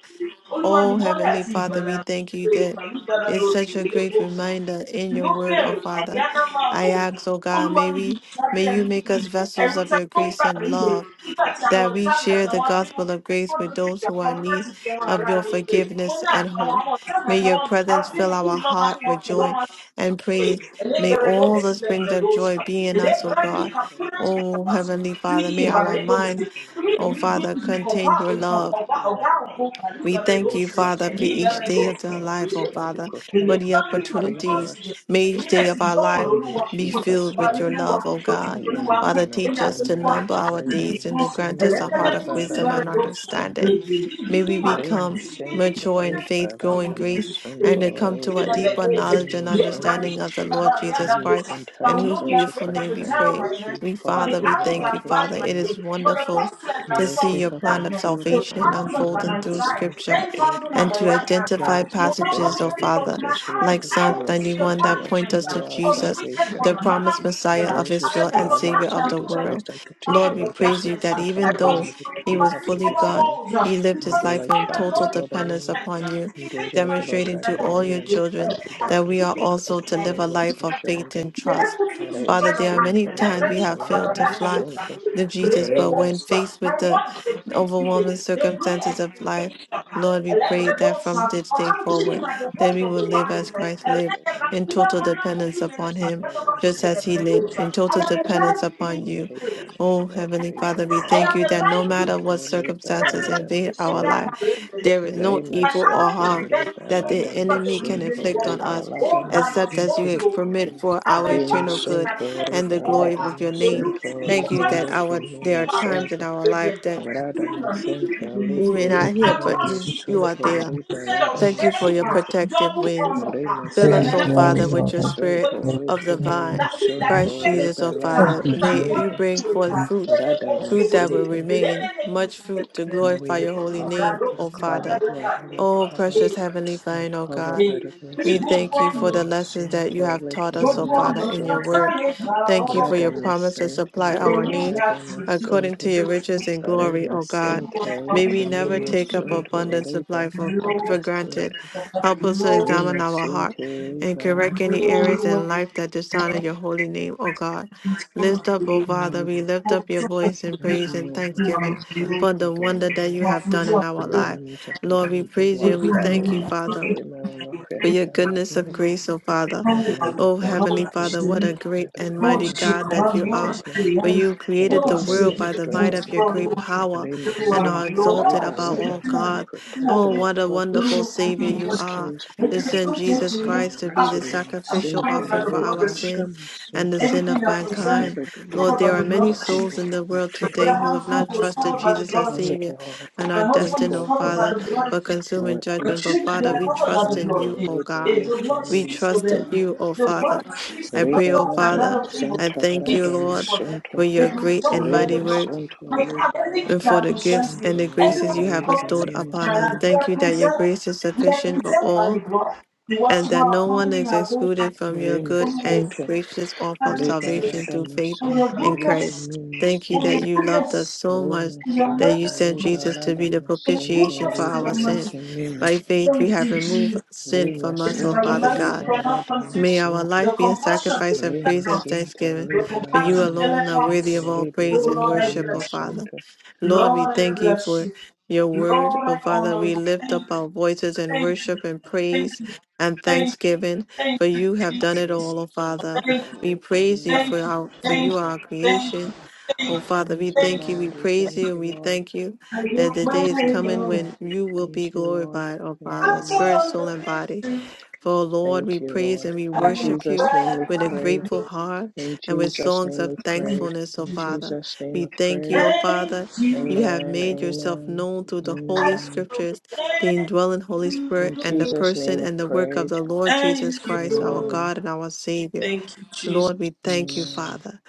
Speaker 4: Olúwa ni
Speaker 3: Oh,
Speaker 4: mọ́lẹ̀
Speaker 3: Heavenly
Speaker 4: àti
Speaker 3: Father,
Speaker 4: ìgbàlà
Speaker 3: we thank you
Speaker 4: yóò
Speaker 3: that it's such a great reminder in your word, O
Speaker 4: bẹ̀rẹ̀ tàbí
Speaker 3: Father.
Speaker 4: ádámà
Speaker 3: I
Speaker 4: òògùn
Speaker 3: ask, O God,
Speaker 4: olúwa
Speaker 3: may
Speaker 4: níbi
Speaker 3: we
Speaker 4: ìsádi
Speaker 3: may you
Speaker 4: ẹ̀mí
Speaker 3: make
Speaker 4: mi
Speaker 3: us vessels
Speaker 4: ẹ̀rù
Speaker 3: of
Speaker 4: ta
Speaker 3: your
Speaker 4: ló ń
Speaker 3: grace
Speaker 4: bà
Speaker 3: and
Speaker 4: mí lè
Speaker 3: love,
Speaker 4: nígbà tí àwọn
Speaker 3: that we
Speaker 4: ọ̀tá mi
Speaker 3: share the
Speaker 4: àtàwọn abínú
Speaker 3: gospel of
Speaker 4: ota
Speaker 3: grace
Speaker 4: wọ́n
Speaker 3: with
Speaker 4: dojú
Speaker 3: those
Speaker 4: ìjà
Speaker 3: who
Speaker 4: pa
Speaker 3: are in
Speaker 4: mí
Speaker 3: need
Speaker 4: láti fi ẹran
Speaker 3: of
Speaker 4: ara
Speaker 3: your
Speaker 4: mi pè wọ́n
Speaker 3: forgiveness
Speaker 4: ní
Speaker 3: and
Speaker 4: àtàwọn
Speaker 3: hope.
Speaker 4: ọmọ ọ̀tá
Speaker 3: May your
Speaker 4: àtàwọn
Speaker 3: presence
Speaker 4: abínú
Speaker 3: fill
Speaker 4: kú
Speaker 3: our
Speaker 4: lọ́ máa
Speaker 3: heart with
Speaker 4: kọkẹ̀ lọ́
Speaker 3: joy
Speaker 4: máa
Speaker 3: and praise. May all
Speaker 4: Lebredos,
Speaker 3: the springs of
Speaker 4: lebredos,
Speaker 3: joy be in us, O
Speaker 1: I
Speaker 4: lebrani
Speaker 1: do
Speaker 3: God.
Speaker 1: crave
Speaker 4: kapura
Speaker 1: it.
Speaker 3: Oh,
Speaker 4: chakabasi,
Speaker 3: Heavenly Father,
Speaker 4: tuidi
Speaker 3: may our
Speaker 4: baredos,
Speaker 3: mind
Speaker 1: Anything that the
Speaker 4: tuli
Speaker 3: Oh,
Speaker 1: enemy has
Speaker 4: libe
Speaker 3: Father,
Speaker 1: instilled
Speaker 4: likopa,
Speaker 3: contain
Speaker 1: us
Speaker 3: your
Speaker 1: to build
Speaker 3: love.
Speaker 4: likopa,
Speaker 1: fear,
Speaker 4: ogao kopa,
Speaker 3: We thank
Speaker 1: any
Speaker 4: liberedos,
Speaker 3: you,
Speaker 1: traps
Speaker 3: Father,
Speaker 1: that the
Speaker 3: for
Speaker 1: enemy
Speaker 3: each
Speaker 1: has
Speaker 3: day
Speaker 1: laid
Speaker 4: liberedos,
Speaker 3: of
Speaker 1: for
Speaker 3: our life,
Speaker 1: us,
Speaker 3: oh,
Speaker 1: that You
Speaker 3: Father, for
Speaker 1: protect us,
Speaker 3: the
Speaker 4: lebrani
Speaker 1: You
Speaker 4: kapura
Speaker 1: favor
Speaker 3: opportunities.
Speaker 4: sige,
Speaker 1: us,
Speaker 3: May each
Speaker 4: Ìrìnà
Speaker 3: day
Speaker 4: ti
Speaker 3: of our
Speaker 4: gbọ́mọ̀
Speaker 3: life
Speaker 1: that You
Speaker 4: lólúwa,
Speaker 3: be
Speaker 1: keep
Speaker 4: mo ti
Speaker 1: us,
Speaker 3: filled
Speaker 4: gbà
Speaker 3: with
Speaker 1: Lord.
Speaker 3: your
Speaker 4: lólúwa,
Speaker 3: love, oh,
Speaker 4: mo ti
Speaker 3: God.
Speaker 4: gbà
Speaker 1: The
Speaker 4: lólúwa
Speaker 1: enemy
Speaker 4: mú,
Speaker 3: Father,
Speaker 1: cannot
Speaker 3: teach
Speaker 4: ẹni
Speaker 3: us
Speaker 1: come
Speaker 3: to
Speaker 4: àtolúwa
Speaker 1: near
Speaker 3: number
Speaker 1: us or
Speaker 3: our
Speaker 4: àti
Speaker 1: lay
Speaker 3: days and
Speaker 4: ìgbìmọ̀
Speaker 1: damage
Speaker 3: to grant
Speaker 1: in
Speaker 3: us a
Speaker 1: the
Speaker 3: heart of
Speaker 4: ẹ̀rẹ́tẹ́lẹ́kùn
Speaker 1: labor
Speaker 4: sí
Speaker 1: of
Speaker 3: wisdom and
Speaker 4: bẹ̀rẹ̀
Speaker 1: our
Speaker 4: lọ́sùn.
Speaker 1: stone.
Speaker 3: understanding.
Speaker 4: Èyí ni ìdí
Speaker 3: May
Speaker 4: ní
Speaker 3: we
Speaker 4: màlúwà
Speaker 1: Lima
Speaker 4: ti
Speaker 3: become
Speaker 1: sente
Speaker 3: mature in
Speaker 4: ṣí
Speaker 3: faith,
Speaker 4: I
Speaker 3: grow in
Speaker 1: liberata
Speaker 3: grace, and to
Speaker 1: musunto
Speaker 3: come to a
Speaker 1: rebe
Speaker 3: deeper
Speaker 1: lekimi
Speaker 3: knowledge and
Speaker 1: musunto.
Speaker 3: understanding of the Lord Jesus
Speaker 1: You
Speaker 3: Christ,
Speaker 1: contend
Speaker 3: in
Speaker 4: will
Speaker 1: with
Speaker 4: not
Speaker 3: whose
Speaker 4: be
Speaker 1: us, you
Speaker 4: afraid
Speaker 3: beautiful
Speaker 4: of
Speaker 3: name
Speaker 4: the
Speaker 3: we
Speaker 1: contend with
Speaker 4: terror
Speaker 3: pray.
Speaker 4: by
Speaker 1: us, you
Speaker 4: night,
Speaker 3: We,
Speaker 1: fight
Speaker 4: or
Speaker 3: Father,
Speaker 4: the
Speaker 3: we
Speaker 1: for our
Speaker 4: arrows
Speaker 3: thank you,
Speaker 4: that
Speaker 1: battles
Speaker 4: flies
Speaker 3: Father.
Speaker 1: for
Speaker 4: by
Speaker 3: It
Speaker 1: us.
Speaker 4: day,
Speaker 3: is
Speaker 4: nor the
Speaker 3: wonderful
Speaker 4: pestilence
Speaker 3: to
Speaker 4: that
Speaker 1: You
Speaker 3: see
Speaker 4: stalks
Speaker 3: your
Speaker 4: in
Speaker 1: take up
Speaker 3: plan
Speaker 1: our
Speaker 3: of
Speaker 4: darkness.
Speaker 1: shield and
Speaker 4: The
Speaker 3: salvation
Speaker 1: armor,
Speaker 4: thousands on
Speaker 3: unfolding
Speaker 1: arise
Speaker 4: my
Speaker 1: and
Speaker 3: through
Speaker 4: side,
Speaker 1: come to
Speaker 3: scripture
Speaker 1: our
Speaker 4: ten
Speaker 1: aid.
Speaker 4: thousand on
Speaker 3: and
Speaker 4: my
Speaker 3: to
Speaker 4: right
Speaker 3: identify
Speaker 1: Brandish
Speaker 4: hand. You
Speaker 1: this
Speaker 4: will not
Speaker 1: spear
Speaker 3: passages,
Speaker 4: only
Speaker 3: oh
Speaker 4: near me,
Speaker 1: javelin
Speaker 4: but with
Speaker 1: against
Speaker 3: Father,
Speaker 4: my
Speaker 1: those who would
Speaker 4: eyes
Speaker 3: like
Speaker 4: I
Speaker 3: Psalm
Speaker 4: will
Speaker 1: pursue us.
Speaker 4: see the
Speaker 1: Say
Speaker 3: 91
Speaker 1: to
Speaker 3: that
Speaker 1: us
Speaker 3: point
Speaker 1: that
Speaker 4: punishment
Speaker 3: us
Speaker 1: you
Speaker 3: to
Speaker 1: are our
Speaker 4: of the
Speaker 3: Jesus,
Speaker 4: wicked
Speaker 1: salvation.
Speaker 3: the
Speaker 4: one. and my
Speaker 3: promised
Speaker 4: hands
Speaker 1: That
Speaker 3: Messiah
Speaker 4: together.
Speaker 3: of
Speaker 1: those who
Speaker 4: I
Speaker 3: Israel
Speaker 1: seek
Speaker 4: will
Speaker 3: and
Speaker 1: our
Speaker 3: Savior
Speaker 1: lives
Speaker 4: not
Speaker 1: to
Speaker 3: of
Speaker 1: be
Speaker 4: come
Speaker 3: the
Speaker 4: down
Speaker 1: disgraced
Speaker 3: world.
Speaker 1: and put to
Speaker 3: Lord,
Speaker 4: powers
Speaker 3: we
Speaker 1: shame.
Speaker 4: of
Speaker 1: Those
Speaker 3: praise
Speaker 1: who
Speaker 3: you
Speaker 4: darkness uh,
Speaker 3: that
Speaker 1: plot
Speaker 4: I
Speaker 3: even
Speaker 1: our
Speaker 4: run
Speaker 1: ruin
Speaker 3: though
Speaker 1: will be
Speaker 4: through it
Speaker 3: he
Speaker 1: turned
Speaker 3: was
Speaker 4: by
Speaker 1: back in
Speaker 3: fully
Speaker 4: the
Speaker 3: God,
Speaker 1: dismay.
Speaker 4: walls uh,
Speaker 3: he lived
Speaker 1: They'll
Speaker 3: his
Speaker 4: because
Speaker 1: be
Speaker 4: the
Speaker 3: life
Speaker 1: like
Speaker 3: in
Speaker 1: chaff
Speaker 4: sovereign
Speaker 3: total
Speaker 4: Lord
Speaker 1: before
Speaker 4: is
Speaker 1: the
Speaker 4: my
Speaker 3: dependence
Speaker 1: wind.
Speaker 4: strength.
Speaker 3: upon
Speaker 4: uh,
Speaker 3: you,
Speaker 1: And
Speaker 4: He
Speaker 1: the
Speaker 4: makes
Speaker 1: angel of the
Speaker 4: my
Speaker 1: Lord
Speaker 4: feet
Speaker 3: demonstrating
Speaker 1: drive
Speaker 3: to
Speaker 4: like
Speaker 1: unto them
Speaker 4: that
Speaker 3: all
Speaker 4: of the
Speaker 3: your
Speaker 1: away, and
Speaker 4: dead.
Speaker 1: their
Speaker 4: uh,
Speaker 1: paths
Speaker 3: children
Speaker 1: be
Speaker 4: and
Speaker 1: dark
Speaker 3: that
Speaker 1: and
Speaker 3: we are
Speaker 4: he
Speaker 1: slippery.
Speaker 4: leads
Speaker 1: With
Speaker 3: also
Speaker 1: the
Speaker 4: me,
Speaker 3: to
Speaker 4: that.
Speaker 3: live
Speaker 1: angel
Speaker 3: a
Speaker 1: of the Lord
Speaker 3: life of
Speaker 1: push on
Speaker 3: faith
Speaker 1: them.
Speaker 3: and
Speaker 4: He
Speaker 3: trust.
Speaker 4: left me to
Speaker 1: Rema
Speaker 3: Father,
Speaker 4: tread on
Speaker 3: there are
Speaker 4: heart.
Speaker 3: many
Speaker 1: sente,
Speaker 4: Let
Speaker 3: times we
Speaker 1: reba
Speaker 3: have
Speaker 1: lada
Speaker 3: failed to fly
Speaker 4: ready
Speaker 1: masonto,
Speaker 3: to Jesus. But
Speaker 1: rema
Speaker 3: when
Speaker 1: s-
Speaker 3: faced
Speaker 4: my
Speaker 3: with the
Speaker 4: words, they bring healing.
Speaker 3: overwhelming
Speaker 4: They bring
Speaker 3: circumstances of life,
Speaker 4: edification. And
Speaker 3: Lord, we
Speaker 4: let
Speaker 3: pray
Speaker 4: the
Speaker 3: that
Speaker 4: ghost
Speaker 3: from
Speaker 4: of
Speaker 3: this day
Speaker 4: I'm feeling
Speaker 3: forward,
Speaker 4: like the
Speaker 3: that
Speaker 4: voice
Speaker 3: we
Speaker 4: of
Speaker 3: will
Speaker 4: the
Speaker 3: live as
Speaker 4: wise.
Speaker 3: Christ
Speaker 1: Every
Speaker 4: And
Speaker 3: lived,
Speaker 4: let the
Speaker 1: pit that
Speaker 4: back
Speaker 1: has
Speaker 3: in
Speaker 4: to the
Speaker 1: been
Speaker 4: man
Speaker 3: total
Speaker 1: laid for
Speaker 4: of the
Speaker 1: us,
Speaker 3: dependence
Speaker 4: children.
Speaker 1: every
Speaker 3: upon Him,
Speaker 1: snare that has
Speaker 3: just
Speaker 1: been
Speaker 3: as He
Speaker 1: laid
Speaker 3: lived,
Speaker 1: for
Speaker 3: in
Speaker 4: I
Speaker 1: us,
Speaker 4: am
Speaker 3: total dependence
Speaker 4: alive in
Speaker 3: upon
Speaker 1: we'll
Speaker 3: You.
Speaker 1: take
Speaker 4: spirit.
Speaker 1: them
Speaker 3: Oh,
Speaker 1: instead.
Speaker 3: Heavenly
Speaker 1: Reba
Speaker 3: Father, we
Speaker 4: I
Speaker 3: thank
Speaker 1: lada
Speaker 4: am
Speaker 3: You
Speaker 4: the
Speaker 3: that no
Speaker 4: life giving
Speaker 3: matter what
Speaker 1: masonto,
Speaker 4: spirit.
Speaker 1: reba
Speaker 3: circumstances
Speaker 4: Everyone
Speaker 1: lada
Speaker 3: invade
Speaker 4: is
Speaker 3: our
Speaker 4: later
Speaker 3: life,
Speaker 1: masente,
Speaker 4: created.
Speaker 3: there is no
Speaker 1: rema
Speaker 4: And
Speaker 3: evil or
Speaker 4: out of my
Speaker 1: sente,
Speaker 3: harm
Speaker 4: belly
Speaker 1: reba
Speaker 3: that
Speaker 4: flow
Speaker 3: the
Speaker 1: lada
Speaker 4: rivers
Speaker 3: enemy
Speaker 4: of
Speaker 3: can
Speaker 4: living
Speaker 1: masonto,
Speaker 3: inflict on
Speaker 4: water.
Speaker 1: reba
Speaker 3: us,
Speaker 1: lada
Speaker 4: Oh, God, of
Speaker 3: except as
Speaker 4: so
Speaker 1: masente.
Speaker 3: You permit for
Speaker 4: And
Speaker 3: our
Speaker 4: my
Speaker 3: eternal
Speaker 4: prophets in
Speaker 3: good
Speaker 4: my
Speaker 1: Rimasonto,
Speaker 4: place
Speaker 3: and
Speaker 4: in
Speaker 3: the glory
Speaker 1: ribalada
Speaker 4: awe.
Speaker 3: of Your
Speaker 4: They
Speaker 3: name.
Speaker 4: look to
Speaker 1: masonto,
Speaker 4: me,
Speaker 3: Thank
Speaker 4: the
Speaker 3: you that
Speaker 4: righteous look
Speaker 3: our
Speaker 1: ribelikimi
Speaker 4: to
Speaker 3: there
Speaker 4: him,
Speaker 3: are
Speaker 4: and
Speaker 3: times
Speaker 4: faith.
Speaker 3: in
Speaker 1: masonto,
Speaker 3: our
Speaker 4: I
Speaker 3: life that
Speaker 1: morada
Speaker 4: will
Speaker 1: masente,
Speaker 3: we may not hear, but
Speaker 1: libelikimi
Speaker 4: not
Speaker 3: you
Speaker 4: see
Speaker 3: you
Speaker 4: failure.
Speaker 3: are
Speaker 1: masonto,
Speaker 3: there.
Speaker 4: Instead of
Speaker 1: ribalada
Speaker 3: Thank you
Speaker 2: Yes,
Speaker 3: for
Speaker 4: shame,
Speaker 3: your
Speaker 4: uh,
Speaker 1: masonto,
Speaker 3: protective
Speaker 4: double
Speaker 3: wings.
Speaker 4: honor. uh,
Speaker 3: Fill
Speaker 2: Give
Speaker 3: us,
Speaker 2: you
Speaker 3: O
Speaker 1: rimasente,
Speaker 2: glory,
Speaker 3: Father, with
Speaker 2: Lord. I
Speaker 3: your
Speaker 2: give
Speaker 4: For
Speaker 3: spirit
Speaker 4: it is
Speaker 2: you
Speaker 1: limasonto,
Speaker 3: of the
Speaker 4: written
Speaker 1: likimi
Speaker 3: vine.
Speaker 4: that he that
Speaker 2: glory.
Speaker 3: Christ
Speaker 1: masonto,
Speaker 4: doeth
Speaker 3: Jesus,
Speaker 4: to
Speaker 3: O
Speaker 4: the uh, shall
Speaker 1: ribalada
Speaker 2: Thank
Speaker 3: Father,
Speaker 2: you,
Speaker 3: may
Speaker 2: Jesus.
Speaker 4: fall
Speaker 3: you
Speaker 1: masonto,
Speaker 4: to it.
Speaker 3: bring
Speaker 4: uh,
Speaker 3: forth
Speaker 4: and
Speaker 3: fruit,
Speaker 4: they go
Speaker 1: morada
Speaker 4: so
Speaker 3: fruit
Speaker 4: with
Speaker 3: that
Speaker 4: it.
Speaker 3: will
Speaker 1: masente.
Speaker 4: And then they
Speaker 3: remain,
Speaker 4: make us
Speaker 3: much
Speaker 4: get
Speaker 3: fruit to
Speaker 4: the
Speaker 1: Uh,
Speaker 4: next
Speaker 1: we
Speaker 3: glorify
Speaker 4: get
Speaker 1: are
Speaker 3: your
Speaker 4: the
Speaker 3: holy
Speaker 4: new
Speaker 3: name,
Speaker 1: covered, we are
Speaker 3: O
Speaker 1: covered,
Speaker 3: Father.
Speaker 1: Lord, we are
Speaker 3: O
Speaker 1: covered.
Speaker 3: precious heavenly
Speaker 1: We're
Speaker 3: vine, O
Speaker 1: covered
Speaker 3: God.
Speaker 4: Amen.
Speaker 1: by the grace
Speaker 3: We
Speaker 1: of
Speaker 4: Amen.
Speaker 3: thank
Speaker 1: God.
Speaker 3: you for
Speaker 4: Amen.
Speaker 3: the lessons that you
Speaker 1: Rimasonto,
Speaker 3: have taught us, O
Speaker 1: likimi
Speaker 4: Gbogbo
Speaker 3: Father,
Speaker 4: ọ̀nà
Speaker 3: in
Speaker 4: tó
Speaker 3: your
Speaker 1: masonto.
Speaker 3: word.
Speaker 4: sáyé gbà ọ́
Speaker 3: Thank you for your promise to supply
Speaker 1: Uradamasentele
Speaker 3: our
Speaker 4: ìròyìn
Speaker 3: needs
Speaker 4: ìgbà tí
Speaker 3: according
Speaker 1: baradamasunto
Speaker 3: to your riches and glory, O God.
Speaker 4: gbogbo ẹ̀kọ́
Speaker 1: baremasentele
Speaker 3: May we
Speaker 4: nínú
Speaker 3: never take
Speaker 4: ìrètí
Speaker 3: up
Speaker 4: rẹ̀
Speaker 1: kemimusunto
Speaker 3: abundant supply for,
Speaker 4: ìnáwó
Speaker 3: for granted.
Speaker 1: rebaladamasunto
Speaker 3: Help us to
Speaker 4: ìnáwó
Speaker 3: examine our heart
Speaker 1: remasentele
Speaker 3: and correct
Speaker 1: balada.
Speaker 3: any
Speaker 4: ìnáwó
Speaker 3: areas
Speaker 4: olúwa
Speaker 3: in life that dishonor
Speaker 4: ìnáwó
Speaker 3: your holy name, O God.
Speaker 4: ìṣòro
Speaker 3: Lift up,
Speaker 4: ìwé
Speaker 3: O
Speaker 1: No,
Speaker 3: Father,
Speaker 1: we
Speaker 3: we
Speaker 1: would
Speaker 3: lift
Speaker 4: ohun
Speaker 3: up your
Speaker 4: tó kàn
Speaker 3: voice in
Speaker 4: ní
Speaker 1: not
Speaker 3: praise
Speaker 1: we
Speaker 3: and
Speaker 1: will not want to
Speaker 4: ìwà
Speaker 1: be
Speaker 3: thanksgiving
Speaker 4: ìdílé
Speaker 1: touched
Speaker 3: for
Speaker 1: by
Speaker 3: the
Speaker 1: the
Speaker 3: wonder
Speaker 1: enemy,
Speaker 3: that you
Speaker 4: máa
Speaker 1: Lord.
Speaker 3: have done
Speaker 4: fojú
Speaker 3: in our
Speaker 1: The
Speaker 4: àkókò.
Speaker 3: life.
Speaker 1: enemies of the
Speaker 3: Lord, we
Speaker 1: enemy would
Speaker 3: praise
Speaker 4: I'm
Speaker 3: you
Speaker 1: lie
Speaker 3: and we
Speaker 4: powered
Speaker 3: thank
Speaker 1: fallow.
Speaker 3: you, Father
Speaker 1: They will not fear
Speaker 3: for
Speaker 1: the
Speaker 3: your
Speaker 1: terror of
Speaker 3: goodness of
Speaker 1: night,
Speaker 3: grace, O Father.
Speaker 1: nor the
Speaker 4: by
Speaker 1: arrow that
Speaker 3: O
Speaker 1: flies by
Speaker 3: Heavenly
Speaker 1: day
Speaker 3: Father,
Speaker 1: will
Speaker 3: what a
Speaker 1: not fear
Speaker 3: great
Speaker 1: the
Speaker 3: and mighty
Speaker 1: pestilence that
Speaker 3: God that
Speaker 1: stalks
Speaker 3: you
Speaker 1: in
Speaker 3: are.
Speaker 1: darkness.
Speaker 3: For you
Speaker 1: All
Speaker 3: created
Speaker 1: the
Speaker 3: the
Speaker 1: plague
Speaker 3: world
Speaker 1: that
Speaker 3: by the
Speaker 1: destroys
Speaker 3: might
Speaker 1: at
Speaker 3: of your great
Speaker 1: midday,
Speaker 3: power
Speaker 1: they must
Speaker 3: and
Speaker 1: sin
Speaker 3: are
Speaker 1: to
Speaker 3: exalted
Speaker 1: labor
Speaker 3: above
Speaker 1: led
Speaker 3: all
Speaker 1: and are
Speaker 3: God. Oh,
Speaker 1: protected of
Speaker 3: what a
Speaker 1: God.
Speaker 3: wonderful Savior
Speaker 1: And
Speaker 3: you
Speaker 1: the
Speaker 3: are.
Speaker 1: schemes of the
Speaker 3: To
Speaker 1: devil
Speaker 3: send
Speaker 1: could not
Speaker 3: Jesus
Speaker 1: come
Speaker 3: Christ
Speaker 1: near
Speaker 3: to
Speaker 1: us,
Speaker 3: be
Speaker 1: so
Speaker 3: the
Speaker 1: they must
Speaker 3: sacrificial
Speaker 1: sin to
Speaker 3: offering
Speaker 4: the
Speaker 3: for
Speaker 1: labor
Speaker 4: blood
Speaker 1: led
Speaker 3: our
Speaker 4: of Jesus.
Speaker 3: sin
Speaker 1: and must sin
Speaker 3: and the
Speaker 1: to
Speaker 3: sin
Speaker 4: Everything
Speaker 3: of
Speaker 4: that
Speaker 1: not
Speaker 4: concerns
Speaker 3: mankind.
Speaker 4: me is
Speaker 1: everything that
Speaker 3: Lord,
Speaker 4: covered by
Speaker 1: it
Speaker 3: there
Speaker 4: the
Speaker 3: are
Speaker 1: meant
Speaker 3: many
Speaker 1: for
Speaker 4: blood of
Speaker 3: souls
Speaker 1: evil.
Speaker 4: Jesus.
Speaker 3: in the
Speaker 1: You're
Speaker 3: world
Speaker 4: The
Speaker 3: today
Speaker 1: taking it
Speaker 3: who have
Speaker 1: back.
Speaker 4: household
Speaker 3: not
Speaker 4: was
Speaker 1: and
Speaker 3: trusted
Speaker 4: covered
Speaker 1: You've
Speaker 4: by the
Speaker 3: Jesus
Speaker 4: blood
Speaker 3: as
Speaker 4: of Jesus.
Speaker 1: turned it
Speaker 3: Savior
Speaker 1: around
Speaker 3: and
Speaker 1: for
Speaker 3: are
Speaker 4: My
Speaker 1: good,
Speaker 4: husband
Speaker 3: destined,
Speaker 4: is
Speaker 1: for
Speaker 3: O
Speaker 4: covered
Speaker 3: Father,
Speaker 1: glory,
Speaker 4: by the blood
Speaker 3: for
Speaker 4: of Jesus.
Speaker 1: for
Speaker 3: consuming
Speaker 1: our
Speaker 4: My
Speaker 3: judgment. But
Speaker 1: increase.
Speaker 4: children, they
Speaker 3: Father,
Speaker 1: They
Speaker 4: are
Speaker 3: we
Speaker 4: covered
Speaker 1: must
Speaker 4: by
Speaker 3: trust
Speaker 4: the
Speaker 1: sin
Speaker 3: in you,
Speaker 4: blood.
Speaker 1: to
Speaker 4: Eh,
Speaker 3: O
Speaker 1: labor
Speaker 3: God.
Speaker 4: eh, The
Speaker 1: like
Speaker 4: blood
Speaker 3: We
Speaker 1: him.
Speaker 4: speaks for
Speaker 3: trust in
Speaker 4: them.
Speaker 3: you, O
Speaker 4: The
Speaker 3: Father.
Speaker 4: blood speaks for
Speaker 3: I
Speaker 4: better
Speaker 3: pray,
Speaker 1: Reba
Speaker 3: O
Speaker 4: one than that
Speaker 1: Ladam
Speaker 3: Father,
Speaker 4: of evil.
Speaker 3: I
Speaker 1: Santa
Speaker 3: thank
Speaker 4: It
Speaker 3: you,
Speaker 1: Radam
Speaker 4: speaks
Speaker 3: Lord,
Speaker 4: for them.
Speaker 3: for
Speaker 1: Sunto
Speaker 4: They
Speaker 3: your
Speaker 4: will
Speaker 3: great and
Speaker 4: talk by the
Speaker 3: mighty
Speaker 1: Rema
Speaker 4: blood.
Speaker 3: works
Speaker 1: Santo
Speaker 4: I
Speaker 1: Le
Speaker 4: have everything
Speaker 3: and
Speaker 1: Parada
Speaker 3: for
Speaker 4: that
Speaker 3: the gifts
Speaker 4: concerns me.
Speaker 3: and the
Speaker 1: Santo
Speaker 3: graces
Speaker 4: Everyone
Speaker 3: you have
Speaker 1: Rebele
Speaker 4: committed to
Speaker 3: bestowed
Speaker 1: Kenema
Speaker 3: upon
Speaker 4: my
Speaker 3: us.
Speaker 4: life. We
Speaker 1: Santo
Speaker 3: Thank
Speaker 4: are
Speaker 3: you that your
Speaker 4: preserved.
Speaker 3: grace is
Speaker 4: We are
Speaker 3: sufficient for
Speaker 4: preserved by
Speaker 3: all
Speaker 4: the blood. The
Speaker 3: and
Speaker 4: waters
Speaker 3: that
Speaker 4: are
Speaker 3: no one
Speaker 4: coming in
Speaker 3: is
Speaker 4: and going out.
Speaker 3: excluded from your
Speaker 1: Rema
Speaker 3: good and
Speaker 4: Yes.
Speaker 1: Santo
Speaker 3: gracious offer of
Speaker 1: Le
Speaker 3: salvation
Speaker 4: Goodness.
Speaker 1: Parada
Speaker 3: through faith
Speaker 4: For your
Speaker 1: Santo
Speaker 3: in
Speaker 1: Le
Speaker 3: Christ.
Speaker 4: goodness.
Speaker 1: Kenema
Speaker 3: Thank you
Speaker 4: For
Speaker 3: that
Speaker 4: your
Speaker 1: Santo
Speaker 3: you loved us
Speaker 4: goodness.
Speaker 3: so much
Speaker 1: Rema
Speaker 4: For your
Speaker 3: that
Speaker 4: mercy.
Speaker 1: Santo
Speaker 3: you sent
Speaker 1: Le
Speaker 3: Jesus
Speaker 4: For
Speaker 3: to
Speaker 1: Parada
Speaker 3: be the
Speaker 4: your
Speaker 3: propitiation
Speaker 1: Santo
Speaker 3: for
Speaker 4: goodness and
Speaker 3: our
Speaker 4: your
Speaker 1: Rebele
Speaker 3: sin.
Speaker 4: mercy.
Speaker 1: Kenema
Speaker 3: By faith, you
Speaker 1: Santo
Speaker 4: Thank
Speaker 3: have
Speaker 4: you,
Speaker 3: removed
Speaker 4: Jesus.
Speaker 3: sin
Speaker 1: Rema
Speaker 3: from
Speaker 4: It
Speaker 3: us,
Speaker 4: is
Speaker 3: O
Speaker 4: by your
Speaker 1: Santo
Speaker 3: Father
Speaker 4: mercy
Speaker 1: Le
Speaker 3: God.
Speaker 4: we are not
Speaker 1: Parada
Speaker 4: consumed.
Speaker 3: May our
Speaker 1: Santo
Speaker 4: Your
Speaker 3: life be a
Speaker 4: compassion
Speaker 3: sacrifice of
Speaker 4: faileth
Speaker 1: Rema
Speaker 3: praise and
Speaker 4: not.
Speaker 1: Santo
Speaker 3: thanksgiving,
Speaker 1: Le
Speaker 4: Your
Speaker 3: for you
Speaker 4: compassion
Speaker 1: Parada
Speaker 3: alone
Speaker 4: faileth
Speaker 3: are
Speaker 4: not.
Speaker 3: worthy of
Speaker 1: Santo
Speaker 3: all
Speaker 4: Oh
Speaker 3: praise
Speaker 1: Rebele
Speaker 3: and
Speaker 4: Lord, I
Speaker 3: worship,
Speaker 4: bless
Speaker 1: Kenema
Speaker 3: O
Speaker 4: you.
Speaker 3: Father.
Speaker 1: Santo
Speaker 3: Lord, we
Speaker 4: Lord, I
Speaker 3: thank you
Speaker 4: bless
Speaker 3: for
Speaker 4: you.
Speaker 3: your word.
Speaker 4: Lord,
Speaker 3: Oh,
Speaker 4: I
Speaker 3: Father,
Speaker 4: honor
Speaker 3: we
Speaker 4: you.
Speaker 3: lift
Speaker 4: Thank
Speaker 3: up
Speaker 4: you.
Speaker 3: our voices in worship and
Speaker 4: Thank
Speaker 3: praise
Speaker 4: you.
Speaker 3: and
Speaker 4: Thank you. Thank you.
Speaker 3: thanksgiving,
Speaker 4: Thank
Speaker 3: for
Speaker 4: you,
Speaker 3: you have done it
Speaker 4: Jesus.
Speaker 1: Rema
Speaker 3: all, oh Father.
Speaker 4: Thank you.
Speaker 1: Santo
Speaker 3: We
Speaker 1: Le
Speaker 3: praise you
Speaker 1: Parada
Speaker 3: for
Speaker 4: Thank you.
Speaker 3: our for
Speaker 4: Thank
Speaker 3: you
Speaker 1: Santo
Speaker 3: are our
Speaker 4: you. Thank you.
Speaker 3: creation.
Speaker 4: Thank
Speaker 1: We
Speaker 4: you.
Speaker 3: Oh Father, we
Speaker 1: thank you,
Speaker 4: Thank
Speaker 3: thank you,
Speaker 4: you.
Speaker 3: we
Speaker 1: Lord. We
Speaker 3: praise
Speaker 1: thank
Speaker 3: you, and
Speaker 1: you,
Speaker 3: we
Speaker 1: Lord.
Speaker 3: thank you
Speaker 4: I will
Speaker 3: that the day
Speaker 1: Thank
Speaker 3: is
Speaker 1: you,
Speaker 4: wear
Speaker 3: coming
Speaker 4: you.
Speaker 1: Father.
Speaker 3: when you will be
Speaker 1: Thank you, Lord.
Speaker 3: glorified, oh
Speaker 1: Thank you,
Speaker 3: Father,
Speaker 4: I
Speaker 1: Lord.
Speaker 3: spirit,
Speaker 4: tell
Speaker 3: soul,
Speaker 4: the
Speaker 3: and body.
Speaker 4: picture.
Speaker 3: For Lord, we
Speaker 1: Thank you,
Speaker 3: praise and
Speaker 1: Lord.
Speaker 3: we
Speaker 4: I
Speaker 1: In
Speaker 4: will
Speaker 3: worship
Speaker 1: Jesus'
Speaker 3: you
Speaker 1: name we've
Speaker 3: with a
Speaker 4: wear
Speaker 1: prayed.
Speaker 3: grateful
Speaker 4: you.
Speaker 3: heart
Speaker 1: In
Speaker 3: and with
Speaker 1: Jesus'
Speaker 3: songs
Speaker 1: name
Speaker 3: of
Speaker 1: we've prayed.
Speaker 3: thankfulness, O
Speaker 1: In
Speaker 3: Father.
Speaker 1: Jesus' name
Speaker 3: We
Speaker 1: we've
Speaker 3: thank you,
Speaker 1: prayed.
Speaker 3: O
Speaker 4: Thank
Speaker 3: Father.
Speaker 4: you.
Speaker 3: You have
Speaker 1: Amen.
Speaker 3: made yourself
Speaker 1: Amen.
Speaker 3: known through the
Speaker 4: I
Speaker 3: Holy
Speaker 1: Amen.
Speaker 4: tell
Speaker 3: Scriptures, the
Speaker 4: the
Speaker 3: indwelling
Speaker 4: thank
Speaker 3: Holy
Speaker 1: In
Speaker 3: Spirit,
Speaker 4: you.
Speaker 3: and the
Speaker 1: Jesus'
Speaker 3: person
Speaker 1: name
Speaker 3: and
Speaker 1: we've
Speaker 3: the work of
Speaker 1: prayed.
Speaker 3: the Lord Jesus
Speaker 4: Thank you,
Speaker 3: Christ, our
Speaker 4: Lord.
Speaker 1: Amen.
Speaker 3: God and our Savior.
Speaker 4: Thank you, Jesus.
Speaker 3: Lord, we thank you,
Speaker 1: Amen.
Speaker 3: Father.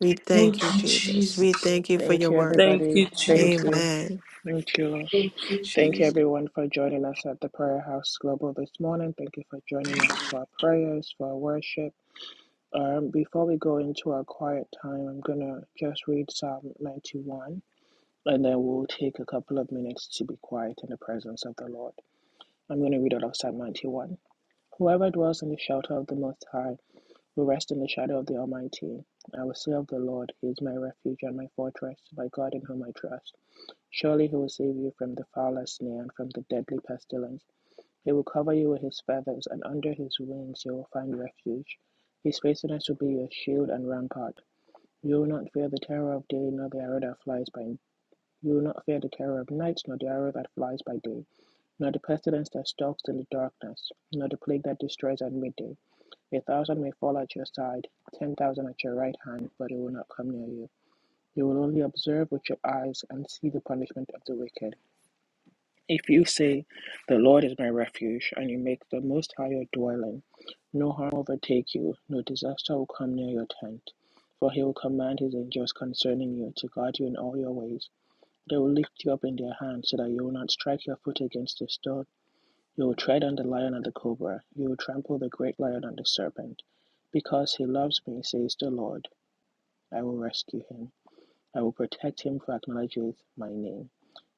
Speaker 3: We
Speaker 4: Thank
Speaker 3: thank you,
Speaker 4: you,
Speaker 3: Jesus.
Speaker 4: Jesus.
Speaker 3: We thank you for your
Speaker 1: Thank you,
Speaker 3: word.
Speaker 4: Thank
Speaker 1: everybody.
Speaker 4: you, Jesus.
Speaker 1: Thank you.
Speaker 3: Amen.
Speaker 1: Thank you, Lord.
Speaker 4: Thank you,
Speaker 1: Thank you,
Speaker 4: Jesus.
Speaker 1: everyone, for joining us at the Prayer House Global this morning. Thank you for joining us for our prayers, for our worship. Um, before we go into our quiet time, I'm going to just read Psalm 91, and then we'll take a couple of minutes to be quiet in the presence of the Lord. I'm going to read out of Psalm 91. Whoever dwells in the shelter of the Most High will rest in the shadow of the Almighty. I will say of the Lord, He is my refuge and my fortress, my God in whom I trust. Surely He will save you from the fowler's snare and from the deadly pestilence. He will cover you with his feathers, and under his wings you will find refuge. His faithfulness will be your shield and rampart. You will not fear the terror of day, nor the arrow that flies by night. you will not fear the terror of night, nor the arrow that flies by day, nor the pestilence that stalks in the darkness, nor the plague that destroys at midday. A thousand may fall at your side, ten thousand at your right hand, but it will not come near you. You will only observe with your eyes and see the punishment of the wicked. If you say, The Lord is my refuge, and you make the Most High your dwelling, no harm will overtake you, no disaster will come near your tent. For he will command his angels concerning you to guard you in all your ways. They will lift you up in their hands so that you will not strike your foot against a stone. You will tread on the lion and the cobra. You will trample the great lion and the serpent. Because he loves me, says the Lord, I will rescue him. I will protect him who acknowledges my name.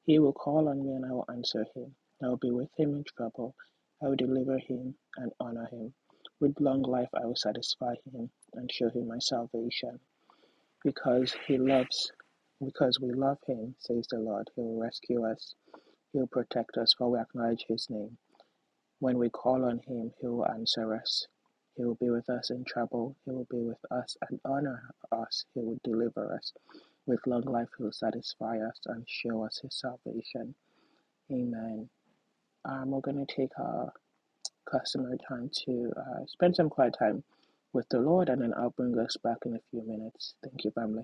Speaker 1: He will call on me and I will answer him. I will be with him in trouble. I will deliver him and honor him. With long life I will satisfy him and show him my salvation. Because he loves because we love him, says the Lord, he will rescue us. He will protect us for we acknowledge his name. When we call on him, he will answer us. He will be with us in trouble. He will be with us and honor us. He will deliver us. With long life, he will satisfy us and show us his salvation. Amen. Um, we're going to take our customary time to uh, spend some quiet time with the Lord, and then I'll bring us back in a few minutes. Thank you, family.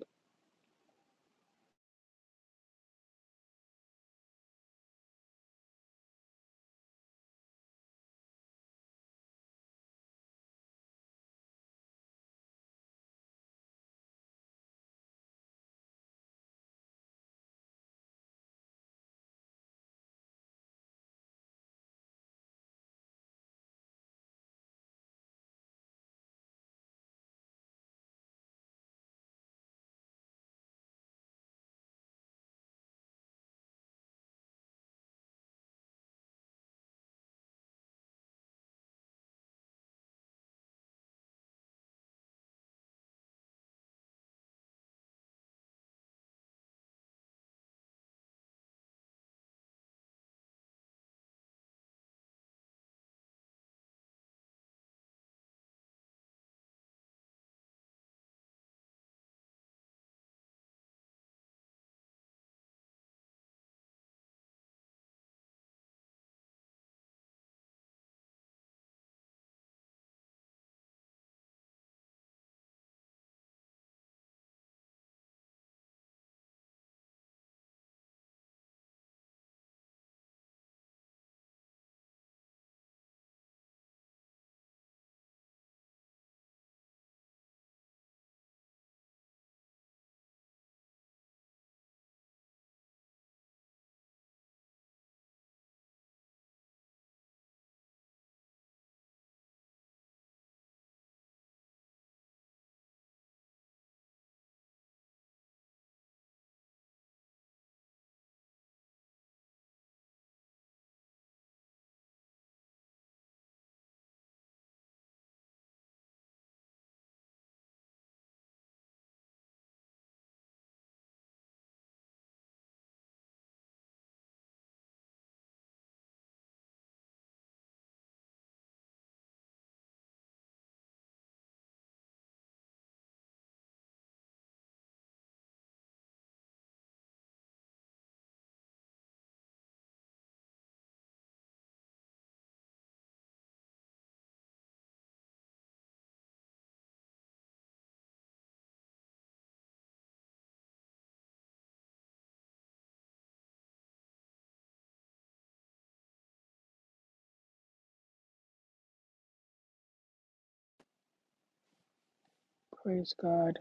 Speaker 1: Praise God.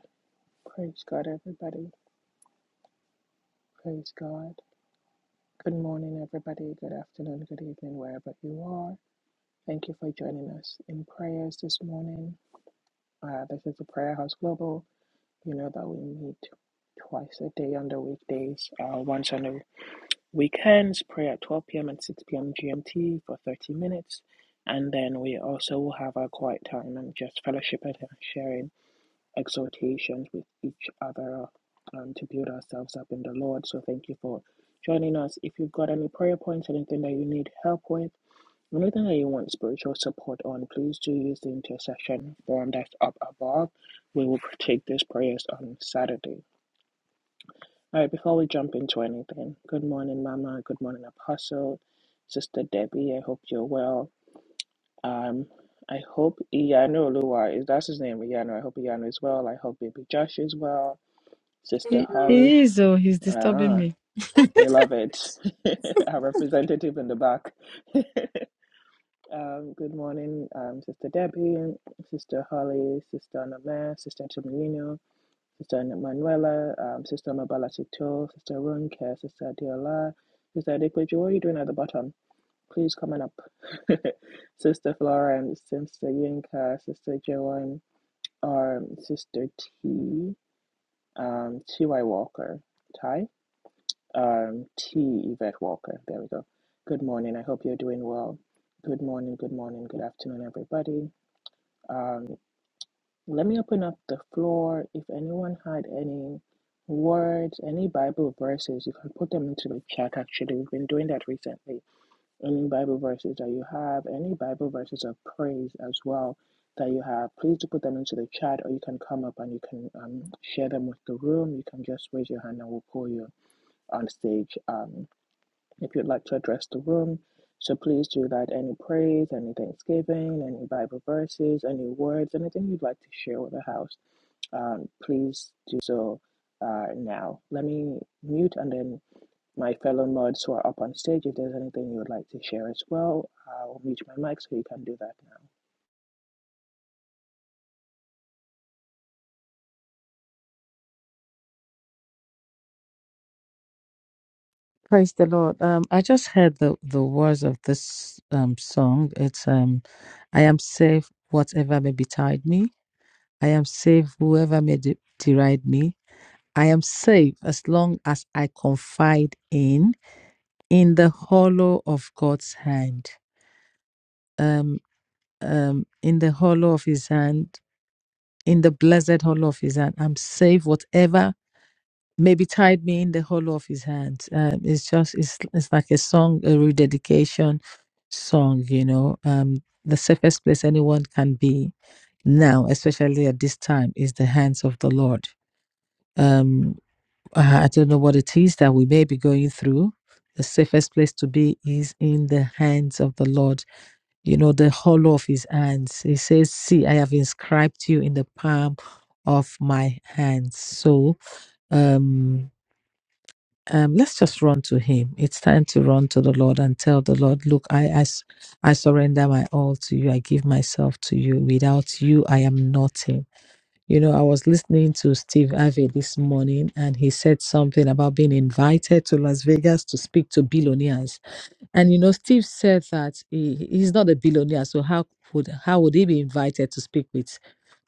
Speaker 1: Praise God, everybody. Praise God. Good morning, everybody. Good afternoon, good evening, wherever you are. Thank you for joining us in prayers this morning. Uh, this is the Prayer House Global. You know that we meet twice a day on the weekdays, uh, once on the weekends, pray at 12 p.m. and 6 p.m. GMT for 30 minutes. And then we also will have our quiet time and just fellowship and sharing exhortations with each other um, to build ourselves up in the Lord. So thank you for joining us. If you've got any prayer points, anything that you need help with, Anything that you want spiritual support on, please do use the intercession form that's up above. We will take these prayers on Saturday. All right, before we jump into anything, good morning, Mama. Good morning, Apostle. Sister Debbie, I hope you're well. Um, I hope Iyanu Olua, is that's his name, Iyanu? I hope Iyanu is well. I hope baby Josh is well. Sister
Speaker 2: He,
Speaker 1: Holly,
Speaker 2: he is, oh, he's disturbing
Speaker 1: ah,
Speaker 2: me.
Speaker 1: we love it. Our representative in the back. Um, good morning, um, Sister Debbie, Sister Holly, Sister Anamere, Sister Chimilino, Sister Manuela, um, Sister Mabala Sister Runke, Sister Diola, Sister Adequaji. What are you doing at the bottom? Please come on up. Sister Florence, Sister Yinka, Sister Joan, um, Sister T, um, T.Y. Walker, Ty, um, T. Yvette Walker. There we go. Good morning. I hope you're doing well. Good morning, good morning, good afternoon, everybody. Um, let me open up the floor. If anyone had any words, any Bible verses, you can put them into the chat. Actually, we've been doing that recently. Any Bible verses that you have, any Bible verses of praise as well that you have, please do put them into the chat, or you can come up and you can um, share them with the room. You can just raise your hand and we'll pull you on stage. Um, if you'd like to address the room, so please do that. Any praise, any thanksgiving, any Bible verses, any words, anything you'd like to share with the house, um, please do so uh, now. Let me mute and then my fellow mods who are up on stage, if there's anything you would like to share as well, I'll mute my mic so you can do that now.
Speaker 2: Praise the Lord. Um, I just heard the, the words of this um song. It's um, I am safe, whatever may betide me. I am safe, whoever may de- deride me. I am safe as long as I confide in in the hollow of God's hand. Um, um, in the hollow of His hand in the blessed hollow of his hand. I'm safe, whatever maybe tied me in the hollow of his hand. Um, it's just, it's, it's like a song, a rededication song, you know, um, the safest place anyone can be now, especially at this time, is the hands of the Lord. Um, I I don't know what it is that we may be going through. The safest place to be is in the hands of the Lord you know, the hollow of his hands. He says, See, I have inscribed you in the palm of my hands. So um, um, let's just run to him. It's time to run to the Lord and tell the Lord, Look, I, I, s- I surrender my all to you. I give myself to you. Without you, I am nothing. You know, I was listening to Steve Harvey this morning, and he said something about being invited to Las Vegas to speak to billionaires and you know, Steve said that he, he's not a billionaire, so how would how would he be invited to speak with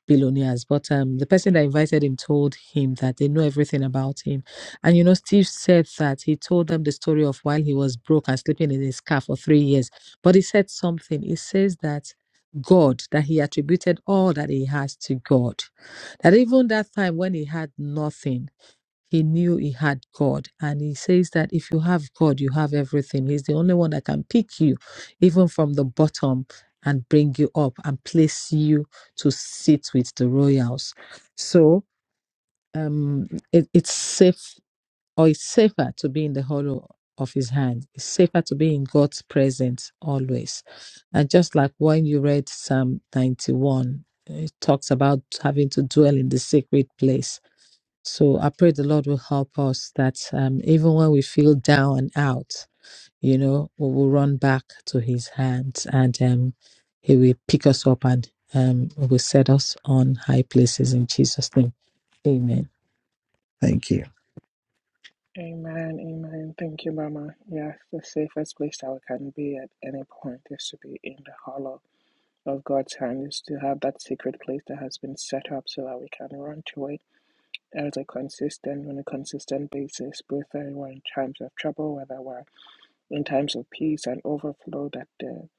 Speaker 2: billionaires? But um, the person that invited him told him that they know everything about him. And you know, Steve said that he told them the story of while he was broke and sleeping in his car for three years. But he said something. He says that God, that he attributed all that he has to God. That even that time when he had nothing he knew he had God. And he says that if you have God, you have everything. He's the only one that can pick you, even from the bottom, and bring you up and place you to sit with the royals. So um, it, it's safe, or it's safer to be in the hollow of his hand. It's safer to be in God's presence always. And just like when you read Psalm 91, it talks about having to dwell in the sacred place so I pray the Lord will help us that um, even when we feel down and out, you know, we will run back to His hands and um, He will pick us up and um, will set us on high places in Jesus' name. Amen.
Speaker 1: Amen, amen. Thank you, Mama. Yes, the safest place that we can be at any point is to be in the hollow of God's hand is to have that secret place that has been set up so that we can run to it as a consistent on a consistent basis, both in times of trouble, whether we're in times of peace and overflow, that the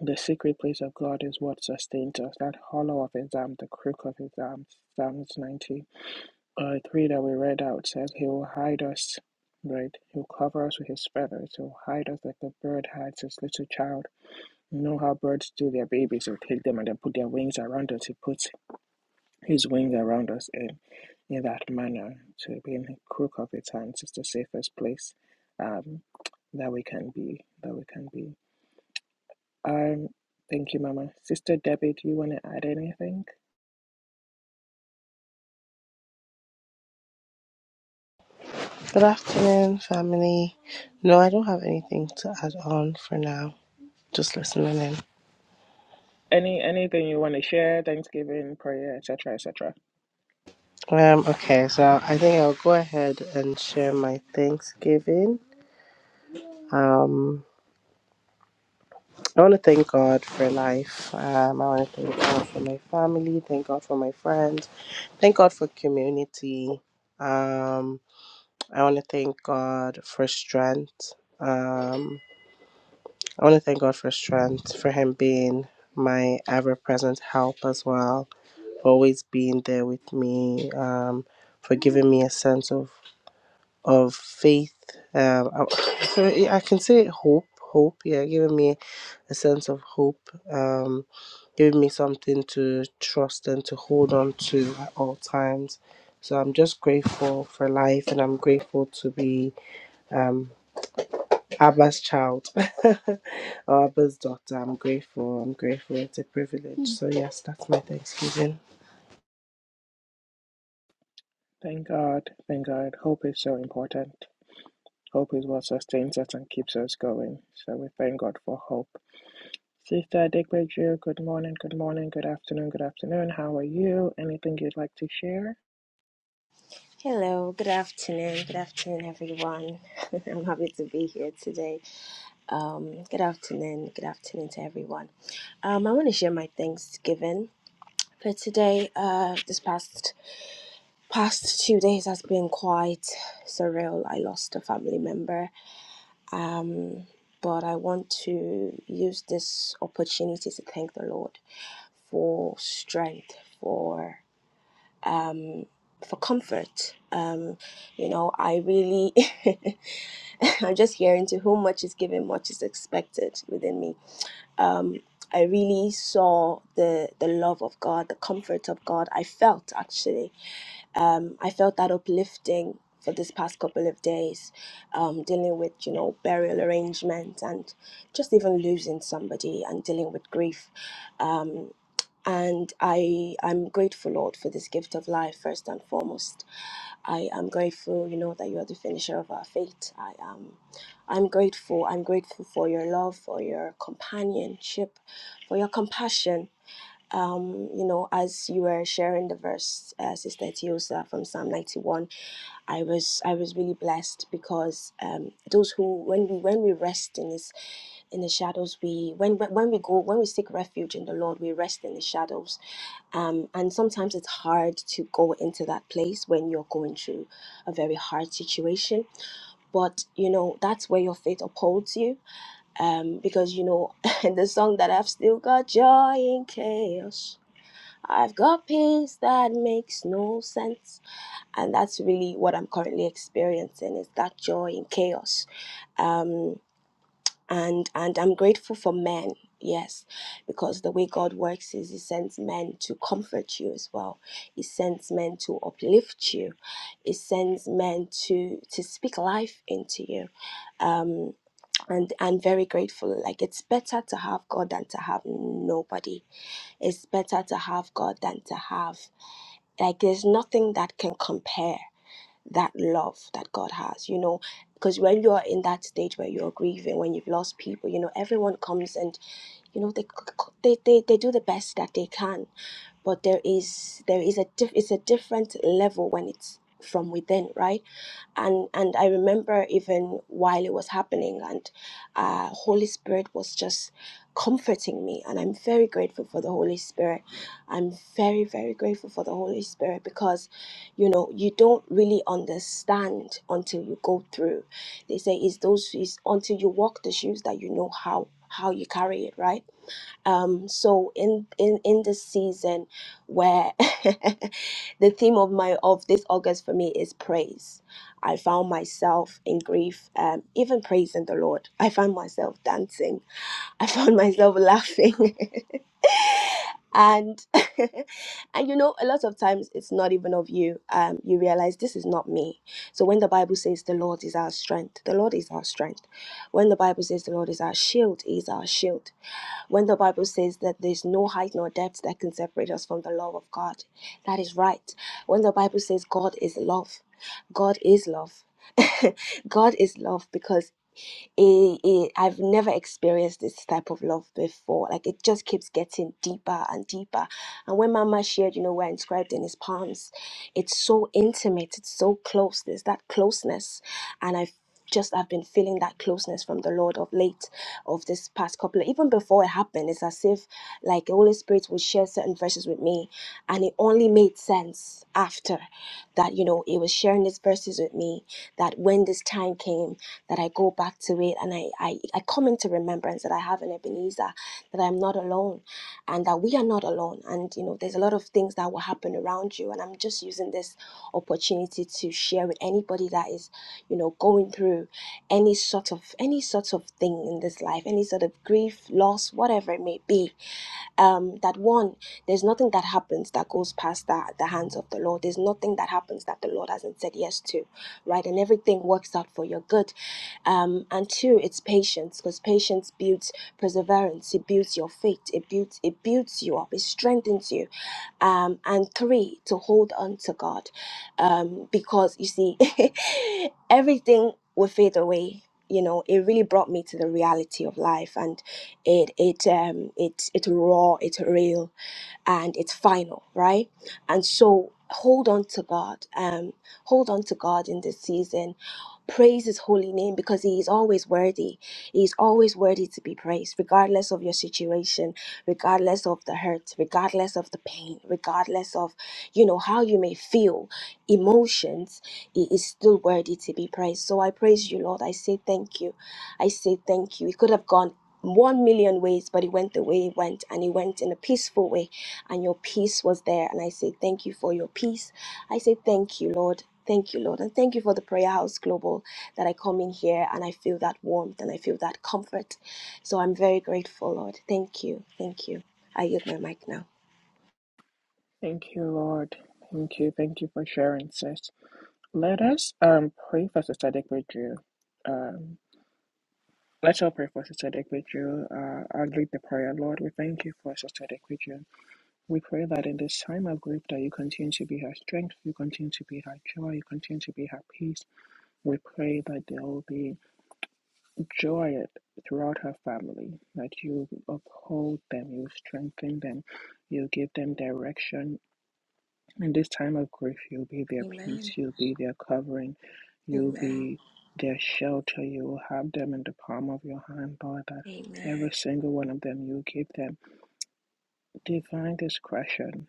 Speaker 1: the secret place of God is what sustains us. That hollow of his arm, the crook of his arm, Psalms 90. Uh, three that we read out says, He will hide us, right? He'll cover us with his feathers. He'll hide us like the bird hides his little child you know how birds do their babies, they take them and then put their wings around us. He puts his wings around us in, in that manner to be in the crook of his hands is the safest place um, that we can be. That we can be. Um, thank you, Mama. Sister Debbie, do you want to add anything?
Speaker 5: Good afternoon, family. No, I don't have anything to add on for now. Just listening in.
Speaker 1: Any anything you want to share? Thanksgiving, prayer, etc., etc.
Speaker 5: Um, okay, so I think I'll go ahead and share my Thanksgiving. Um, I want to thank God for life. Um, I want to thank God for my family. Thank God for my friends. Thank God for community. Um, I want to thank God for strength. Um, I want to thank God for strength, for Him being my ever present help as well always being there with me, um, for giving me a sense of of faith. Um, I, I can say hope, hope. Yeah, giving me a sense of hope. Um, giving me something to trust and to hold on to at all times. So I'm just grateful for life, and I'm grateful to be um, Abba's child or Abba's daughter. I'm grateful. I'm grateful. It's a privilege. So yes, that's my Thanksgiving.
Speaker 1: Thank God, thank God. Hope is so important. Hope is what sustains us and keeps us going. So we thank God for hope. Sister Adekbeju, good morning, good morning, good afternoon, good afternoon. How are you? Anything you'd like to share?
Speaker 6: Hello, good afternoon, good afternoon, everyone. I'm happy to be here today. Um, good afternoon, good afternoon to everyone. Um, I want to share my Thanksgiving for today. Uh, this past past two days has been quite surreal. I lost a family member. Um, but I want to use this opportunity to thank the Lord for strength, for um, for comfort. Um, you know, I really. I'm just hearing to whom much is given, much is expected within me. Um, I really saw the the love of God, the comfort of God. I felt actually, um, I felt that uplifting for this past couple of days, um, dealing with you know burial arrangements and just even losing somebody and dealing with grief. Um, and I I'm grateful, Lord, for this gift of life first and foremost I am grateful, you know, that you are the finisher of our faith. I am I'm grateful. I'm grateful for your love, for your companionship, for your compassion. Um, you know, as you were sharing the verse, uh, Sister Tiosa from Psalm 91, I was I was really blessed because um, those who when we when we rest in His in the shadows, we when when when we go when we seek refuge in the Lord, we rest in His shadows um, and sometimes it's hard to go into that place when you're going through a very hard situation. But, you know, that's where your faith upholds you. Um, because, you know, in the song that I've still got joy in chaos, I've got peace that makes no sense. And that's really what I'm currently experiencing is that joy in chaos. Um, and and I'm grateful for men. Yes, because the way God works is He sends men to comfort you as well. He sends men to uplift you. He sends men to to speak life into you. Um, and I'm very grateful. Like it's better to have God than to have nobody. It's better to have God than to have like there's nothing that can compare that love that God has, you know, because when you're in that stage where you're grieving, when you've lost people, you know, everyone comes and you know they they they, they do the best that they can, but there is there is a diff- it's a different level when it's from within, right? and and I remember even while it was happening, and uh, Holy Spirit was just comforting me, and I'm very grateful for the Holy Spirit. I'm very very grateful for the Holy Spirit because, you know, you don't really understand until you go through. They say it's those it's until you walk the shoes that you know how how you carry it, right? um so in in in this season where the theme of my of this august for me is praise i found myself in grief um even praising the lord i found myself dancing i found myself laughing and and you know a lot of times it's not even of you um you realize this is not me so when the bible says the lord is our strength the lord is our strength when the bible says the lord is our shield he is our shield when the Bible says that there's no height nor depth that can separate us from the love of God, that is right. When the Bible says God is love, God is love. God is love because it, it I've never experienced this type of love before. Like it just keeps getting deeper and deeper. And when Mama shared, you know, we're inscribed in his palms, it's so intimate, it's so close. There's that closeness. And I just I've been feeling that closeness from the Lord of late, of this past couple, even before it happened. It's as if like the Holy Spirit would share certain verses with me, and it only made sense after that. You know, He was sharing these verses with me. That when this time came, that I go back to it and I, I, I come into remembrance that I have an Ebenezer, that I'm not alone and that we are not alone. And, you know, there's a lot of things that will happen around you. And I'm just using this opportunity to share with anybody that is, you know, going through any sort of, any sort of thing in this life, any sort of grief, loss, whatever it may be um, that one, there's nothing that happens that goes past the, the hands of the Lord. There's nothing that happens that the Lord hasn't said yes to right? And everything works out for your good. Um, and two, it's patience because patience builds perseverance. It builds your faith. It builds it builds you up. It strengthens you. Um, and three, to hold on to God, um, because you see, everything will fade away. You know, it really brought me to the reality of life, and it it um it it raw, it's real and it's final, right? And so hold on to God. Um, hold on to God in this season. Praise his holy name because he is always worthy. He is always worthy to be praised, regardless of your situation, regardless of the hurt, regardless of the pain, regardless of you know how you may feel, emotions, he is still worthy to be praised. So I praise you, Lord. I say thank you. I say thank you. It could have gone one million ways, but it went the way it went, and it went in a peaceful way and your peace was there. And I say, Thank you for your peace. I say, Thank you, Lord. Thank you, Lord. And thank you for the Prayer House Global that I come in here and I feel that warmth and I feel that comfort. So I'm very grateful, Lord. Thank you. Thank you. I yield my mic now.
Speaker 1: Thank you, Lord. Thank you, thank you for sharing, sis. Let us um pray for Sister Adekbeju. Um, let's all pray for Sister Adekbeju. Uh, I'll lead the prayer, Lord. We thank you for Sister Adekbeju. We pray that in this time of grief that you continue to be her strength, you continue to be her joy, you continue to be her peace. We pray that there will be joy throughout her family, that you uphold them, you strengthen them, you give them direction. In this time of grief, you'll be their peace,
Speaker 6: Amen.
Speaker 1: you'll be their covering, you'll
Speaker 6: Amen.
Speaker 1: be their shelter, you will have them in the palm of your hand, Lord, that every
Speaker 6: Amen.
Speaker 1: single one of them you give them. Divine discretion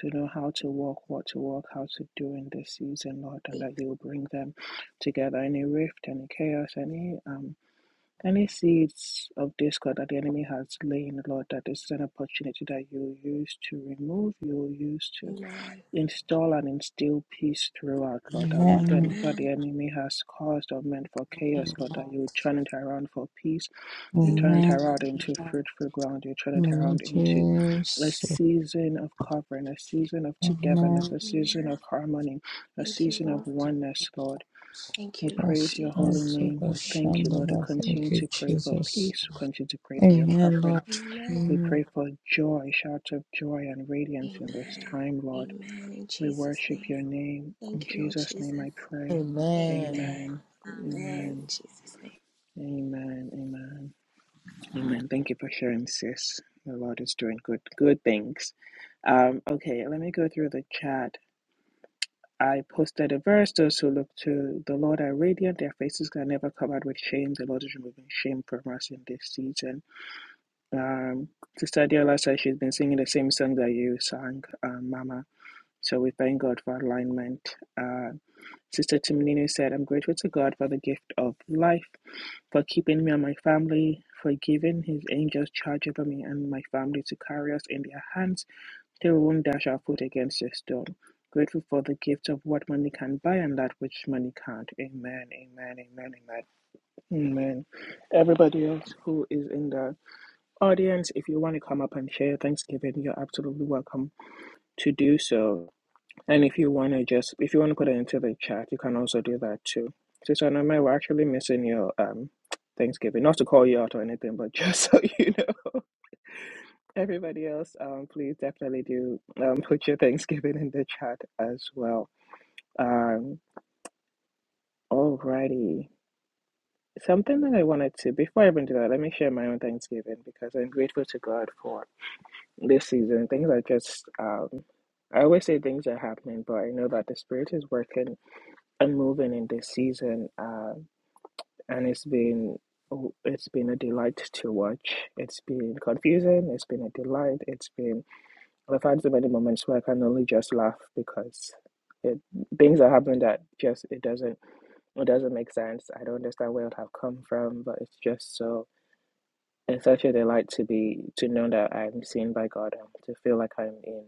Speaker 1: to know how to walk, what to walk, how to do in this season, Lord, and that you'll bring them together. Any rift, any chaos, any um any seeds of discord that the enemy has lain, Lord, that this is an opportunity that you'll use to remove, you'll use to
Speaker 6: Amen.
Speaker 1: install and instill peace throughout, Lord. That what the,
Speaker 2: Amen.
Speaker 1: what the
Speaker 6: Amen.
Speaker 1: enemy has caused or meant for chaos, Lord, that you turn it around for peace you turn it
Speaker 6: Amen.
Speaker 2: Amen.
Speaker 1: around into fruitful ground. You turn it
Speaker 2: Amen.
Speaker 1: around into a
Speaker 2: Jesus.
Speaker 1: season of covering, a season of togetherness,
Speaker 2: Amen.
Speaker 1: a season of
Speaker 6: Amen.
Speaker 1: harmony, a
Speaker 6: Thank you,
Speaker 1: season of
Speaker 6: Lord.
Speaker 1: oneness, Lord.
Speaker 6: Thank
Speaker 1: We
Speaker 6: you, Lord
Speaker 1: praise your holy
Speaker 6: Jesus.
Speaker 2: Prosperity.
Speaker 1: name. We thank you, Lord. We
Speaker 2: Bashandala. Thank
Speaker 1: continue
Speaker 2: you,
Speaker 1: to pray for
Speaker 2: Jesus.
Speaker 1: peace. We continue to pray
Speaker 6: Thank
Speaker 1: for
Speaker 6: you.
Speaker 1: your
Speaker 2: Amen,
Speaker 1: covering.
Speaker 2: Lord.
Speaker 6: Amen.
Speaker 1: We
Speaker 2: Amen.
Speaker 1: pray for joy, shouts of joy and radiance in this
Speaker 6: Amen.
Speaker 1: time, Lord.
Speaker 6: Amen. In
Speaker 1: We
Speaker 6: Jesus'
Speaker 1: worship
Speaker 6: name.
Speaker 1: your name. In
Speaker 6: Thank you, Lord
Speaker 1: Jesus' name I
Speaker 6: Jesus.
Speaker 1: pray.
Speaker 2: Amen.
Speaker 6: Amen.
Speaker 1: Amen.
Speaker 6: Amen. In
Speaker 1: Amen.
Speaker 6: Jesus' name.
Speaker 1: Amen. Amen. Amen. Thank you for sharing, sis. The Lord is doing good, good things. Um, okay, let me go through the chat. I posted a verse. Those who look to the Lord are radiant; their faces are never covered with shame. The Lord is removing shame from us in this season. Um, Sister Diola says she's been singing the same song that you sang, um, Mama. So we thank God for alignment. Uh, Sister Timonino said, "I'm grateful to God for the gift of life." for keeping me and my family, for giving his angels charge over me and my family to carry us in their hands till we won't dash our foot against a stone. Grateful for the gift of what money can buy and that which money can't. Amen, amen, amen, amen, amen. Everybody else who is in the audience, if you want to come up and share Thanksgiving, you're absolutely welcome to do so. And if you want to just, if you want to put it into the chat, you can also do that too. Sister Anome, we're actually missing your um Thanksgiving. Not to call you out or anything, but just so you know, everybody else, um, please definitely do um put your Thanksgiving in the chat as well. Um, alrighty. Something that I wanted to, before I even do that, let me share my own Thanksgiving because I'm grateful to God for this season. Things are just, um, I always say things are happening, but I know that the Spirit is working and moving in this season. Um. and it's been oh, it's been a delight to watch. It's been confusing. It's been a delight. It's been I've had so many moments where I can only just laugh because it things are happening that just it doesn't it doesn't make sense. I don't understand where it have come from, but it's just so it's such a delight to be to know that I'm seen by God and to feel like I'm in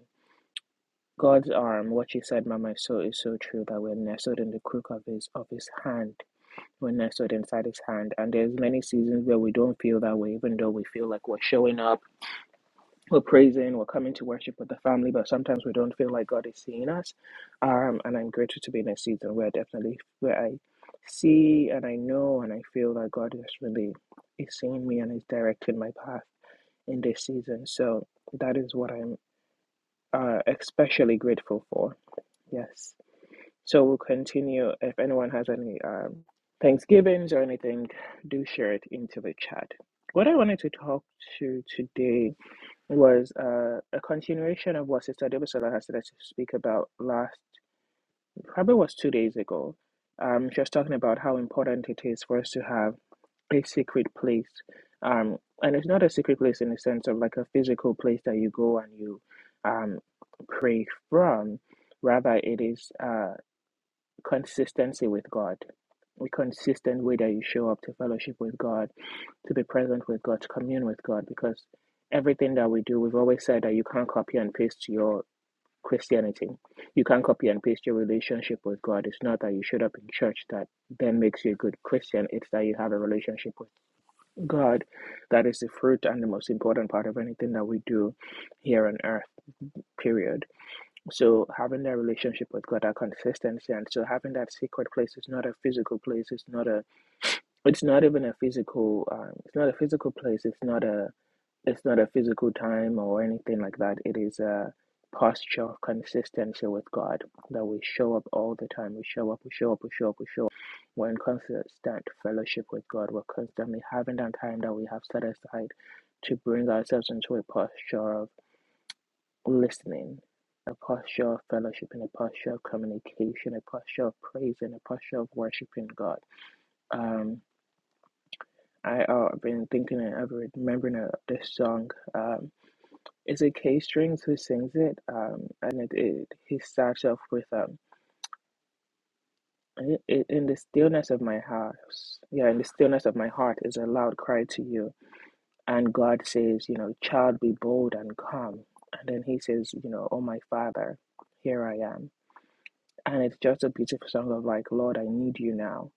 Speaker 1: God's arm. What you said, Mama, is so is so true that we're nestled in the crook of His of His hand we're nestled inside his hand. And there's many seasons where we don't feel that way, even though we feel like we're showing up, we're praising, we're coming to worship with the family, but sometimes we don't feel like God is seeing us. Um, and I'm grateful to be in a season where definitely where I see and I know and I feel that God is really is seeing me and is directing my path in this season. So that is what I'm uh, especially grateful for. Yes. So we'll continue. If anyone has any um, Thanksgivings or anything, do share it into the chat. What I wanted to talk to today was uh, a continuation of what Sister Debusola has started to speak about last, probably was two days ago. Um, she was talking about how important it is for us to have a secret place. Um, and it's not a secret place in the sense of like a physical place that you go and you um, pray from. Rather, it is. uh, consistency with God. Be consistent way that you show up to fellowship with God, to be present with God, to commune with God, because everything that we do, we've always said that you can't copy and paste your Christianity. You can't copy and paste your relationship with God. It's not that you showed up in church that then makes you a good Christian. It's that you have a relationship with God. That is the fruit and the most important part of anything that we do here on earth, period so having that relationship with God, that consistency, and so having that secret place is not a physical place. It's not a. It's not even a physical. Um, it's not a physical place. It's not a. It's not a physical time or anything like that. It is a posture of consistency with God that we show up all the time. We show up. We show up. We show up. We show up. We're in constant fellowship with God. We're constantly having that time that we have set aside to bring ourselves into a posture listening, a posture of fellowship, and a posture of communication, a posture of praise, and a posture of worshiping God. Um, I, uh, I've been thinking and I've been remembering uh, this song. Um, it's a K Strings who sings it? Um, and it, it he starts off with um, "I- "In the stillness of my house, yeah, in the stillness of my heart is a loud cry to you." And God says, you know, child, be bold and come. And then he says, you know, oh my Father, here I am and it's just a beautiful song of like lord i need you now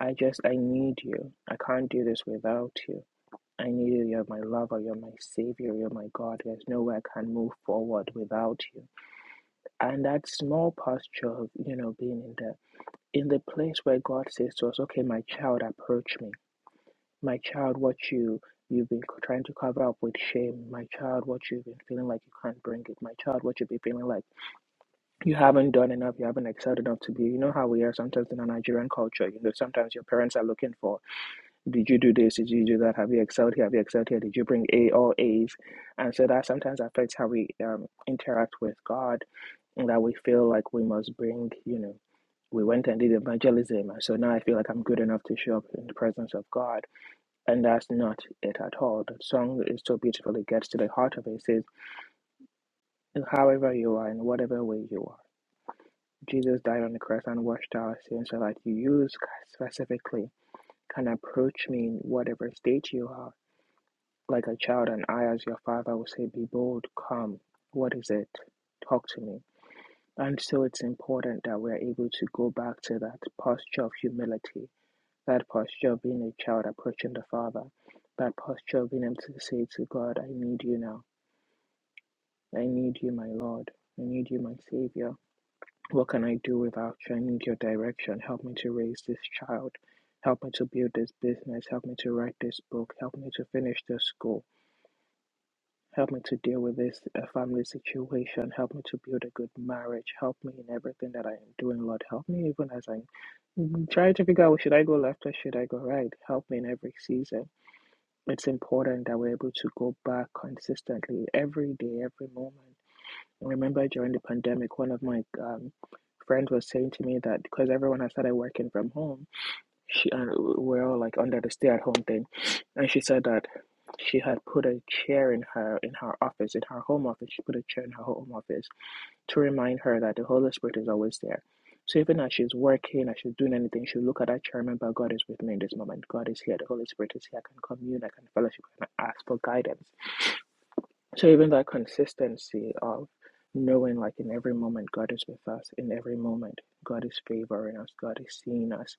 Speaker 1: i just i need you i can't do this without you i need you you're my lover you're my savior you're my god there's no way i can move forward without you and that small posture of you know being in the in the place where god says to us okay my child approach me my child what you you've been trying to cover up with shame my child what you've been feeling like you can't bring it my child what you've been feeling like you haven't done enough, you haven't excelled enough to be. You know how we are sometimes in a Nigerian culture. You know, sometimes your parents are looking for, did you do this? Did you do that? Have you excelled here? Have you excelled here? Did you bring A or A's? And so that sometimes affects how we um, interact with God, and that we feel like we must bring, you know, we went and did evangelism, and so now I feel like I'm good enough to show up in the presence of God. And that's not it at all. The song is so beautiful, it gets to the heart of it. It says, However you are, in whatever way you are. Jesus died on the cross and washed our sins so that you specifically can approach me in whatever state you are, like a child, and I, as your father, will say, Be bold, come. What is it? Talk to me. And so it's important that we're able to go back to that posture of humility, that posture of being a child approaching the Father, that posture of being able to say to God, I need you now. I need you, my Lord. I need you, my Savior. What can I do without you? I need your direction. Help me to raise this child. Help me to build this business. Help me to write this book. Help me to finish this school. Help me to deal with this uh, family situation. Help me to build a good marriage. Help me in everything that I am doing, Lord. Help me even as I'm mm, trying to figure out should I go left or should I go right. Help me in every season. It's important that we're able to go back consistently every day, every moment I remember during the pandemic, one of my um, friends was saying to me that because everyone has started working from home, she uh, we're all like under the stay-at-home thing, and she said that she had put a chair in her in her office, in her home office. She put a chair in her home office to remind her that the Holy Spirit is always there. So even as she's working, as she's doing anything, she'll look at that chair. and Remember, God is with me in this moment. God is here. The Holy Spirit is here. I can commune. I can fellowship. I can ask for guidance so even that consistency of knowing like in every moment God is with us, in every moment God is favoring us, God is seeing us,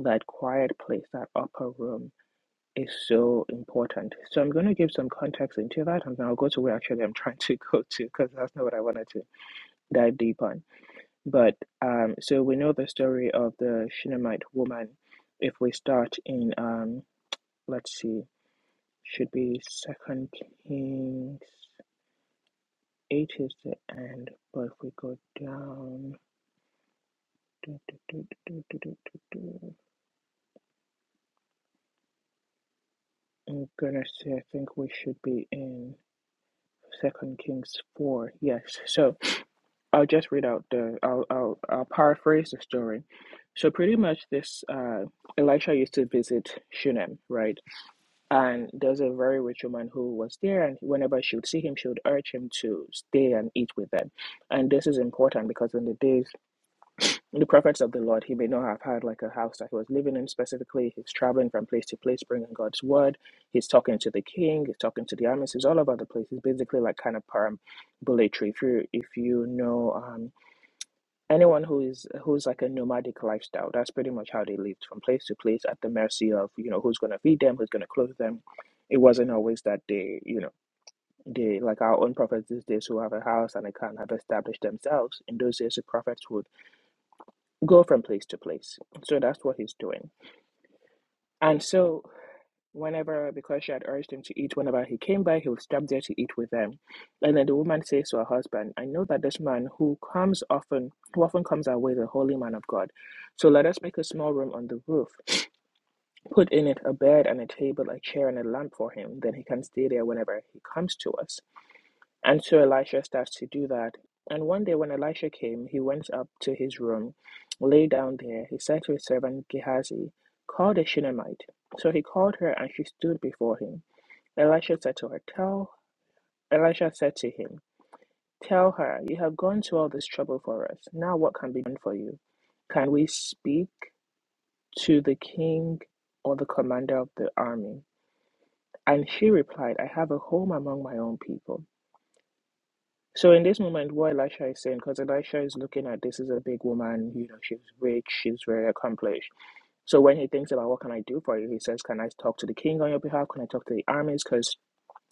Speaker 1: that quiet place, that upper room is so important. So I'm going to give some context into that and then I'll go to where actually I'm trying to go to because that's not what I wanted to dive deep on. But um so we know the story of the Shunammite woman. If we start in um let's see, should be second Kings Eight is the end, but if we go down. Du- du- du- du- du- du- du- du. I'm gonna say I think we should be in Second Kings four. Yes. So I'll just read out the. I'll I'll, I'll paraphrase the story. So pretty much this. Uh, Elisha used to visit Shunem, right? And there's a very rich woman who was there, and whenever she would see him, she would urge him to stay and eat with them. And this is important because in the days the prophets of the Lord, he may not have had like a house that he was living in specifically. He's traveling from place to place, bringing God's word. He's talking to the king. He's talking to the armies. He's all over the place. He's basically like kind of parambulatory. If you if you know um, anyone who is who's like a nomadic lifestyle, that's pretty much how they lived from place to place at the mercy of you know who's going to feed them, who's going to clothe them. It wasn't always that they you know they like our own prophets these days who have a house and they can't have established themselves. In those days, the prophets would go from place to place. So that's what he's doing. And so, whenever, because she had urged him to eat, whenever he came by, he would stop there to eat with them. And then the woman says to her husband, I know that this man who comes often, who often comes our way, is a holy man of God. So let us make a small room on the roof, put in it a bed and a table, a chair and a lamp for him. Then he can stay there whenever he comes to us. And so Elisha starts to do that. And one day when Elisha came, he went up to his room, lay down there. He said to his servant Gehazi, Call the Shunammite. So he called her, and she stood before him. Elisha said to her, Tell Elisha said to him, Tell her, you have gone to all this trouble for us. Now what can be done for you? Can we speak to the king or the commander of the army? And she replied, I have a home among my own people So in this moment, what Elisha is saying, because Elisha is looking at this is a big woman, you know, she's rich, she's very accomplished. So when he thinks about what can I do for you, he says, Can I talk to the king on your behalf? Can I talk to the armies? Because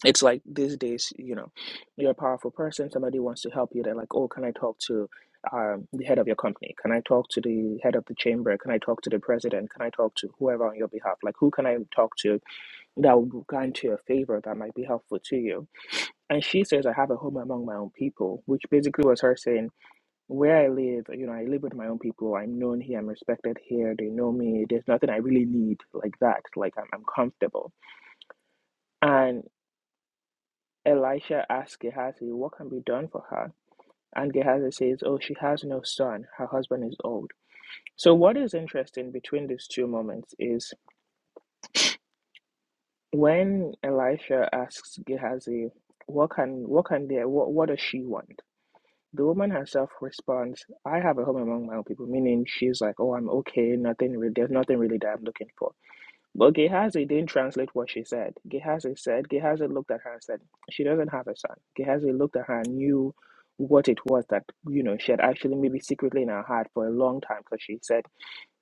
Speaker 1: it's like these days, you know, you're a powerful person, somebody wants to help you, they're like, Oh, can I talk to um, the head of your company? Can I talk to the head of the chamber? Can I talk to the president? Can I talk to whoever on your behalf? Like who can I talk to that will grant you a favor that might be helpful to you? And she says, I have a home among my own people, which basically was her saying, Where I live, you know, I live with my own people. I'm known here. I'm respected here. They know me. There's nothing I really need like that. Like, I'm, I'm comfortable. And Elisha asks Gehazi, What can be done for her? And Gehazi says, Oh, she has no son. Her husband is old. So, what is interesting between these two moments is when Elisha asks Gehazi, what can what can they what, what does she want The woman herself responds, I have a home among my own people, meaning she's like, Oh, I'm okay, nothing really, there's nothing really that I'm looking for. But Gehazi didn't translate what she said. Gehazi said, Gehazi looked at her and said, She doesn't have a son. Gehazi looked at her and knew what it was that, you know, she had actually maybe secretly in her heart for a long time because she said,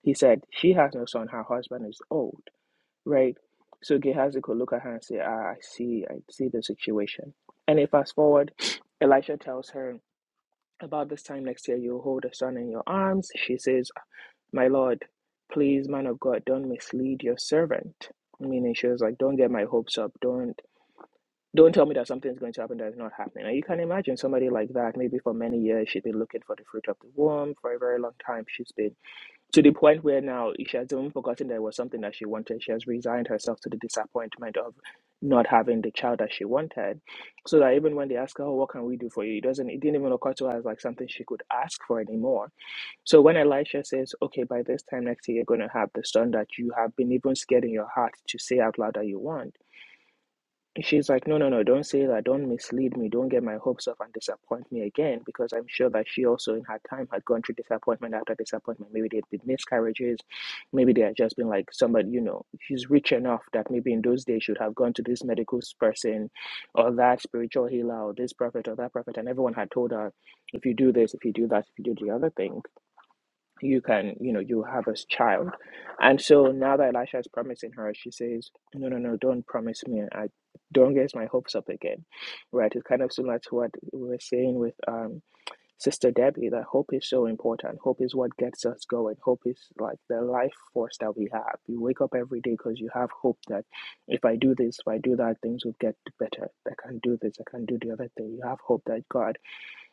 Speaker 1: He said, She has no son, her husband is old, right? So Gehazi could look at her and say, Ah, I see, I see the situation. And if fast forward, Elisha tells her, about this time next year, you'll hold a son in your arms. She says, My Lord, please, man of God, don't mislead your servant. Meaning, she was like, Don't get my hopes up. Don't. Don't tell me that something's going to happen that is not happening. And you can imagine somebody like that, maybe for many years, she's been looking for the fruit of the womb for a very long time. She's been to the point where now she has even forgotten there was something that she wanted. She has resigned herself to the disappointment of not having the child that she wanted. So that even when they ask her, oh, what can we do for you? It doesn't it didn't even occur to her as like something she could ask for anymore. So when Elisha says, Okay, by this time next year you're gonna have the son that you have been even scared in your heart to say out loud that you want She's like, no, no, no, don't say that. Don't mislead me. Don't get my hopes up and disappoint me again. Because I'm sure that she also, in her time, had gone through disappointment after disappointment. Maybe there had been miscarriages. Maybe they had just been like somebody, you know, she's rich enough that maybe in those days she would have gone to this medical person or that spiritual healer or this prophet or that prophet. And everyone had told her, if you do this, if you do that, if you do the other thing you can you know you have a child and so now that elisha is promising her she says no no no don't promise me i don't get my hopes up again right it's kind of similar to what we were saying with um sister debbie that hope is so important hope is what gets us going hope is like the life force that we have you wake up every day because you have hope that if i do this if i do that things will get better i can do this i can do the other thing you have hope that god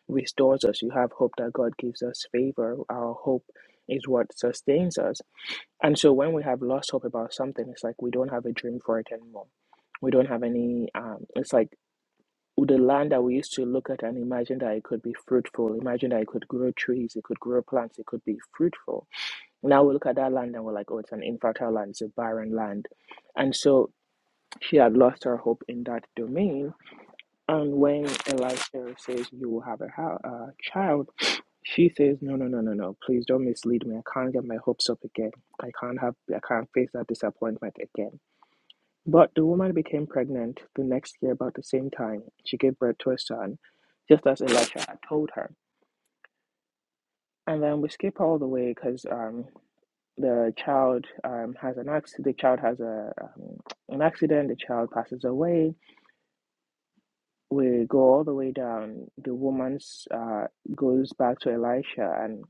Speaker 1: restores us. You have hope that God gives us favor. Our hope is what sustains us. And so when we have lost hope about something, it's like we don't have a dream for it anymore. We don't have any, um, it's like the land that we used to look at and imagine that it could be fruitful, imagine that it could grow trees, it could grow plants, it could be fruitful. Now we look at that land and we're like, oh, it's an infertile land, it's a barren land. And so she had lost her hope in that domain and when Elisha says, You will have a ho- uh, child, she says, No, no, no, no, no. Please don't mislead me. I can't get my hopes up again. I can't have, I can't face that disappointment again. But the woman became pregnant the next year, about the same time. She gave birth to a son, just as Elisha had told her. And then we skip all the way because um, the child um, has an accident. The child has a um, an accident. The child passes away we go all the way down. The woman's uh, goes back to Elisha, and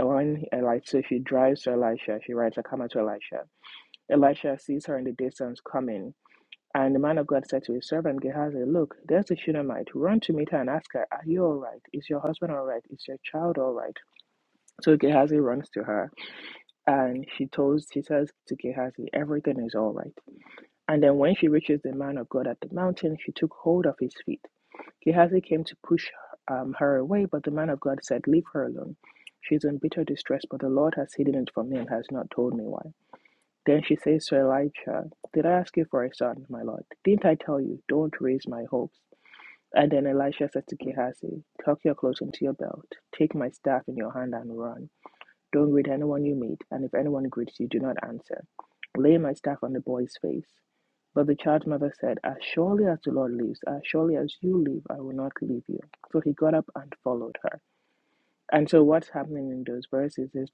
Speaker 1: when Elisha, so she drives to Elisha, she rides a camel to Elisha. Elisha sees her in the distance coming, and the man of God said to his servant Gehazi, "Look, there's a Shunammite. Run to meet her and ask her, Are you all right? Is your husband all right? Is your child all right?" So Gehazi runs to her, and she tells, she says to Gehazi, "Everything is all right." And then when she reaches the man of God at the mountain, she took hold of his feet. Gehazi came to push um, her away, but the man of God said, Leave her alone. She is in bitter distress, but the Lord has hidden it from me and has not told me why. Then she says to Elisha, Did I ask you for a son, my Lord? Didn't I tell you, don't raise my hopes? And then Elisha said to Gehazi, Tuck your clothes into your belt, take my staff in your hand and run. Don't greet anyone you meet, and if anyone greets you, do not answer. Lay my staff on the boy's face. But the child's mother said, As surely as the Lord lives, as surely as you live, I will not leave you. So he got up and followed her. And so what's happening in those verses is,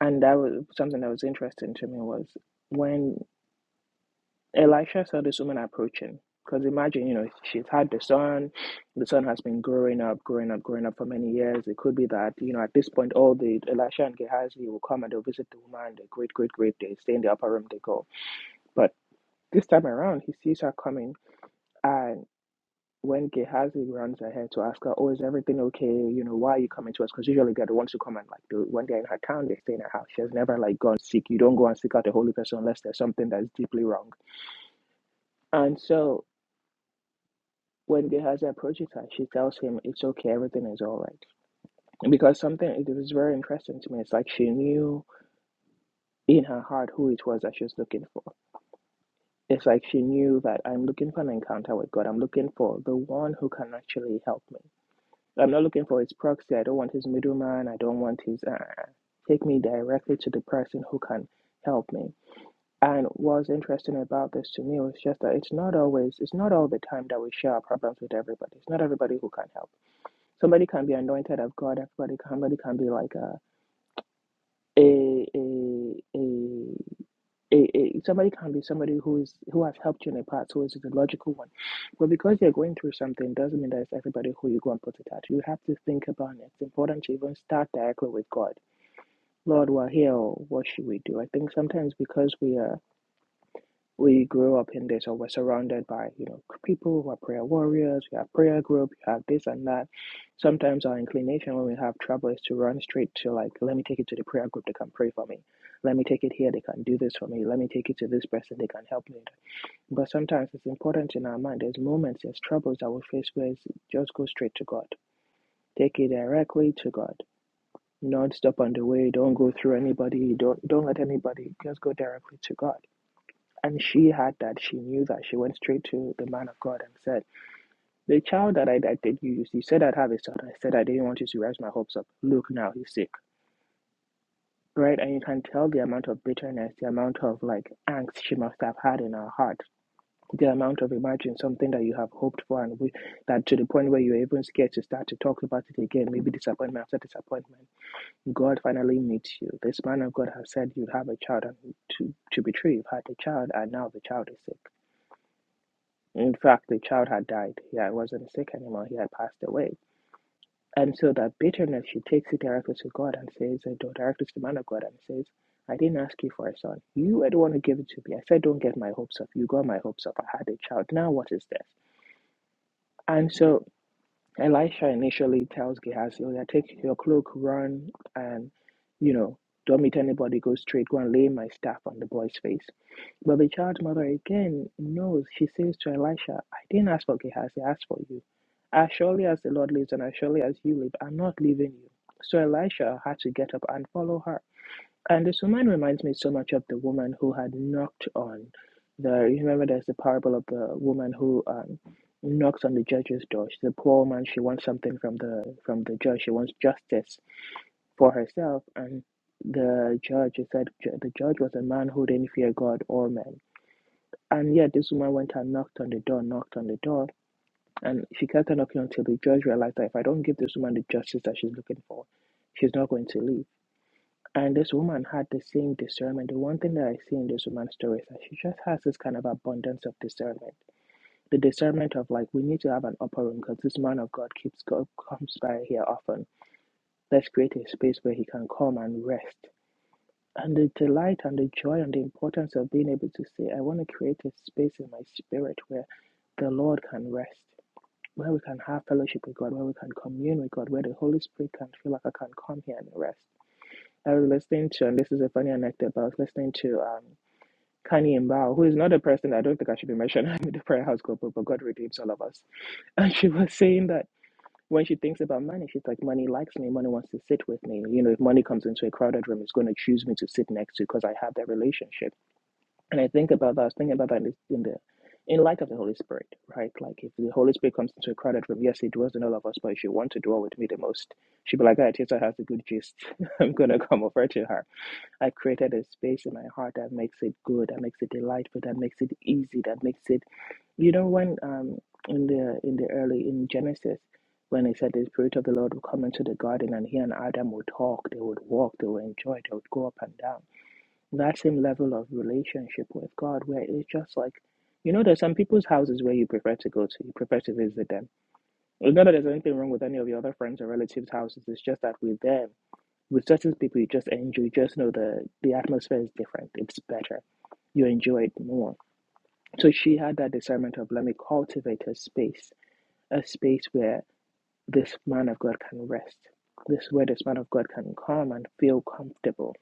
Speaker 1: and that was something that was interesting to me was when Elisha saw this woman approaching. Because imagine, you know, she's had the son, the son has been growing up, growing up, growing up for many years. It could be that, you know, at this point, all the Elisha and Gehazi will come and they'll visit the woman. They're great, great, great. They stay in the upper room, they go. But this time around, he sees her coming. And when Gehazi runs ahead to ask her, Oh, is everything okay? You know, why are you coming to us? Because usually they're the ones who come and, like, do, when they're in her town, they stay in her house. She has never, like, gone seek. You don't go and seek out a holy person unless there's something that's deeply wrong. And so When Gehazi approaches her, she tells him it's okay, everything is all right. Because something, it was very interesting to me. It's like she knew in her heart who it was that she was looking for. It's like she knew that I'm looking for an encounter with God. I'm looking for the one who can actually help me. I'm not looking for his proxy. I don't want his middleman. I don't want his. Uh, take me directly to the person who can help me. And what's interesting about this to me was just that it's not always, it's not all the time that we share our problems with everybody. It's not everybody who can help Somebody can be anointed of God. Everybody, somebody can be like a a a a, a, a somebody can be somebody who is who has helped you in the past, who is the logical one. But because you're going through something, doesn't mean that it's everybody who you go and put it at. You have to think about it. It's important to even start directly with God. Lord, we're here. oh, What should we do? I think sometimes because we are we grew up in this or we're surrounded by you know people who are prayer warriors we have prayer group you have this and that sometimes our inclination when we have trouble is to run straight to like let me take it to the prayer group they can pray for me let me take it here they can do this for me let me take it to this person they can help me but sometimes it's important in our mind there's moments there's troubles that we face where it's just go straight to god take it directly to god not stop on the way don't go through anybody don't don't let anybody just go directly to god and she had that. She knew that. She went straight to the man of God and said, The child that I, I did you, you said I'd have a son. I said I didn't want you to rise my hopes up. Look now, he's sick. Right? And you can tell the amount of bitterness, the amount of like angst she must have had in her heart, the amount of imagine something that you have hoped for and we, that to the point where you're even scared to start to talk about it again, maybe disappointment after disappointment. God finally meets you. This man of God has said you'd have a child and to, to be true, you've had a child and now the child is sick In fact, the child had died. Yeah, it wasn't sick anymore. He had passed away. And so that bitterness, she takes it directly to God and says, and directly to the man of God and says, I didn't ask you for a son. You were the one who gave it to me. I said, don't get my hopes up. You got my hopes up. I had a child. Now what is this? And so Elisha initially tells Gehazi, oh, yeah, take your cloak, run, and, you know, don't meet anybody, go straight, go and lay my staff on the boy's face. But the child's mother again knows, she says to Elisha, I didn't ask for Gehazi, I asked for you. As surely as the Lord lives and as surely as you live, I'm not leaving you. So Elisha had to get up and follow her. And this woman reminds me so much of the woman who had knocked on the. You remember there's the parable of the woman who um, knocks on the judge's door. She's a poor woman. She wants something from the from the judge. She wants justice for herself. And the judge he said ju- the judge was a man who didn't fear God or men. And yet this woman went and knocked on the door, knocked on the door, and she kept on knocking until the judge realized that if I don't give this woman the justice that she's looking for, she's not going to leave. And this woman had the same discernment. The one thing that I see in this woman's story is that she just has this kind of abundance of discernment. The discernment of like, we need to have an upper room because this man of God keeps go, comes by here often. Let's create a space where he can come and rest. And the delight and the joy and the importance of being able to say, I want to create a space in my spirit where the Lord can rest, where we can have fellowship with God, where we can commune with God, where the Holy Spirit can feel like I can come here and rest. I was listening to, and this is a funny anecdote, but I was listening to um, Kanye Mbao, who is not a person I don't think I should be mentioning in the prayer house group, but God redeems all of us. And she was saying that when she thinks about money, she's like, money likes me, money wants to sit with me. You know, if money comes into a crowded room, it's going to choose me to sit next to because I have that relationship. And I think about that, I was thinking about that in the, in the in light of the Holy Spirit, right? Like if the Holy Spirit comes into a crowded room, yes, he dwells in all of us, but if she wants to dwell with me the most, she'd be like, ah, Tessa has a good gist. I'm going to come over to her I created a space in my heart that makes it good, that makes it delightful, that makes it easy, that makes it. You know, when um in the in the early in Genesis, when it said the spirit of the Lord would come into the garden and he and Adam would talk, they would walk, they would enjoy, they would go up and down. That same level of relationship with God, where it's just like, you know, there's some people's houses where you prefer to go to, you prefer to visit them. It's not that there's anything wrong with any of your other friends or relatives' houses. It's just that with them. With certain people, you just enjoy, you just know the, the atmosphere is different. It's better. You enjoy it more. So she had that discernment of let me cultivate a space, a space where this man of God can rest. This is where this man of God can come and feel comfortable.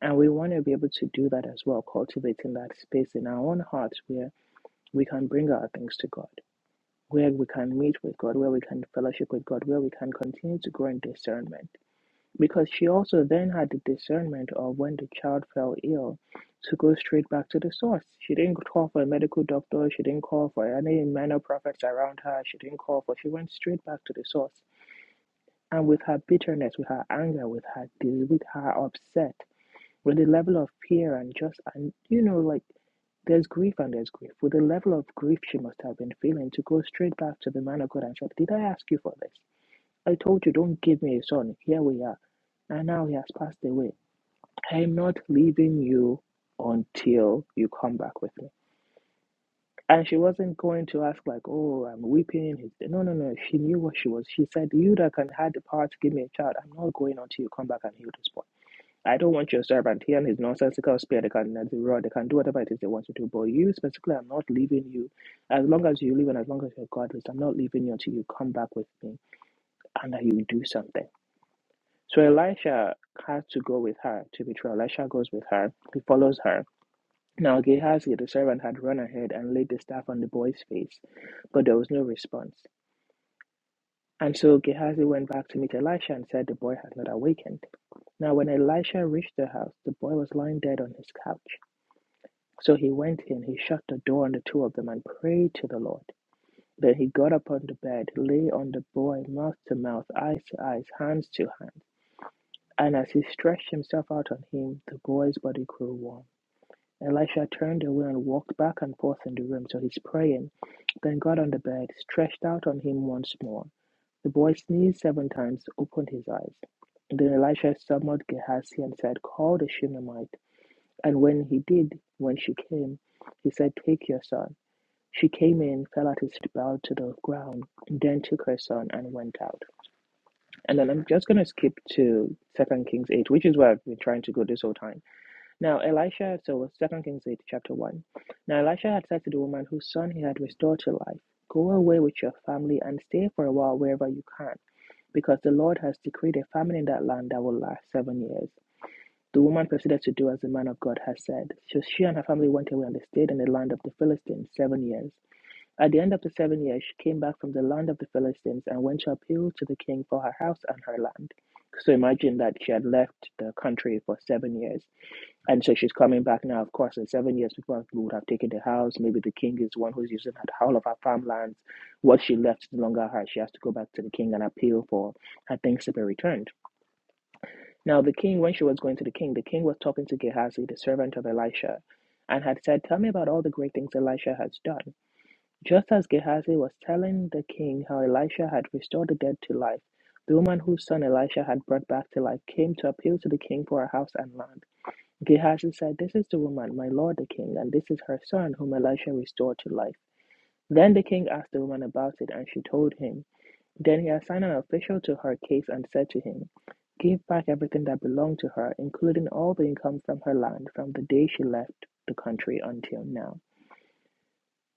Speaker 1: And we want to be able to do that as well, cultivating that space in our own hearts where we can bring our things to God, where we can meet with God, where we can fellowship with God, where we can continue to grow in discernment because she also then had the discernment of when the child fell ill to go straight back to the source. She didn't call for a medical doctor, she didn't call for any minor prophets around her, she didn't call for she went straight back to the source. And with her bitterness, with her anger, with her dis- with her upset, with the level of fear and just and you know, like there's grief and there's grief. With the level of grief she must have been feeling to go straight back to the man of God and said, Did I ask you for this? I told you don't give me a son. Here we are and now he has passed away. I'm not leaving you until you come back with me. And she wasn't going to ask like, oh, I'm weeping. He's No, no, no. She knew what she was. She said, you that can had the power to give me a child. I'm not going until you come back and heal this boy. I don't want your servant here and his nonsensical spear. They can that's the rod. They can do whatever it is they want to do. But you specifically, I'm not leaving you. As long as you live and as long as you're godless, I'm not leaving you until you come back with me and that you do something. So Elisha has to go with her to be true. Elisha goes with her. He follows her Now Gehazi the servant had run ahead and laid the staff on the boy's face, but there was no response. And so Gehazi went back to meet Elisha and said the boy has not awakened. Now when Elisha reached the house, the boy was lying dead on his couch. So he went in, he shut the door on the two of them and prayed to the Lord. Then he got up on the bed, lay on the boy mouth to mouth, eyes to eyes, hands to hands. And as he stretched himself out on him, the boy's body grew warm. Elisha turned away and walked back and forth in the room. So he's praying, then got on the bed, stretched out on him once more. The boy sneezed seven times, opened his eyes. Then Elisha summoned Gehazi and said, Call the Shunammite. And when he did, when she came, he said, Take your son. She came in, fell at his feet, bowed to the ground, then took her son and went out. And then I'm just going to skip to Second Kings 8, which is where I've been trying to go this whole time. Now Elisha, so Second Kings 8, chapter 1. Now Elisha had said to the woman whose son he had restored to life, Go away with your family and stay for a while wherever you can, because the Lord has decreed a famine in that land that will last seven years. The woman proceeded to do as the man of God had said. So she and her family went away and they stayed in the land of the Philistines seven years. At the end of the seven years, she came back from the land of the Philistines and went to appeal to the king for her house and her land. So imagine that she had left the country for seven years. And so she's coming back now. Of course, in seven years, people would have taken the house. Maybe the king is one who's using her- all of her farmlands. What she left is no longer hers. She has to go back to the king and appeal for her things to be returned. Now, the king, when she was going to the king, the king was talking to Gehazi, the servant of Elisha, and had said, Tell me about all the great things Elisha has done. Just as Gehazi was telling the king how Elisha had restored the dead to life, the woman whose son Elisha had brought back to life came to appeal to the king for her house and land. Gehazi said, This is the woman, my lord the king, and this is her son, whom Elisha restored to life. Then the king asked the woman about it, and she told him. Then he assigned an official to her case and said to him, Give back everything that belonged to her, including all the income from her land from the day she left the country until now.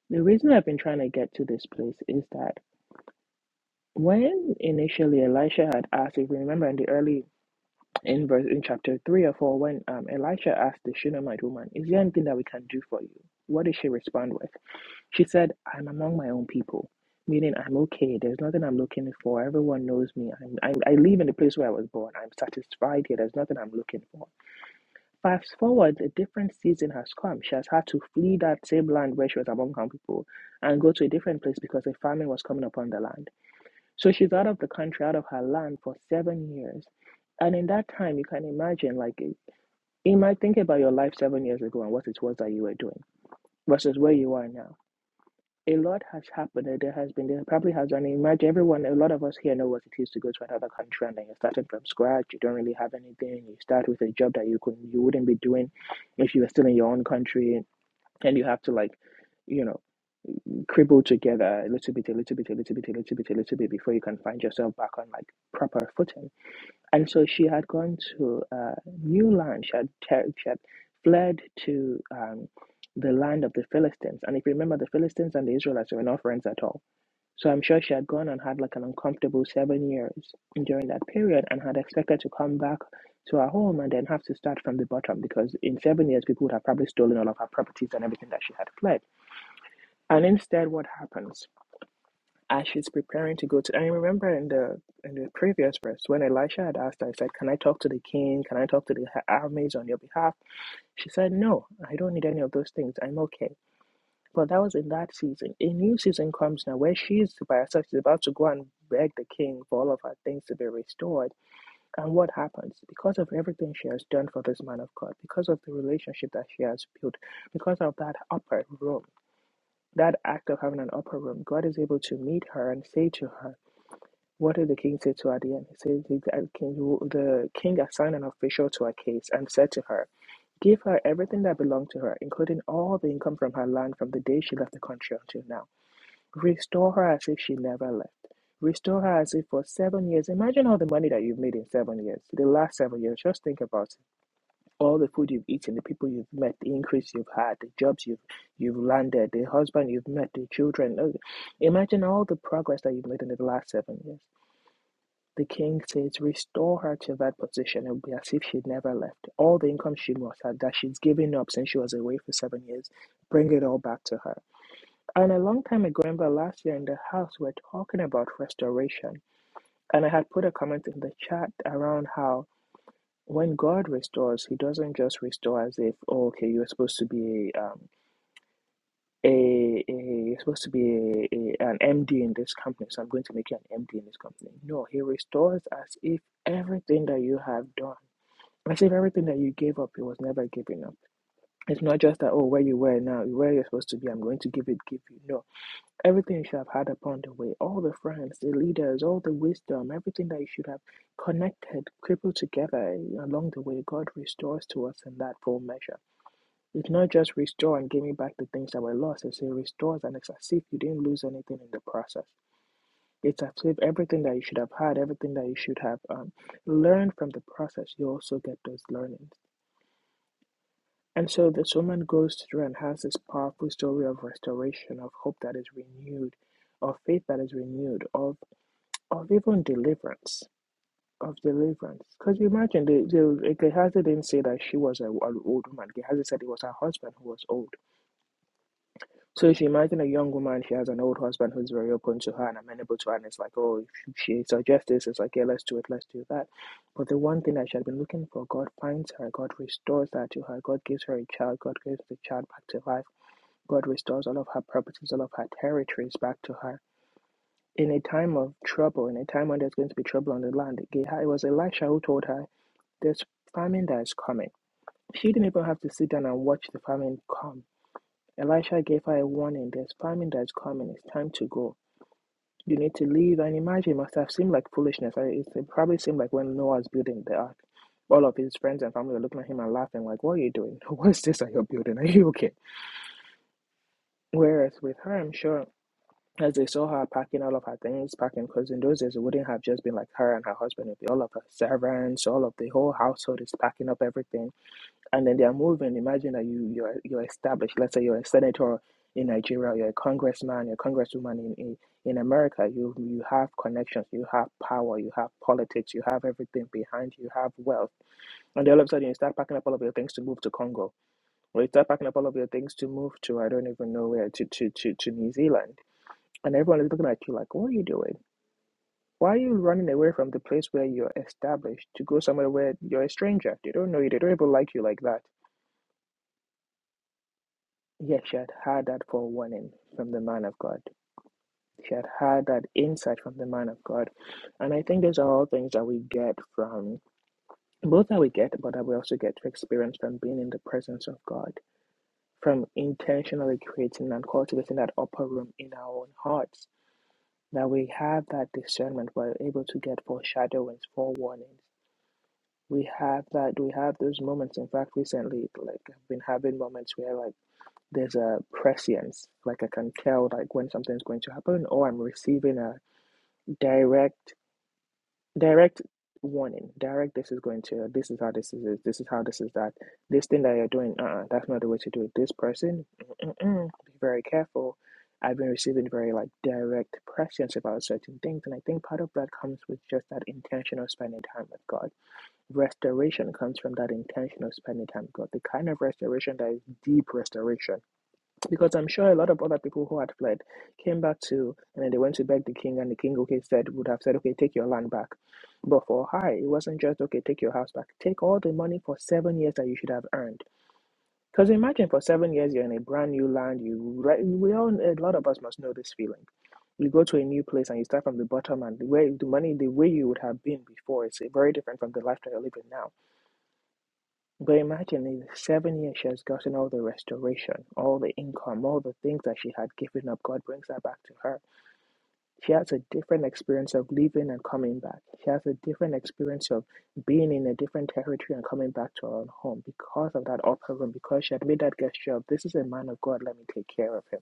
Speaker 1: The reason I've been trying to get to this place is that when initially Elisha had asked, if you remember in the early in verse in chapter three or four when um, Elisha asked the Shunammite woman, "Is there anything that we can do for you?" What did she respond with? She said, "I'm among my own people." Meaning, I'm okay. There's nothing I'm looking for. Everyone knows me. I'm, I'm, I live in the place where I was born. I'm satisfied here. There's nothing I'm looking for. Fast forward, a different season has come. She has had to flee that same land where she was among her people and go to a different place because a famine was coming upon the land. So she's out of the country, out of her land for seven years. And in that time, you can imagine, like, it- you might think about your life seven years ago and what it was that you were doing versus where you are now. A lot has happened. There has been, there probably has, and imagine everyone, a lot of us here know what it is to go to another country and then you're starting from scratch. You don't really have anything. You start with a job that you could, you wouldn't be doing if you were still in your own country, and you have to like, you know cribble together a little bit, a little bit, a little bit, a little bit, a little bit before you can find yourself back on like proper footing. And so she had gone to uh, new land. She had, ter- she had fled to um, the land of the Philistines. And if you remember, the Philistines and the Israelites were not friends at all. So I'm sure she had gone and had like an uncomfortable seven years during that period and had expected to come back to her home and then have to start from the bottom because in seven years people would have probably stolen all of her properties and everything that she had fled. And instead, what happens? as she's preparing to go to. I remember in the in the previous verse when Elisha had asked, her, I said, "Can I talk to the king? Can I talk to the armies on your behalf?" She said, "No, I don't need any of those things. I'm okay." But that was in that season. A new season comes now where she is by herself. She's about to go and beg the king for all of her things to be restored. And what happens? Because of everything she has done for this man of God, because of the relationship that she has built, because of that upper room, that act of having an upper room, God is able to meet her and say to her, what did the king say to Adian? He said, the the king, the king assigned an official to her case and said to her, Give her everything that belonged to her, including all the income from her land from the day she left the country until now. Restore her as if she never left. Restore her as if for seven years. Imagine all the money that you've made in seven years, the last seven years. Just think about it. All the food you've eaten, the people you've met, the increase you've had, the jobs you've, you've landed, the husband you've met, the children. Imagine all the progress that you've made in the last seven years. The king says, Restore her to that position. It will be as if she'd never left. All the income she must have that she's given up since she was away for seven years, bring it all back to her. And a long time ago, I remember last year in the house, we are talking about restoration. And I had put a comment in the chat around how when God restores, He doesn't just restore as if, oh, okay, you're supposed to be a um, a, a you're supposed to be a, a, an MD in this company, so I'm going to make you an MD in this company. No, he restores as if everything that you have done, as if everything that you gave up, it was never given up. It's not just that oh, where you were now, where you're supposed to be, I'm going to give it, give you. No, everything you should have had upon the way, all the friends, the leaders, all the wisdom, everything that you should have connected, crippled together along the way, God restores to us in that full measure. You cannot just restore and give me back the things that were lost. It's says restores and it's as if you didn't lose anything in the process. It's as if everything that you should have had, everything that you should have um, learned from the process, you also get those learnings. And so this woman goes through and has this powerful story of restoration, of hope that is renewed, of faith that is renewed, of, of even deliverance, of deliverance. Because you imagine, the, the, Gehazi didn't say that she was an old woman. Gehazi said it was her husband who was old. So if you imagine a young woman, she has an old husband who's very open to her and amenable to her, and it's like, oh, if she suggests this, it's like, yeah, let's do it, let's do that. But the one thing that she had been looking for, God finds her, God restores that to her, God gives her a child, God gives the child back to life, God restores all of her properties, all of her territories back to her. In a time of trouble, in a time when there's going to be trouble on the land, Geha- it was Elisha who told her, there's famine that is coming. She didn't even have to sit down and watch the famine come Elisha gave her a warning. There's famine that's coming. It's time to go. You need to leave. And imagine, it must have seemed like foolishness. It, it probably seemed like when Noah was building the ark, all of his friends and family were looking at him and laughing, like, What are you doing? What's this that you're building? Are you okay? Whereas with her, I'm sure, as they saw her packing all of her things, packing, because in those days it wouldn't have just been like her and her husband, it'd be all of her servants, all of the whole household is packing up everything and then their movement. Imagine that you you're you're established. Let's say you're a senator in Nigeria, you're a congressman, you're a congresswoman in, in, in America. You you have connections, you have power, you have politics, you have everything behind you, you have wealth. And then all of a sudden you start packing up all of your things to move to Congo. Or you start packing up all of your things to move to I don't even know where to to to, to New Zealand. And everyone is looking at you like, what are you doing? Why are you running away from the place where you're established to go somewhere where you're a stranger? They don't know you. They don't even like you like that Yet she had had that forewarning from the man of God. She had had that insight from the man of God. And I think these are all things that we get from, both that we get, but that we also get to experience from being in the presence of God, from intentionally creating and cultivating that upper room in our own hearts. That we have that discernment, we're able to get foreshadowings, forewarnings. We have that, we have those moments. In fact, recently, like, I've been having moments where, like, there's a prescience like i can tell like when something's going to happen or i'm receiving a direct direct warning direct this is going to this is how this is this is how this is that this thing that you're doing uh-uh, that's not the way to do it this person mm-mm, be very careful i've been receiving very like direct prescience about certain things and i think part of that comes with just that intentional spending time with god restoration comes from that intentional spending time with god the kind of restoration that is deep restoration because I'm sure a lot of other people who had fled came back too, and then they went to beg the king, and the king, okay, said would have said, okay, take your land back. But for her, it wasn't just okay, take your house back. Take all the money for seven years that you should have earned. Because imagine for seven years you're in a brand new land. You right, we all a lot of us must know this feeling. You go to a new place and you start from the bottom, and the way the money, the way you would have been before, is very different from the life that you're living now. But imagine in the seven years she has gotten all the restoration, all the income, all the things that she had given up, God brings that back to her. She has a different experience of leaving and coming back. She has a different experience of being in a different territory and coming back to her own home because of that upper room, because she had made that gesture of, this is a man of God, let me take care of him.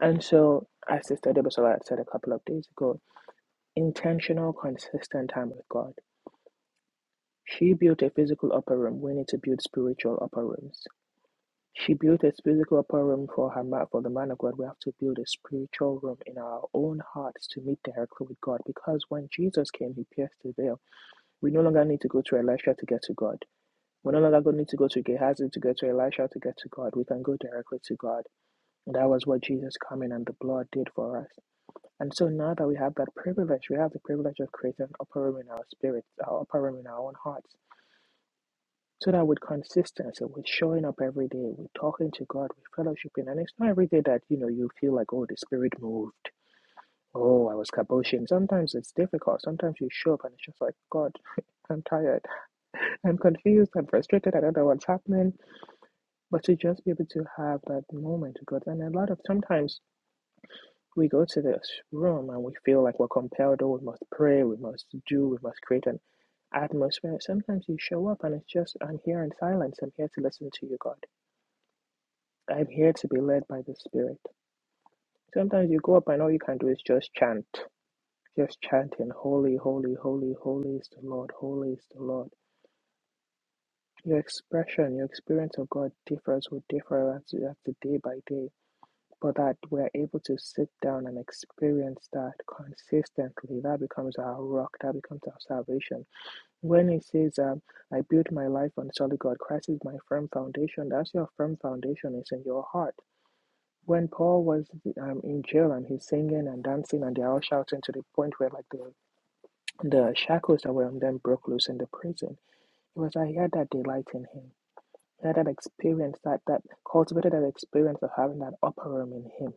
Speaker 1: And so, as Sister Debusola had said a couple of days ago, intentional, consistent time with God. She built a physical upper room. We need to build spiritual upper rooms. She built a physical upper room for her man, for the man of God. We have to build a spiritual room in our own hearts to meet directly with God. Because when Jesus came, he pierced the veil. We no longer need to go to Elisha to get to God. We no longer need to go to Gehazi to get to Elisha to get to God. We can go directly to God. And that was what Jesus coming and the blood did for us. And so now that we have that privilege, we have the privilege of creating an upper room in our spirits, our upper room in our own hearts so that with consistency, with showing up every day, with talking to God, with fellowshipping, and it's not every day that you know you feel like, oh, the Spirit moved. Oh, I was kaboshing. Sometimes it's difficult. Sometimes you show up and it's just like, God, I'm tired. I'm confused. I'm frustrated. I don't know what's happening. But to just be able to have that moment with God, and a lot of sometimes we go to this room and we feel like we're compelled, oh, we must pray, we must do, we must create an atmosphere. Sometimes you show up and it's just, I'm here in silence. I'm here to listen to you, God. I'm here to be led by the Spirit. Sometimes you go up and all you can do is just chant. Just chanting, Holy, Holy, Holy, Holy is the Lord, Holy is the Lord. Your expression, your experience of God differs will differ as you have to day by day. But that we're able to sit down and experience that consistently, that becomes our rock, that becomes our salvation. When it says, um, I build my life on solid God, Christ is my firm foundation, that's your firm foundation, it's in your heart. when Paul was um, in jail and he's singing and dancing and they're all shouting to the point where like the the shackles that were on them broke loose in the prison. It was like he had that delight in him. He had that experience that that cultivated that experience of having that upper room in him.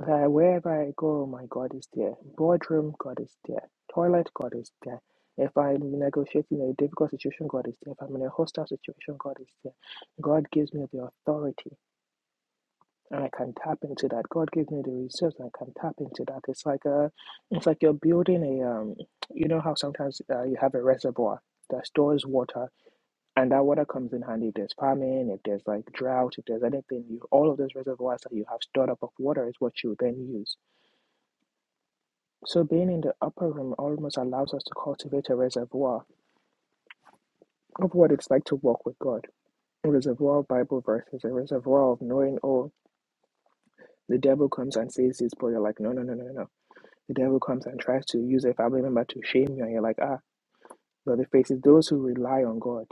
Speaker 1: That wherever I go, oh my God is there. Boardroom, God is there. Toilet, God is there. If I'm negotiating a difficult situation, God is there. If I'm in a hostile situation, God is there. God gives me the authority and I can tap into that. God gave me the reserves, and I can tap into that. It's like a, it's like you're building a um, you know how sometimes uh, you have a reservoir that stores water, and that water comes in handy if there's famine, if there's like drought, if there's anything. You all of those reservoirs that you have stored up of water is what you then use. So being in the upper room almost allows us to cultivate a reservoir of what it's like to walk with God. A reservoir of Bible verses, a reservoir of knowing. Oh, the devil comes and says this, but you're like, no, no, no, no, no. no." The devil comes and tries to use a family member to shame you, and you're like, ah, but the faces those who rely on God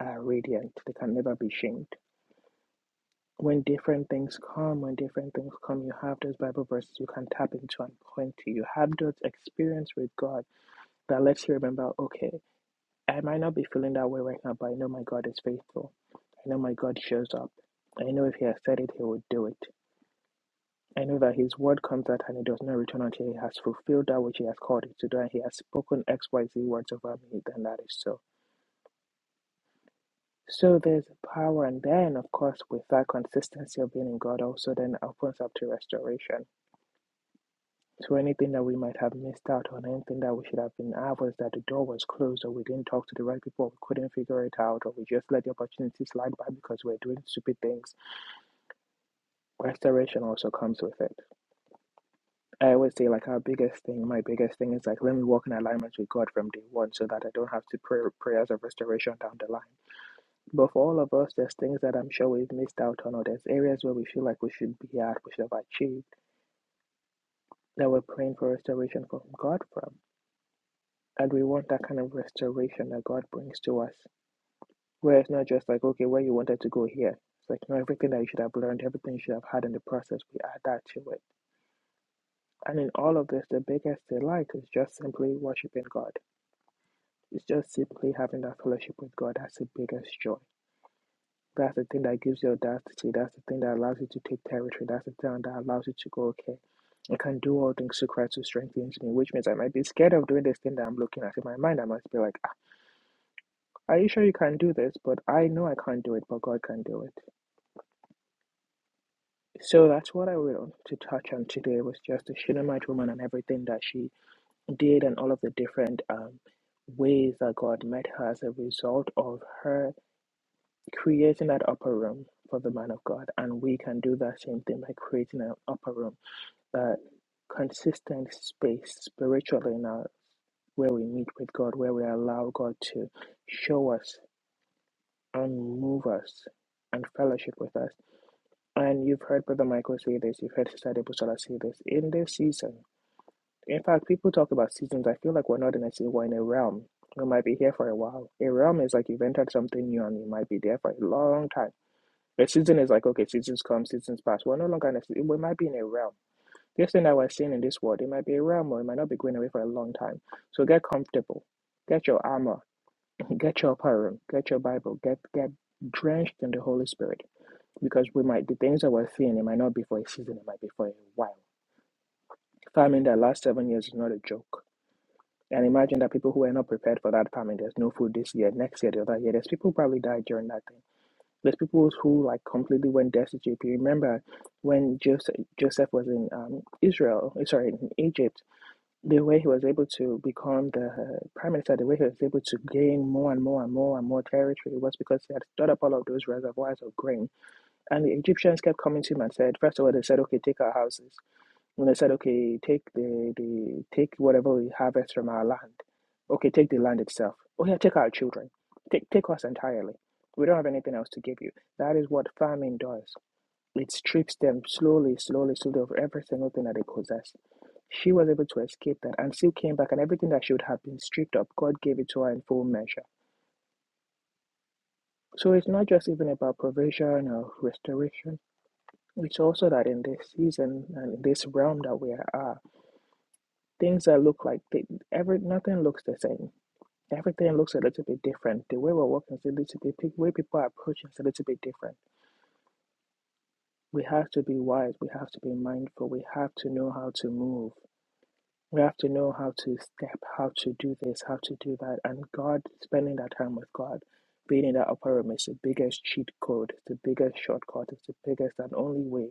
Speaker 1: are radiant. They can never be shamed. When different things come, when different things come, you have those Bible verses you can tap into and point to. You have those experience with God that lets you remember, okay, I might not be feeling that way right now, but I know my God is faithful. I know my God shows up. I know if He has said it, He will do it. I know that his word comes out and it does not return until he has fulfilled that which he has called it to do, and he has spoken XYZ words over me, then that is so. So there's power, and then, of course, with that consistency of being in God, also then opens up to restoration. So anything that we might have missed out on, anything that we should have been out was that the door was closed, or we didn't talk to the right people, or we couldn't figure it out, or we just let the opportunity slide by because we're doing stupid things. Restoration also comes with it. I always say like our biggest thing, my biggest thing is like let me walk in alignment with God from day one so that I don't have to pray prayers of restoration down the line. But for all of us, there's things that I'm sure we've missed out on, or there's areas where we feel like we should be at, we should have achieved, that we're praying for restoration from God from. And we want that kind of restoration that God brings to us. Where it's not just like, okay, where you wanted to go here. It's like, no, everything that you should have learned, everything you should have had in the process, we add that to it. And in all of this, the biggest delight is just simply worshiping God It's just simply having that fellowship with God. That's the biggest joy. That's the thing that gives you audacity. That's the thing that allows you to take territory. That's the thing that allows you to go, okay, I can do all things through Christ who strengthens me, which means I might be scared of doing this thing that I'm looking at. In my mind, I must be like, "Ah, Are you sure you can do this? But I know I can't do it, but God can do it. So that's what I wanted to touch on today was just the Shunammite woman and everything that she did and all of the different um, ways that God met her as a result of her creating that upper room for the man of God. And we can do that same thing by creating an upper room, that consistent space spiritually in our, where we meet with God, where we allow God to show us and move us and fellowship with us. And you've heard Brother Michael say this, you've heard Sister Debusola say this. In this season, in fact, people talk about seasons. I feel like we're not in a season, we're in a realm. We might be here for a while. A realm is like you've entered something new and you might be there for a long time The season is like, okay, seasons come, seasons pass. We're no longer in a si-, We might be in a realm. This thing that we're seeing in this world, it might be a realm or it might not be going away for a long time. So get comfortable. Get your armor. Get your parum. Get your Bible. Get get drenched in the Holy Spirit. Because we might the things that we're seeing, it might not be for a season, it might be for a while. Famine that last seven years is not a joke. And imagine that people who are not prepared for that famine, there's no food this year, next year, the other year. There's people who probably died during that thing. There's people who like completely went destitute. you remember when Joseph Joseph was in um, Israel, eh, sorry, in Egypt, the way he was able to become the uh, prime minister, the way he was able to gain more and more and more and more territory was because he had stored up all of those reservoirs of grain. And the Egyptians kept coming to him and said, first of all, they said, okay, take our houses. And I said, okay, take the, the take whatever we harvest from our land. Okay, take the land itself. Oh yeah, take our children. Take take us entirely. We don't have anything else to give you. That is what famine does. It strips them slowly, slowly, slowly of every single thing that they possess. She was able to escape that and still came back and everything that should have been stripped up, God gave it to her in full measure. So it's not just even about provision or restoration. It's also that in this season and in this realm that we are Things that look like they, every nothing looks the same. Everything looks a little bit different. The way we're working is a little bit, the way people are approaching is a little bit different. We have to be wise. We have to be mindful. We have to know how to move. We have to know how to step, how to do this, how to do that. And God, spending that time with God, being in that upper room is the biggest cheat code, it's the biggest shortcut, it's the biggest and only way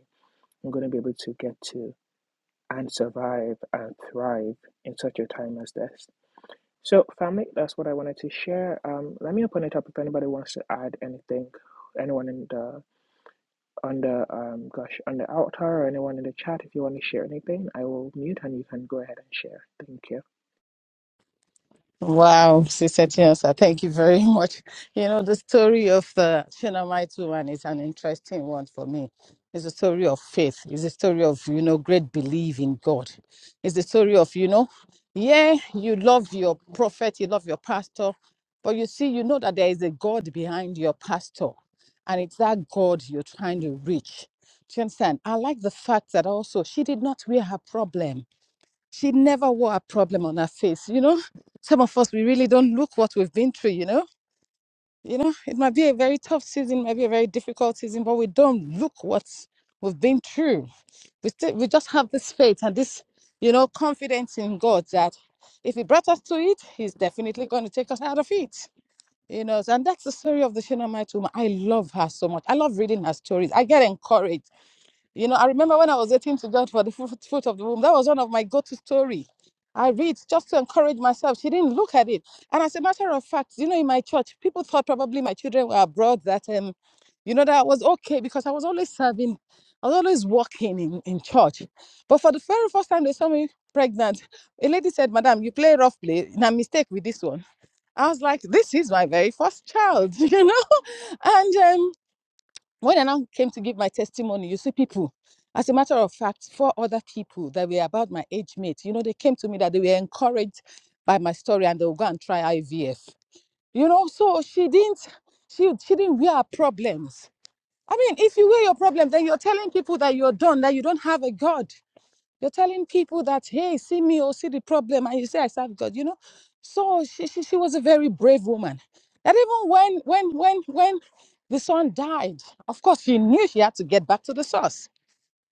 Speaker 1: I'm going to be able to get to and survive and thrive in such a time as this. So, family, that's what I wanted to share. Um, let me open it up if anybody wants to add anything. Anyone in the on the um gosh on the altar or anyone in the chat, if you want to share anything, I will mute and you can go ahead and share. Thank you.
Speaker 2: Wow, Sister Chinonsa, thank you very much. You know, the story of the Shunammite woman is an interesting one for me. It's a story of faith. It's a story of, you know, great belief in God. It's the story of, you know, yeah, you love your prophet, you love your pastor, but you see, you know that there is a God behind your pastor, and it's that God you're trying to reach. Do you understand? I like the fact that also she did not wear her problem she never wore a problem on her face. You know, some of us we really don't look what we've been through. You know, you know, it might be a very tough season, might be a very difficult season, but we don't look what we've been through. We still, we just have this faith and this, you know, confidence in God that if He brought us to it, He's definitely going to take us out of it. You know, and that's the story of the Shunammite woman. I love her so much. I love reading her stories. I get encouraged you know, I remember when I was waiting to God for the fruit fruit of the womb. That was one of my go-to story. I read just to encourage myself. She didn't look at it. And as a matter of fact, you know, in my church, people thought probably my children. and um, when I now, as a matter, I came right by my IVF. You know, so she didn't, she she didn't wear her problems. I mean, if you wear your problems, then you're telling people that you're done, that you don't have a God. You're telling people that, hey, see me or see the problem, and you say I serve God, you know. So she, she, she was a very brave woman. That even when when when when the son died, of course she knew she had to get back to the source.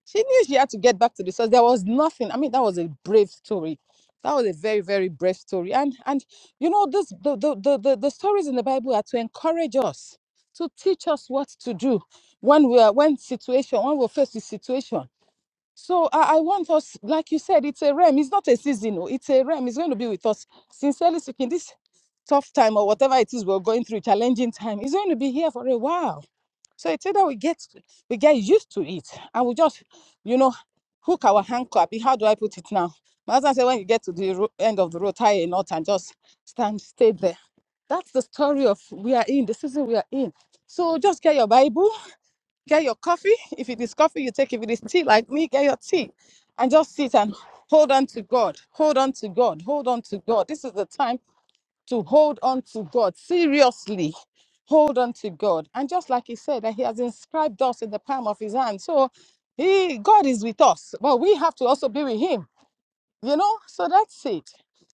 Speaker 2: She knew she had to get back to the source. There was nothing. I mean, that was a brave story. That was a very, very brave story. And and you know, this the the the, the, the stories in the Bible are to encourage us, to teach us what to do when we are when situation, when we're faced with situation. So I, I want us, like you said, it's a realm. It's not a season. oh, It's a realm. It's going to be with us. Sincerely speaking, this tough time or whatever it is we're going through, challenging time, it's going to be here for a while. So it's either we get we get used to it and we just, you know, hook our handcuff. How do I put it now? My husband said, when you get to the ro- end of the road, tie a knot and just stand, stay there. That's the story of we are in the season we are in. So just get your Bible get your coffee. If it is coffee, you take. If it is tea, like me, get your tea and just sit and hold on to God. Hold on to God. Hold on to God. This is the time to hold on to God. Seriously, hold on to God. And just like he said, that he has inscribed us in the palm of his hand. So he, God is with us, but we have to also be with him, you know? So that's it.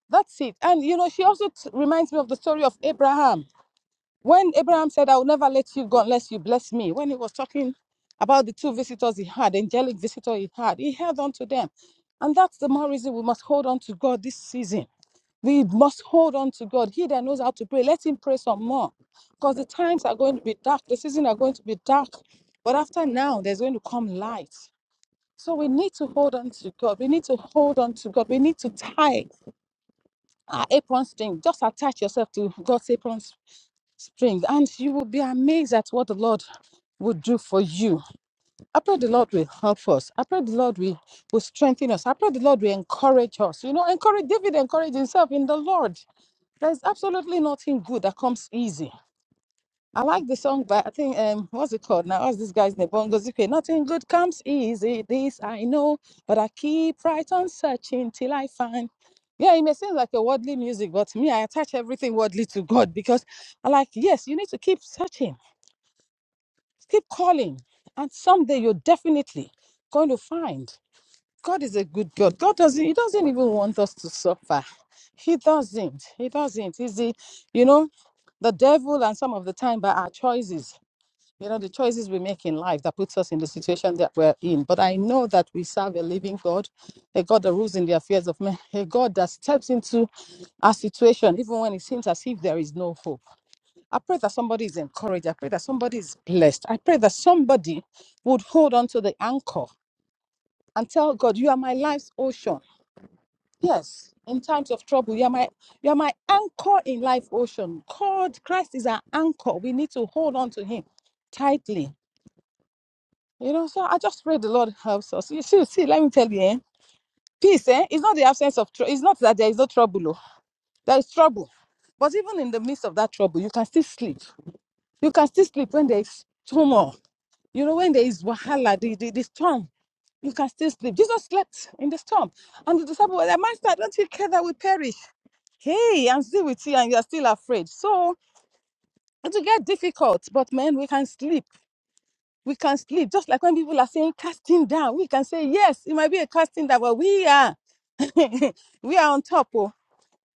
Speaker 2: That's it. And, you know, she also t- reminds me of the story of Abraham when Abraham said, I will never let you go unless you bless me, when he was talking about the two visitors he had, angelic visitor he had, he held on to them. And that's the more reason we must hold on to God this season. We must hold on to God. He that knows how to pray, let him pray some more. Because the times are going to be dark, the seasons are going to be dark. But after now, there's going to come light. So we need to hold on to God. We need to hold on to God. We need to tie our apron string. Just attach yourself to God's apron Spring and you will be amazed at what the Lord will do for you. I pray the Lord will help us. I pray the Lord will, will strengthen us. I pray the Lord will encourage us. You know, encourage David encouraged himself in the Lord. There's absolutely nothing good that comes easy. I like the song, but I think um, what's it called now? What's this guy's name? Bongo Zippy. Nothing good comes easy. This I know, but I keep right on searching till I find. Yeah, it may seem like a worldly music, but to me, I attach everything worldly to God because I like. Yes, you need to keep searching, keep calling, and someday you're definitely going to find. God is a good God. God doesn't. He doesn't even want us to suffer. He doesn't. He doesn't. Is he? You know, the devil and some of the time by our choices you know the choices we make in life that puts us in the situation that we're in but i know that we serve a living god a god that rules in the affairs of men a god that steps into our situation even when it seems as if there is no hope i pray that somebody is encouraged i pray that somebody is blessed i pray that somebody would hold on to the anchor and tell god you are my life's ocean yes in times of trouble you are my you are my anchor in life ocean god christ is our anchor we need to hold on to him tightly You know, so I just pray the Lord helps us. You see, see, let me tell you, eh? peace, eh? It's not the absence of trouble. It's not that there is no trouble. Oh. There is trouble. But even in the midst of that trouble, you can still sleep. You can still sleep when there is turmoil. You know, when there is wahala, the, the, the storm, you can still sleep. Jesus slept in the storm. And the disciples were like, Master, don't you care that we perish? Hey, I'm still with you and you're still afraid. So it will get difficult, but man, we can sleep we can sleep. Just like when people are saying casting down, we can say, yes, it might be a casting down, but we are, we are on top. Oh,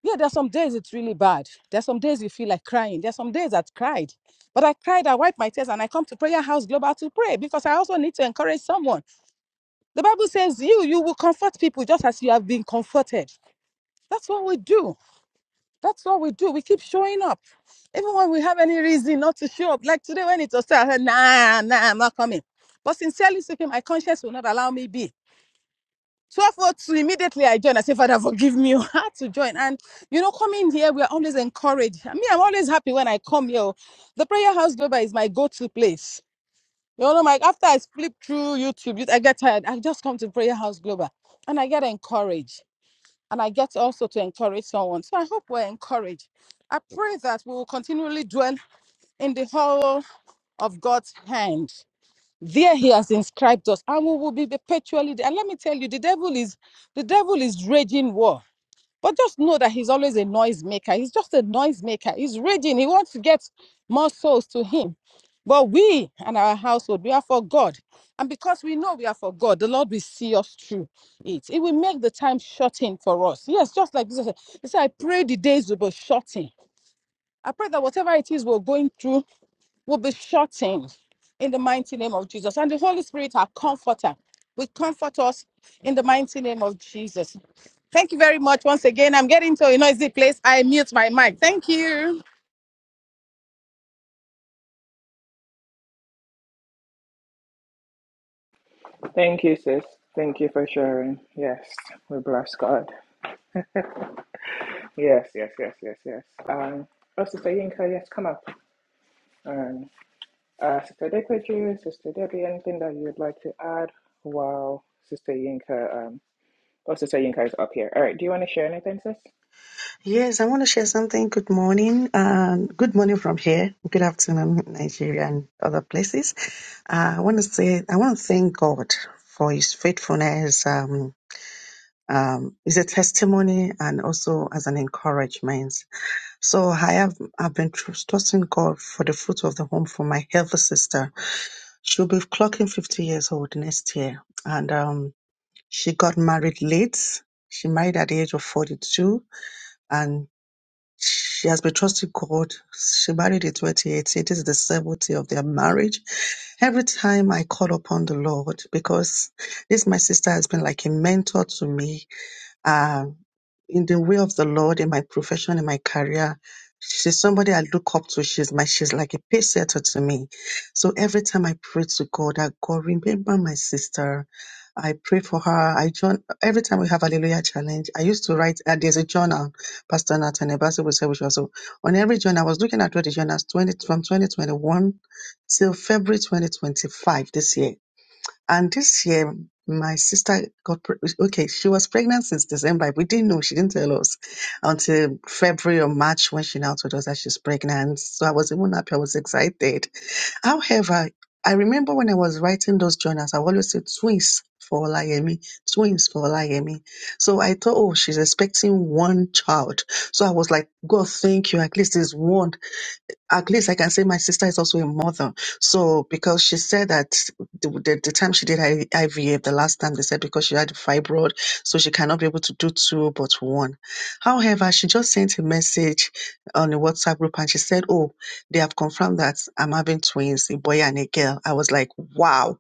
Speaker 2: yeah, there's some days it's really bad. There's some days you feel like crying. There's some days I've cried. But I cried, I wiped my tears, and I come to Prayer House Global to pray because I also need to encourage someone. The Bible says, you, you will comfort people just as you have been comforted. That's what we do. That's what we do. We keep showing up. Even when we have any reason not to show up. Like today when it was said, I said, nah, nah, I'm not coming. But sincerely speaking, my conscience will not allow me be. 1202, immediately I joined. I said, Father, forgive me. I had to join. And, you know, coming here, we are always encouraged. I mean, I'm always happy when I come here. The prayer house global is my go-to place. You know, like after I flip through YouTube, I get tired. I just come to prayer house global and I get encouraged and I get also to encourage someone. So I hope we're encouraged. I pray that we will continually dwell in the hall of God's hand. There he has inscribed us, and we will be perpetually there. And let me tell you, the devil is the devil is raging war. But just know that he's always a noisemaker. He's just a noisemaker. He's raging. He wants to get more souls to him. But we and our household, we are for God. And because we know we are for God, the Lord will see us through it. It will make the time shorten for us. Yes, just like Jesus said, He said, I pray the days will be shortened. I pray that whatever it is we're going through, will be shortened in the mighty name of Jesus. And the Holy Spirit, our comforter, will comfort us in the mighty name of Jesus. Thank you very much once again. I'm getting to a noisy place. I mute my mic. Thank you.
Speaker 1: Thank you, sis. Thank you for sharing. Yes, we bless God. Yes, yes, yes, yes, yes. Um, oh, Sister Yinka, yes, come up. Um, uh, Sister Dekweju, Sister Debbie, anything that you'd like to add? Wow, Sister Yinka. Oh, Sister Yinka's up here. All right. Do you want to share anything, sis?
Speaker 7: Yes, I want to share something. Good morning. Um, good morning from here. Good afternoon, Nigeria and other places. Uh, I want to say, I want to thank God for His faithfulness. Um, um, is a testimony and also as an encouragement. So I have, I've been trust- trusting God for the fruit of the home for my healthy sister. She'll be clocking 50 years old next year. And, um, she got married late. She married at the age of 42 she has been trusting God. She married in 2018. This is the seventh year of their marriage. Every time I call upon the Lord, because this my sister has been like a mentor to me, uh, in the way of the Lord, in my profession, in my career. She's somebody I look up to. She's my, she's like a pace setter to me. So every time I pray to God, I God remember my sister. I pray for her. I join every time we have Hallelujah challenge. I used to write. Uh, there's a journal, Pastor Nathan Ebasi will say, which also on every journal. I was looking at all the journals 20 from 2021 till February 2025 this year. And this year, my sister got pre- okay. She was pregnant since December. We didn't know. She didn't tell us until February or March when she now told us that she's pregnant. So I was even happy. I was excited. However, I remember when I was writing those journals, I always said twins for Olayemi, twins for Olayemi. So I thought, oh, she's expecting one child. So I was like, God, thank you. At least it's one at least I can say my sister is also a mother. So because she said that the, the, the time she did her I- IVF, the last time they said because she had fibroid, so she cannot be able to do two but one. However, she just sent a message on the WhatsApp group and she said, "Oh, they have confirmed that I'm having twins, a boy and a girl." I was like, "Wow!"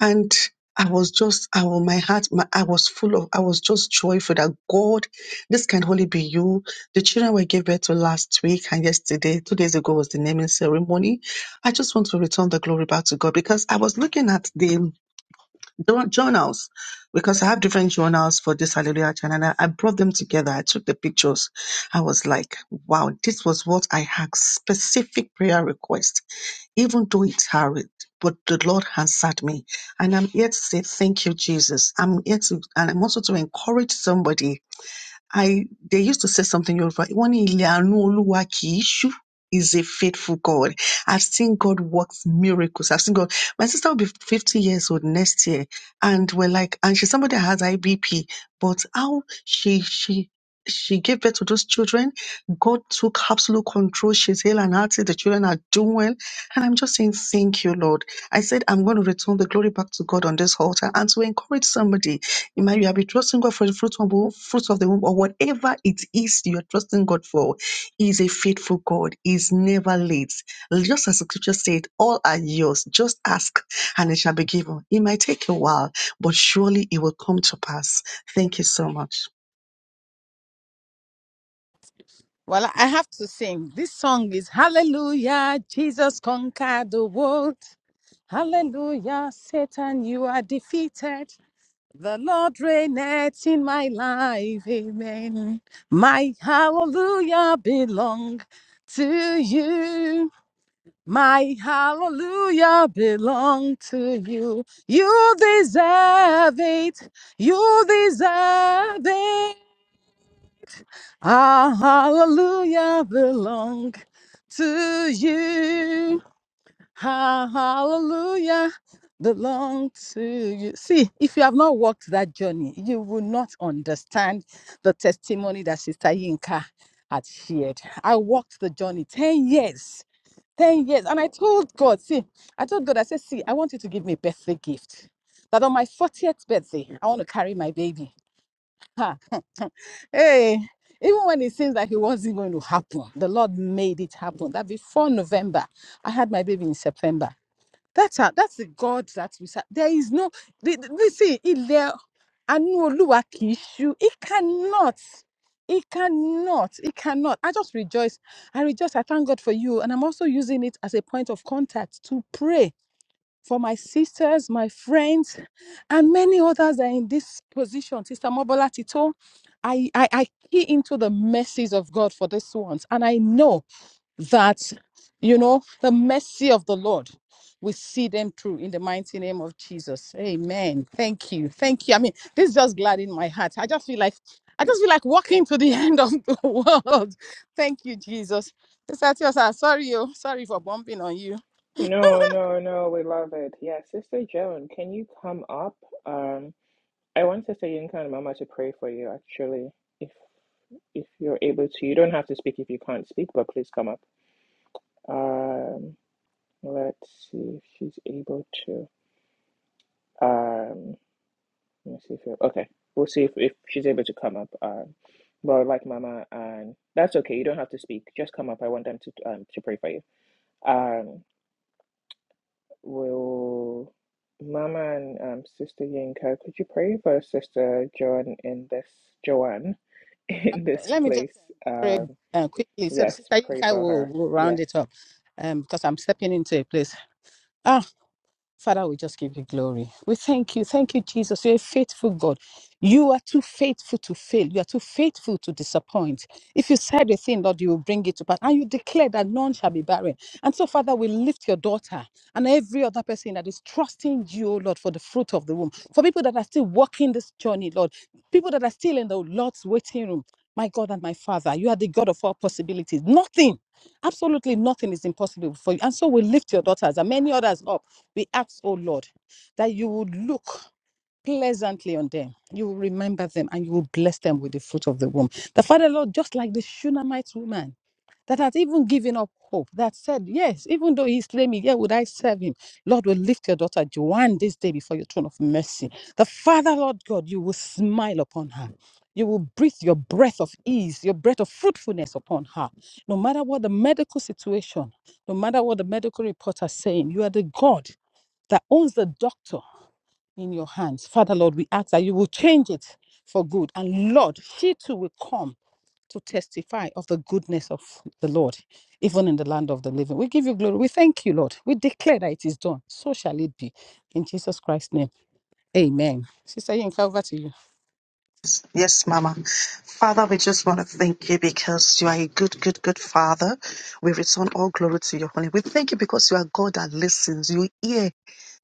Speaker 7: And I was just, I was, my heart, my, I was full of, I was just joyful that God, this can only be you. The children were gave birth to last week and yesterday, two days ago was the naming ceremony. I just want to return the glory back to God because I was looking at the jour- journals because I have different journals for this Hallelujah channel. And I I brought them together. I took the pictures. I was like, wow, this was what I had specific prayer request even though it's hard, but the Lord answered me. And I'm here to say thank you, Jesus. I'm here to, and I'm also to encourage somebody I they used to say something Yoruba. One Oluwakishu is a faithful God. I've seen God work miracles. I've seen God. My sister will be 50 years old next year. And we're like, and she's somebody that has IBP, but how she she she gave birth to those children. God took absolute control. She's healed and healthy. The children are doing well. And I'm just saying, thank you, Lord. I said, I'm going to return the glory back to God on this altar and to encourage somebody it might you have been trusting God for the fruits of, the- fruits of the womb or whatever it is you're trusting God for. He is a faithful God. He Is never late. Just as the scripture said, all are yours. Just ask and it shall be given. It might take a while, but surely it will come to pass. Thank you so much.
Speaker 2: Well, I have to sing. This song is Hallelujah, Jesus conquered the world. Hallelujah, Satan, you are defeated. The Lord reigneth in my life. Amen. My hallelujah belong to you. My hallelujah belong to you. You deserve it. You deserve it. Our hallelujah belong to you. Our hallelujah belong to you. See, if you have not walked that journey, you will not understand the testimony that Sister Yinka had shared. I walked the journey 10 years 10 years. And I told God, see, I told God, I said, see, I want you to give me a birthday gift. That on my 40th birthday, I want to carry my baby. Ha. Hey, even when it seems like it wasn't going to happen, the Lord made it happen. That before November, I had my baby in September. That's how that's the God that we serve. There is no the- the- listen, ilẹ̀ àánú Olúwa kì í ṣú. It cannot. It cannot. It cannot. I just rejoice. I rejoice. I thank God for you. And I'm also using it as a point of contact to pray for my sisters, my friends, and many others that are in this position. Sister Mobola Tito, I, I, I key into the mercies of God for this ones. And I know that you know the mercy of the lord we see them through in the mighty name of jesus amen thank you thank you i mean this just gladdened my heart i just feel like i just feel like walking to the end of the world thank you jesus Sister Tiosa, sorry you sorry for bumping on you
Speaker 1: No, no, no. We love it. Yeah, Sister Joan, can you come up? Um, I want Sister Yinka and Mama to pray for you, actually, if if you're able to. You don't have to speak if you can't speak, but please come up. Um, let's see if she's able to. Um, let us see if you're okay. We'll see if, if she's able to come up. Um, but like Mama, and that's okay. You don't have to speak. Just come up. I want them to um to pray for you. Um. Will Mama and um, Sister Yinka, could you pray for Sister Joan in this Joanne in this
Speaker 2: Let me just
Speaker 1: place?
Speaker 2: um, very
Speaker 1: Um,
Speaker 2: uh, quickly. So the
Speaker 1: yes,
Speaker 2: sister
Speaker 1: pray
Speaker 2: Yinka
Speaker 1: for
Speaker 2: will,
Speaker 1: her.
Speaker 2: will round
Speaker 1: Yes.
Speaker 2: it up um, because I'm stepping into a place. Father, we just give you glory. We thank you. Thank you, Jesus. You're a faithful God. You are too faithful to fail. You are too faithful to disappoint. If you said a thing, Lord, you will bring it to pass. And you declare that none shall be barren. And so, Father, we lift your daughter and every other person that is trusting you, oh Lord, for the fruit of the womb. For people that are still walking this journey, Lord, people that are still in the Lord's waiting room. My God and my Father, you are the God of all possibilities. Nothing, absolutely nothing is impossible for you. And so we lift your daughters and many others up we ask, oh Lord, that you would look pleasantly on them. You will remember them and you will bless them with the fruit of the womb. The Father, Lord, just like the Shunammite woman that had even given up hope, that said, Yes, even though he slay me, yet would I serve him. Lord, will lift your daughter Joanne this day before your throne of mercy. The Father, Lord God, you will smile upon her. You will breathe your breath of ease, your breath of fruitfulness upon her. No matter what the medical situation, no matter what the medical report are saying, you are the God that owns the doctor in your hands. Father, Lord, we ask that you will change it for good. And Lord, she too will come to testify of the goodness of the Lord, even in the land of the living. We give you glory. We thank you, Lord. We declare that it is done. So shall it be. In Jesus Christ's name. Amen. Sister Yinka, over to you.
Speaker 7: Yes, Mama. Father, we just want to thank you because you are a good, good, good Father. We return all glory to your holy. We thank you because you are God that listens. You hear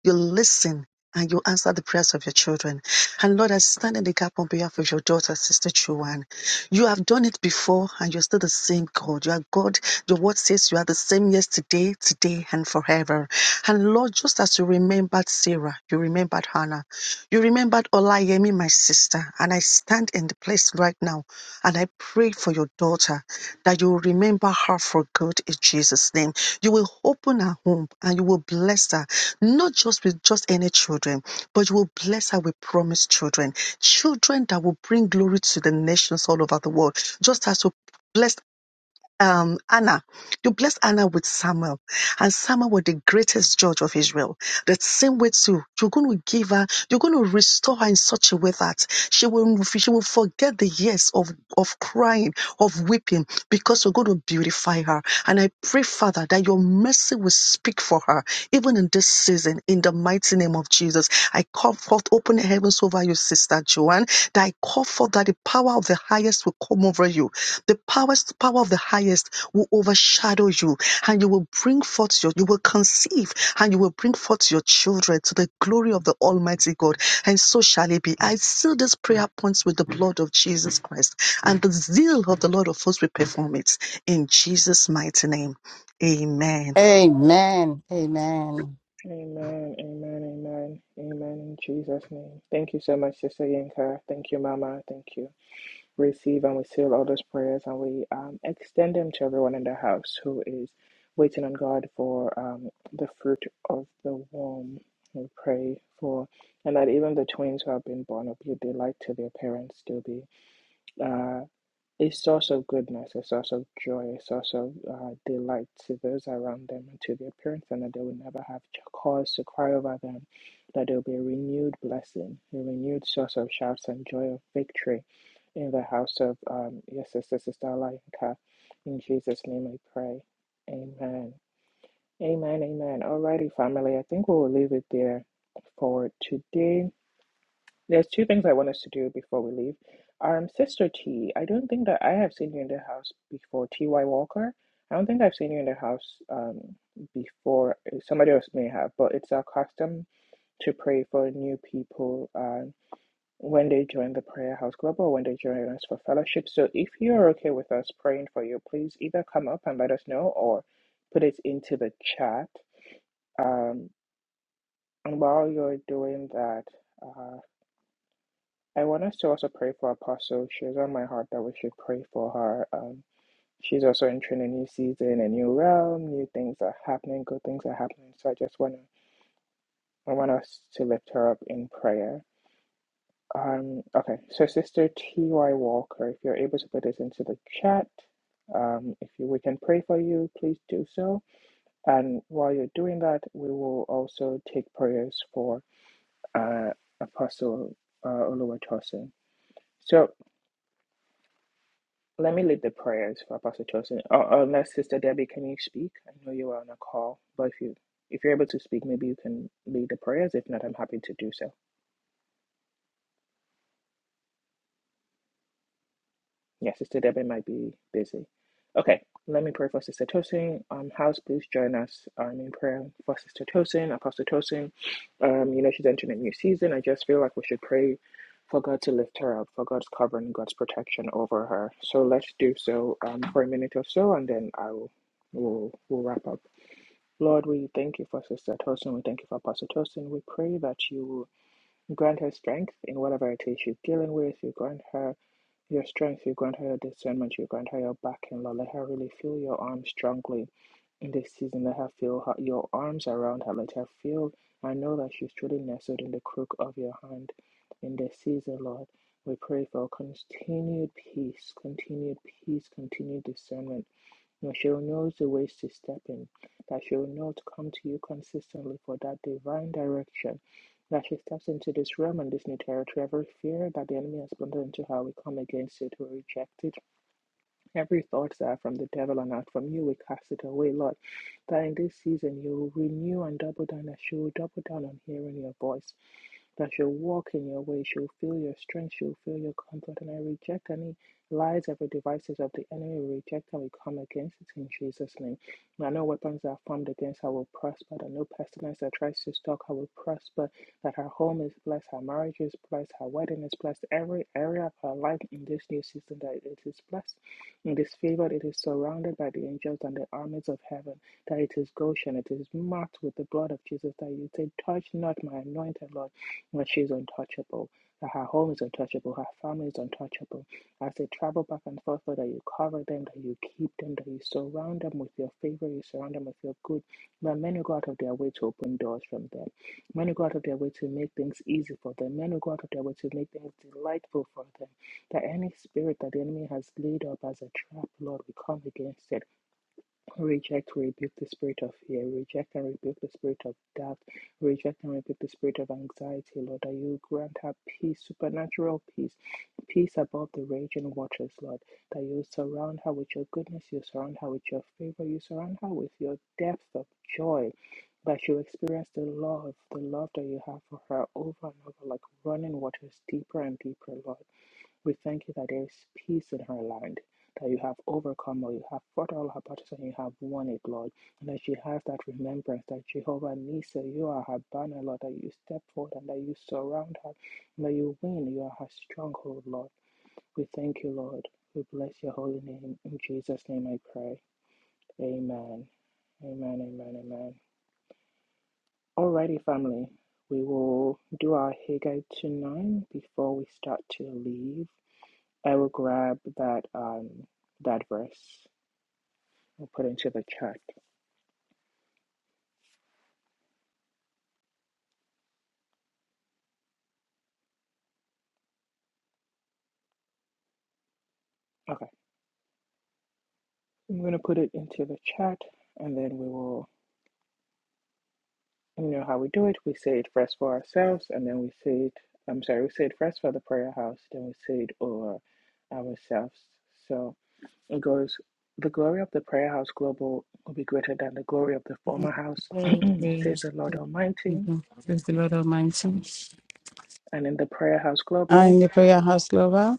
Speaker 7: You listen and you answer the prayers of your children. And Lord, I stand in the gap on behalf of your daughter, Sister Chuan. You have done it before and you're still the same God. You are God. Your word says you are the same yesterday, today, and forever. And Lord, just as you remembered Sarah, you remembered Hannah. You remembered Olayemi, my sister, and I stand in the place right now and I pray for your daughter that you will remember her for good in Jesus' name. You will open her home and you will bless her, not just with just any children, but you will bless her with promised children, children that will bring glory to the nations all over the world, just as you blessed um, Anna. You blessed Anna with Samuel, and Samuel was the greatest judge of Israel. That same way too, you're going to give her, you're going to restore her in such a way that she will, she will forget the years of of crying, of weeping, because you're going to beautify her. And I pray, Father, that your mercy will speak for her, even in this season, in the mighty name of Jesus. I call forth open heavens over you, Sister Joanne. That I call forth that the power of the highest will come over you the powers, power of the highest will overshadow you and you will bring forth your, you will conceive and you will bring forth your children to the glory of the Almighty God. And so shall it be. I seal this prayer points with the blood of Jesus Christ and the zeal of the Lord of hosts will perform it in Jesus' mighty name. Amen.
Speaker 2: Amen. Amen.
Speaker 1: Amen, amen, amen, amen in Jesus' name. Thank you so much, Sister Yinka. Thank you, Mama. Thank you. receive and we seal all those prayers and we um, extend them to everyone in the house who is waiting on God for um, the fruit of the womb. We pray for, and that even the twins who have been born will be a delight to their parents to be. uh, a source of goodness, a source of joy, a source of uh, delight to those around them and to their parents, and that they will never have cause to cry over them, that there will be a renewed blessing, a renewed source of shouts and joy of victory in the house of um, your sister, Sister Alayinka. In Jesus' name I pray. Amen. Amen, amen. Alrighty, family, I think we will leave it there for today. There's two things I want us to do before we leave. Um, Sister T, I don't think that I have seen you in the house before. T.Y. Walker, I don't think I've seen you in the house um, before. Somebody else may have, but it's our custom to pray for new people um, when they join the Prayer House Club or when they join us for fellowship. So if you're okay with us praying for you, please either come up and let us know or put it into the chat. Um, and while you're doing that, uh, I want us to also pray for Apostle. She was on my heart that we should pray for her. Um, she's also entering a new season, a new realm, new things are happening, good things are happening. So I just want to, I want us to lift her up in prayer. Um, okay, so Sister T.Y. Walker, if you're able to put this into the chat, um, if you, we can pray for you, please do so. And while you're doing that, we will also take prayers for uh, Apostle uh, Oluwatosin. So Let me lead the prayers for Apostle Chosen. Uh, unless Sister Debbie, can you speak? I know you are on a call, but if you if you're able to speak, maybe you can lead the prayers. If not, I'm happy to do so. Yeah, Sister Debbie might be busy. Okay, let me pray for Sister Tosin. Um, house, please join us um, in prayer for Sister Tosin, Apostle Tosin. Um, you know she's entering a new season. I just feel like we should pray for God to lift her up, for God's covering, God's protection over her. So let's do so um, for a minute or so, and then I will we will we will wrap up. Lord, we thank you for Sister Tosin. We thank you for Pastor Tosin. We pray that you will grant her strength in whatever it is she's dealing with. You grant her your strength. You grant her your discernment. You grant her your backing, Lord. Let her really feel your arms strongly in this season. Let her feel her, your arms around her. Let her feel and know that she's truly nestled in the crook of your hand in this season, Lord. We pray for continued peace, continued peace, continued discernment and she'll know the ways to step in, that she'll know to come to you consistently for that divine direction. That she steps into this realm and this new territory, every fear that the enemy has planted into her, we come against it, we reject it Every thought that are from the devil and not from you, we cast it away, Lord. That in this season you will renew and double down, that you will double down on hearing your voice, that you'll walk in your way. you'll feel your strength, you'll feel your comfort. And I reject any lies, every devices of the enemy, we reject and we come against it in Jesus' name. That no weapons that are formed against I will prosper, that no pestilence that tries to stalk I will prosper, that her home is blessed, Her marriage is blessed, Her wedding is blessed, every area of her life in this new season that it is blessed. In this favor, it is surrounded by the angels and the armies of heaven. That it is Goshen, it is marked with the blood of Jesus. That you say, Touch not my anointed Lord, but she is untouchable. That her home is untouchable, her family is untouchable. As they travel back and forth, Lord, that you cover them, that you keep them, that you surround them with your favor, you surround them with your good. That men who go out of their way to open doors from them. Men who go out of their way to make things easy for them. Men who go out of their way to make things delightful for them that any spirit that the enemy has laid up as a trap, Lord, we come against it. Reject, rebuke the spirit of fear. Reject and rebuke the spirit of doubt. Reject and rebuke the spirit of anxiety, Lord, that you grant her peace, supernatural peace, peace above the raging waters, Lord, that you surround her with your goodness, you surround her with your favor, you surround her with your depth of joy. That you experience the love, the love that you have for her over and over, like running waters deeper and deeper, Lord we thank you that there is peace in her land, that you have overcome or you have fought all her battles and you have won it, Lord. And that she has that remembrance that Jehovah Nisa, you are her banner, Lord, that you step forward and that you surround her, and that you win, you are her stronghold, Lord. We thank you, Lord. We bless your holy name. In Jesus' name I pray. Amen. Amen, amen, amen. Alrighty, family. We will do our Haggai 2 9 before we start to leave. I will grab that um that verse. I'll put it into the chat. Okay. I'm gonna put it into the chat and then we will you know how we do it. We say it first for ourselves and then we say it I'm sorry, we say it first for the prayer house, then we say it over ourselves. So it goes the glory of the prayer house global will be greater than the glory of the former house,
Speaker 2: Glory
Speaker 1: says the Lord Almighty.
Speaker 2: Praise the Lord Almighty.
Speaker 1: And in the prayer house global,
Speaker 2: And the prayer house, lover,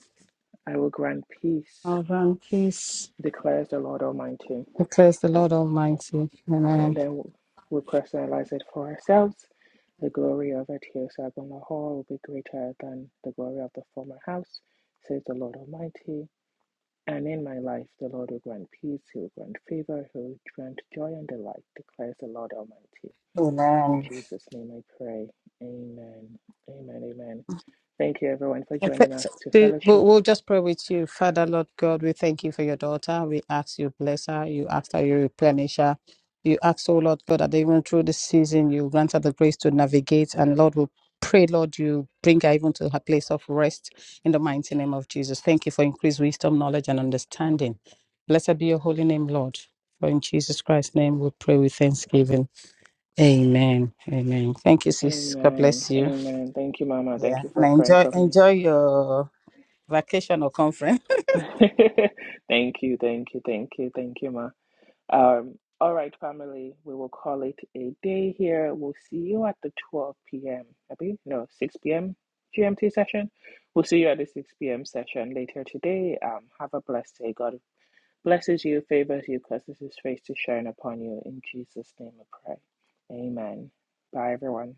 Speaker 1: I will grant peace,
Speaker 2: our grand peace
Speaker 1: declares the Lord Almighty.
Speaker 2: declares the Lord Almighty. Amen.
Speaker 1: And then we personalize it for ourselves. The glory of it here, Sabona Hall, will be greater than the glory of the former house, says the Lord Almighty. And in my life, the Lord will grant peace, He will grant favor, He will grant joy and delight, declares the Lord Almighty. In
Speaker 2: Amen.
Speaker 1: Jesus' name I pray. Amen. Amen. Amen. Thank you, everyone, for
Speaker 2: Okay,
Speaker 1: joining
Speaker 2: so
Speaker 1: us to
Speaker 2: do- We'll
Speaker 1: fellowship.
Speaker 2: we'll just pray with you. Father, Lord God, we thank you for your daughter. We ask you bless her. You ask that you replenish her. You ask, oh Lord God, that even through this season, you grant her the grace to navigate. And Lord, we pray, Lord, you bring her even to her place of rest in the mighty name of Jesus. Thank you for increased wisdom, knowledge, and understanding. Blessed be your holy name, Lord. For in Jesus Christ's name, we pray with thanksgiving. Amen. Amen. Thank you, sis. God
Speaker 1: Amen.
Speaker 2: bless you.
Speaker 1: Amen. Thank you, Mama. Thank
Speaker 2: Yeah,
Speaker 1: you
Speaker 2: and
Speaker 1: for praying
Speaker 2: enjoy
Speaker 1: for me.
Speaker 2: enjoy your vacation or conference.
Speaker 1: thank you. Thank you. Thank you. Thank you, Ma. Um, all right, family, we will call it a day here. We'll see you at the 12 p.m. Abby? No, 6 p.m. GMT session. We'll see you at the 6 p.m. session later today. Um, have a blessed day. God blesses you, favors you, causes his face to shine upon you. In Jesus' name I pray. Amen. Bye, everyone.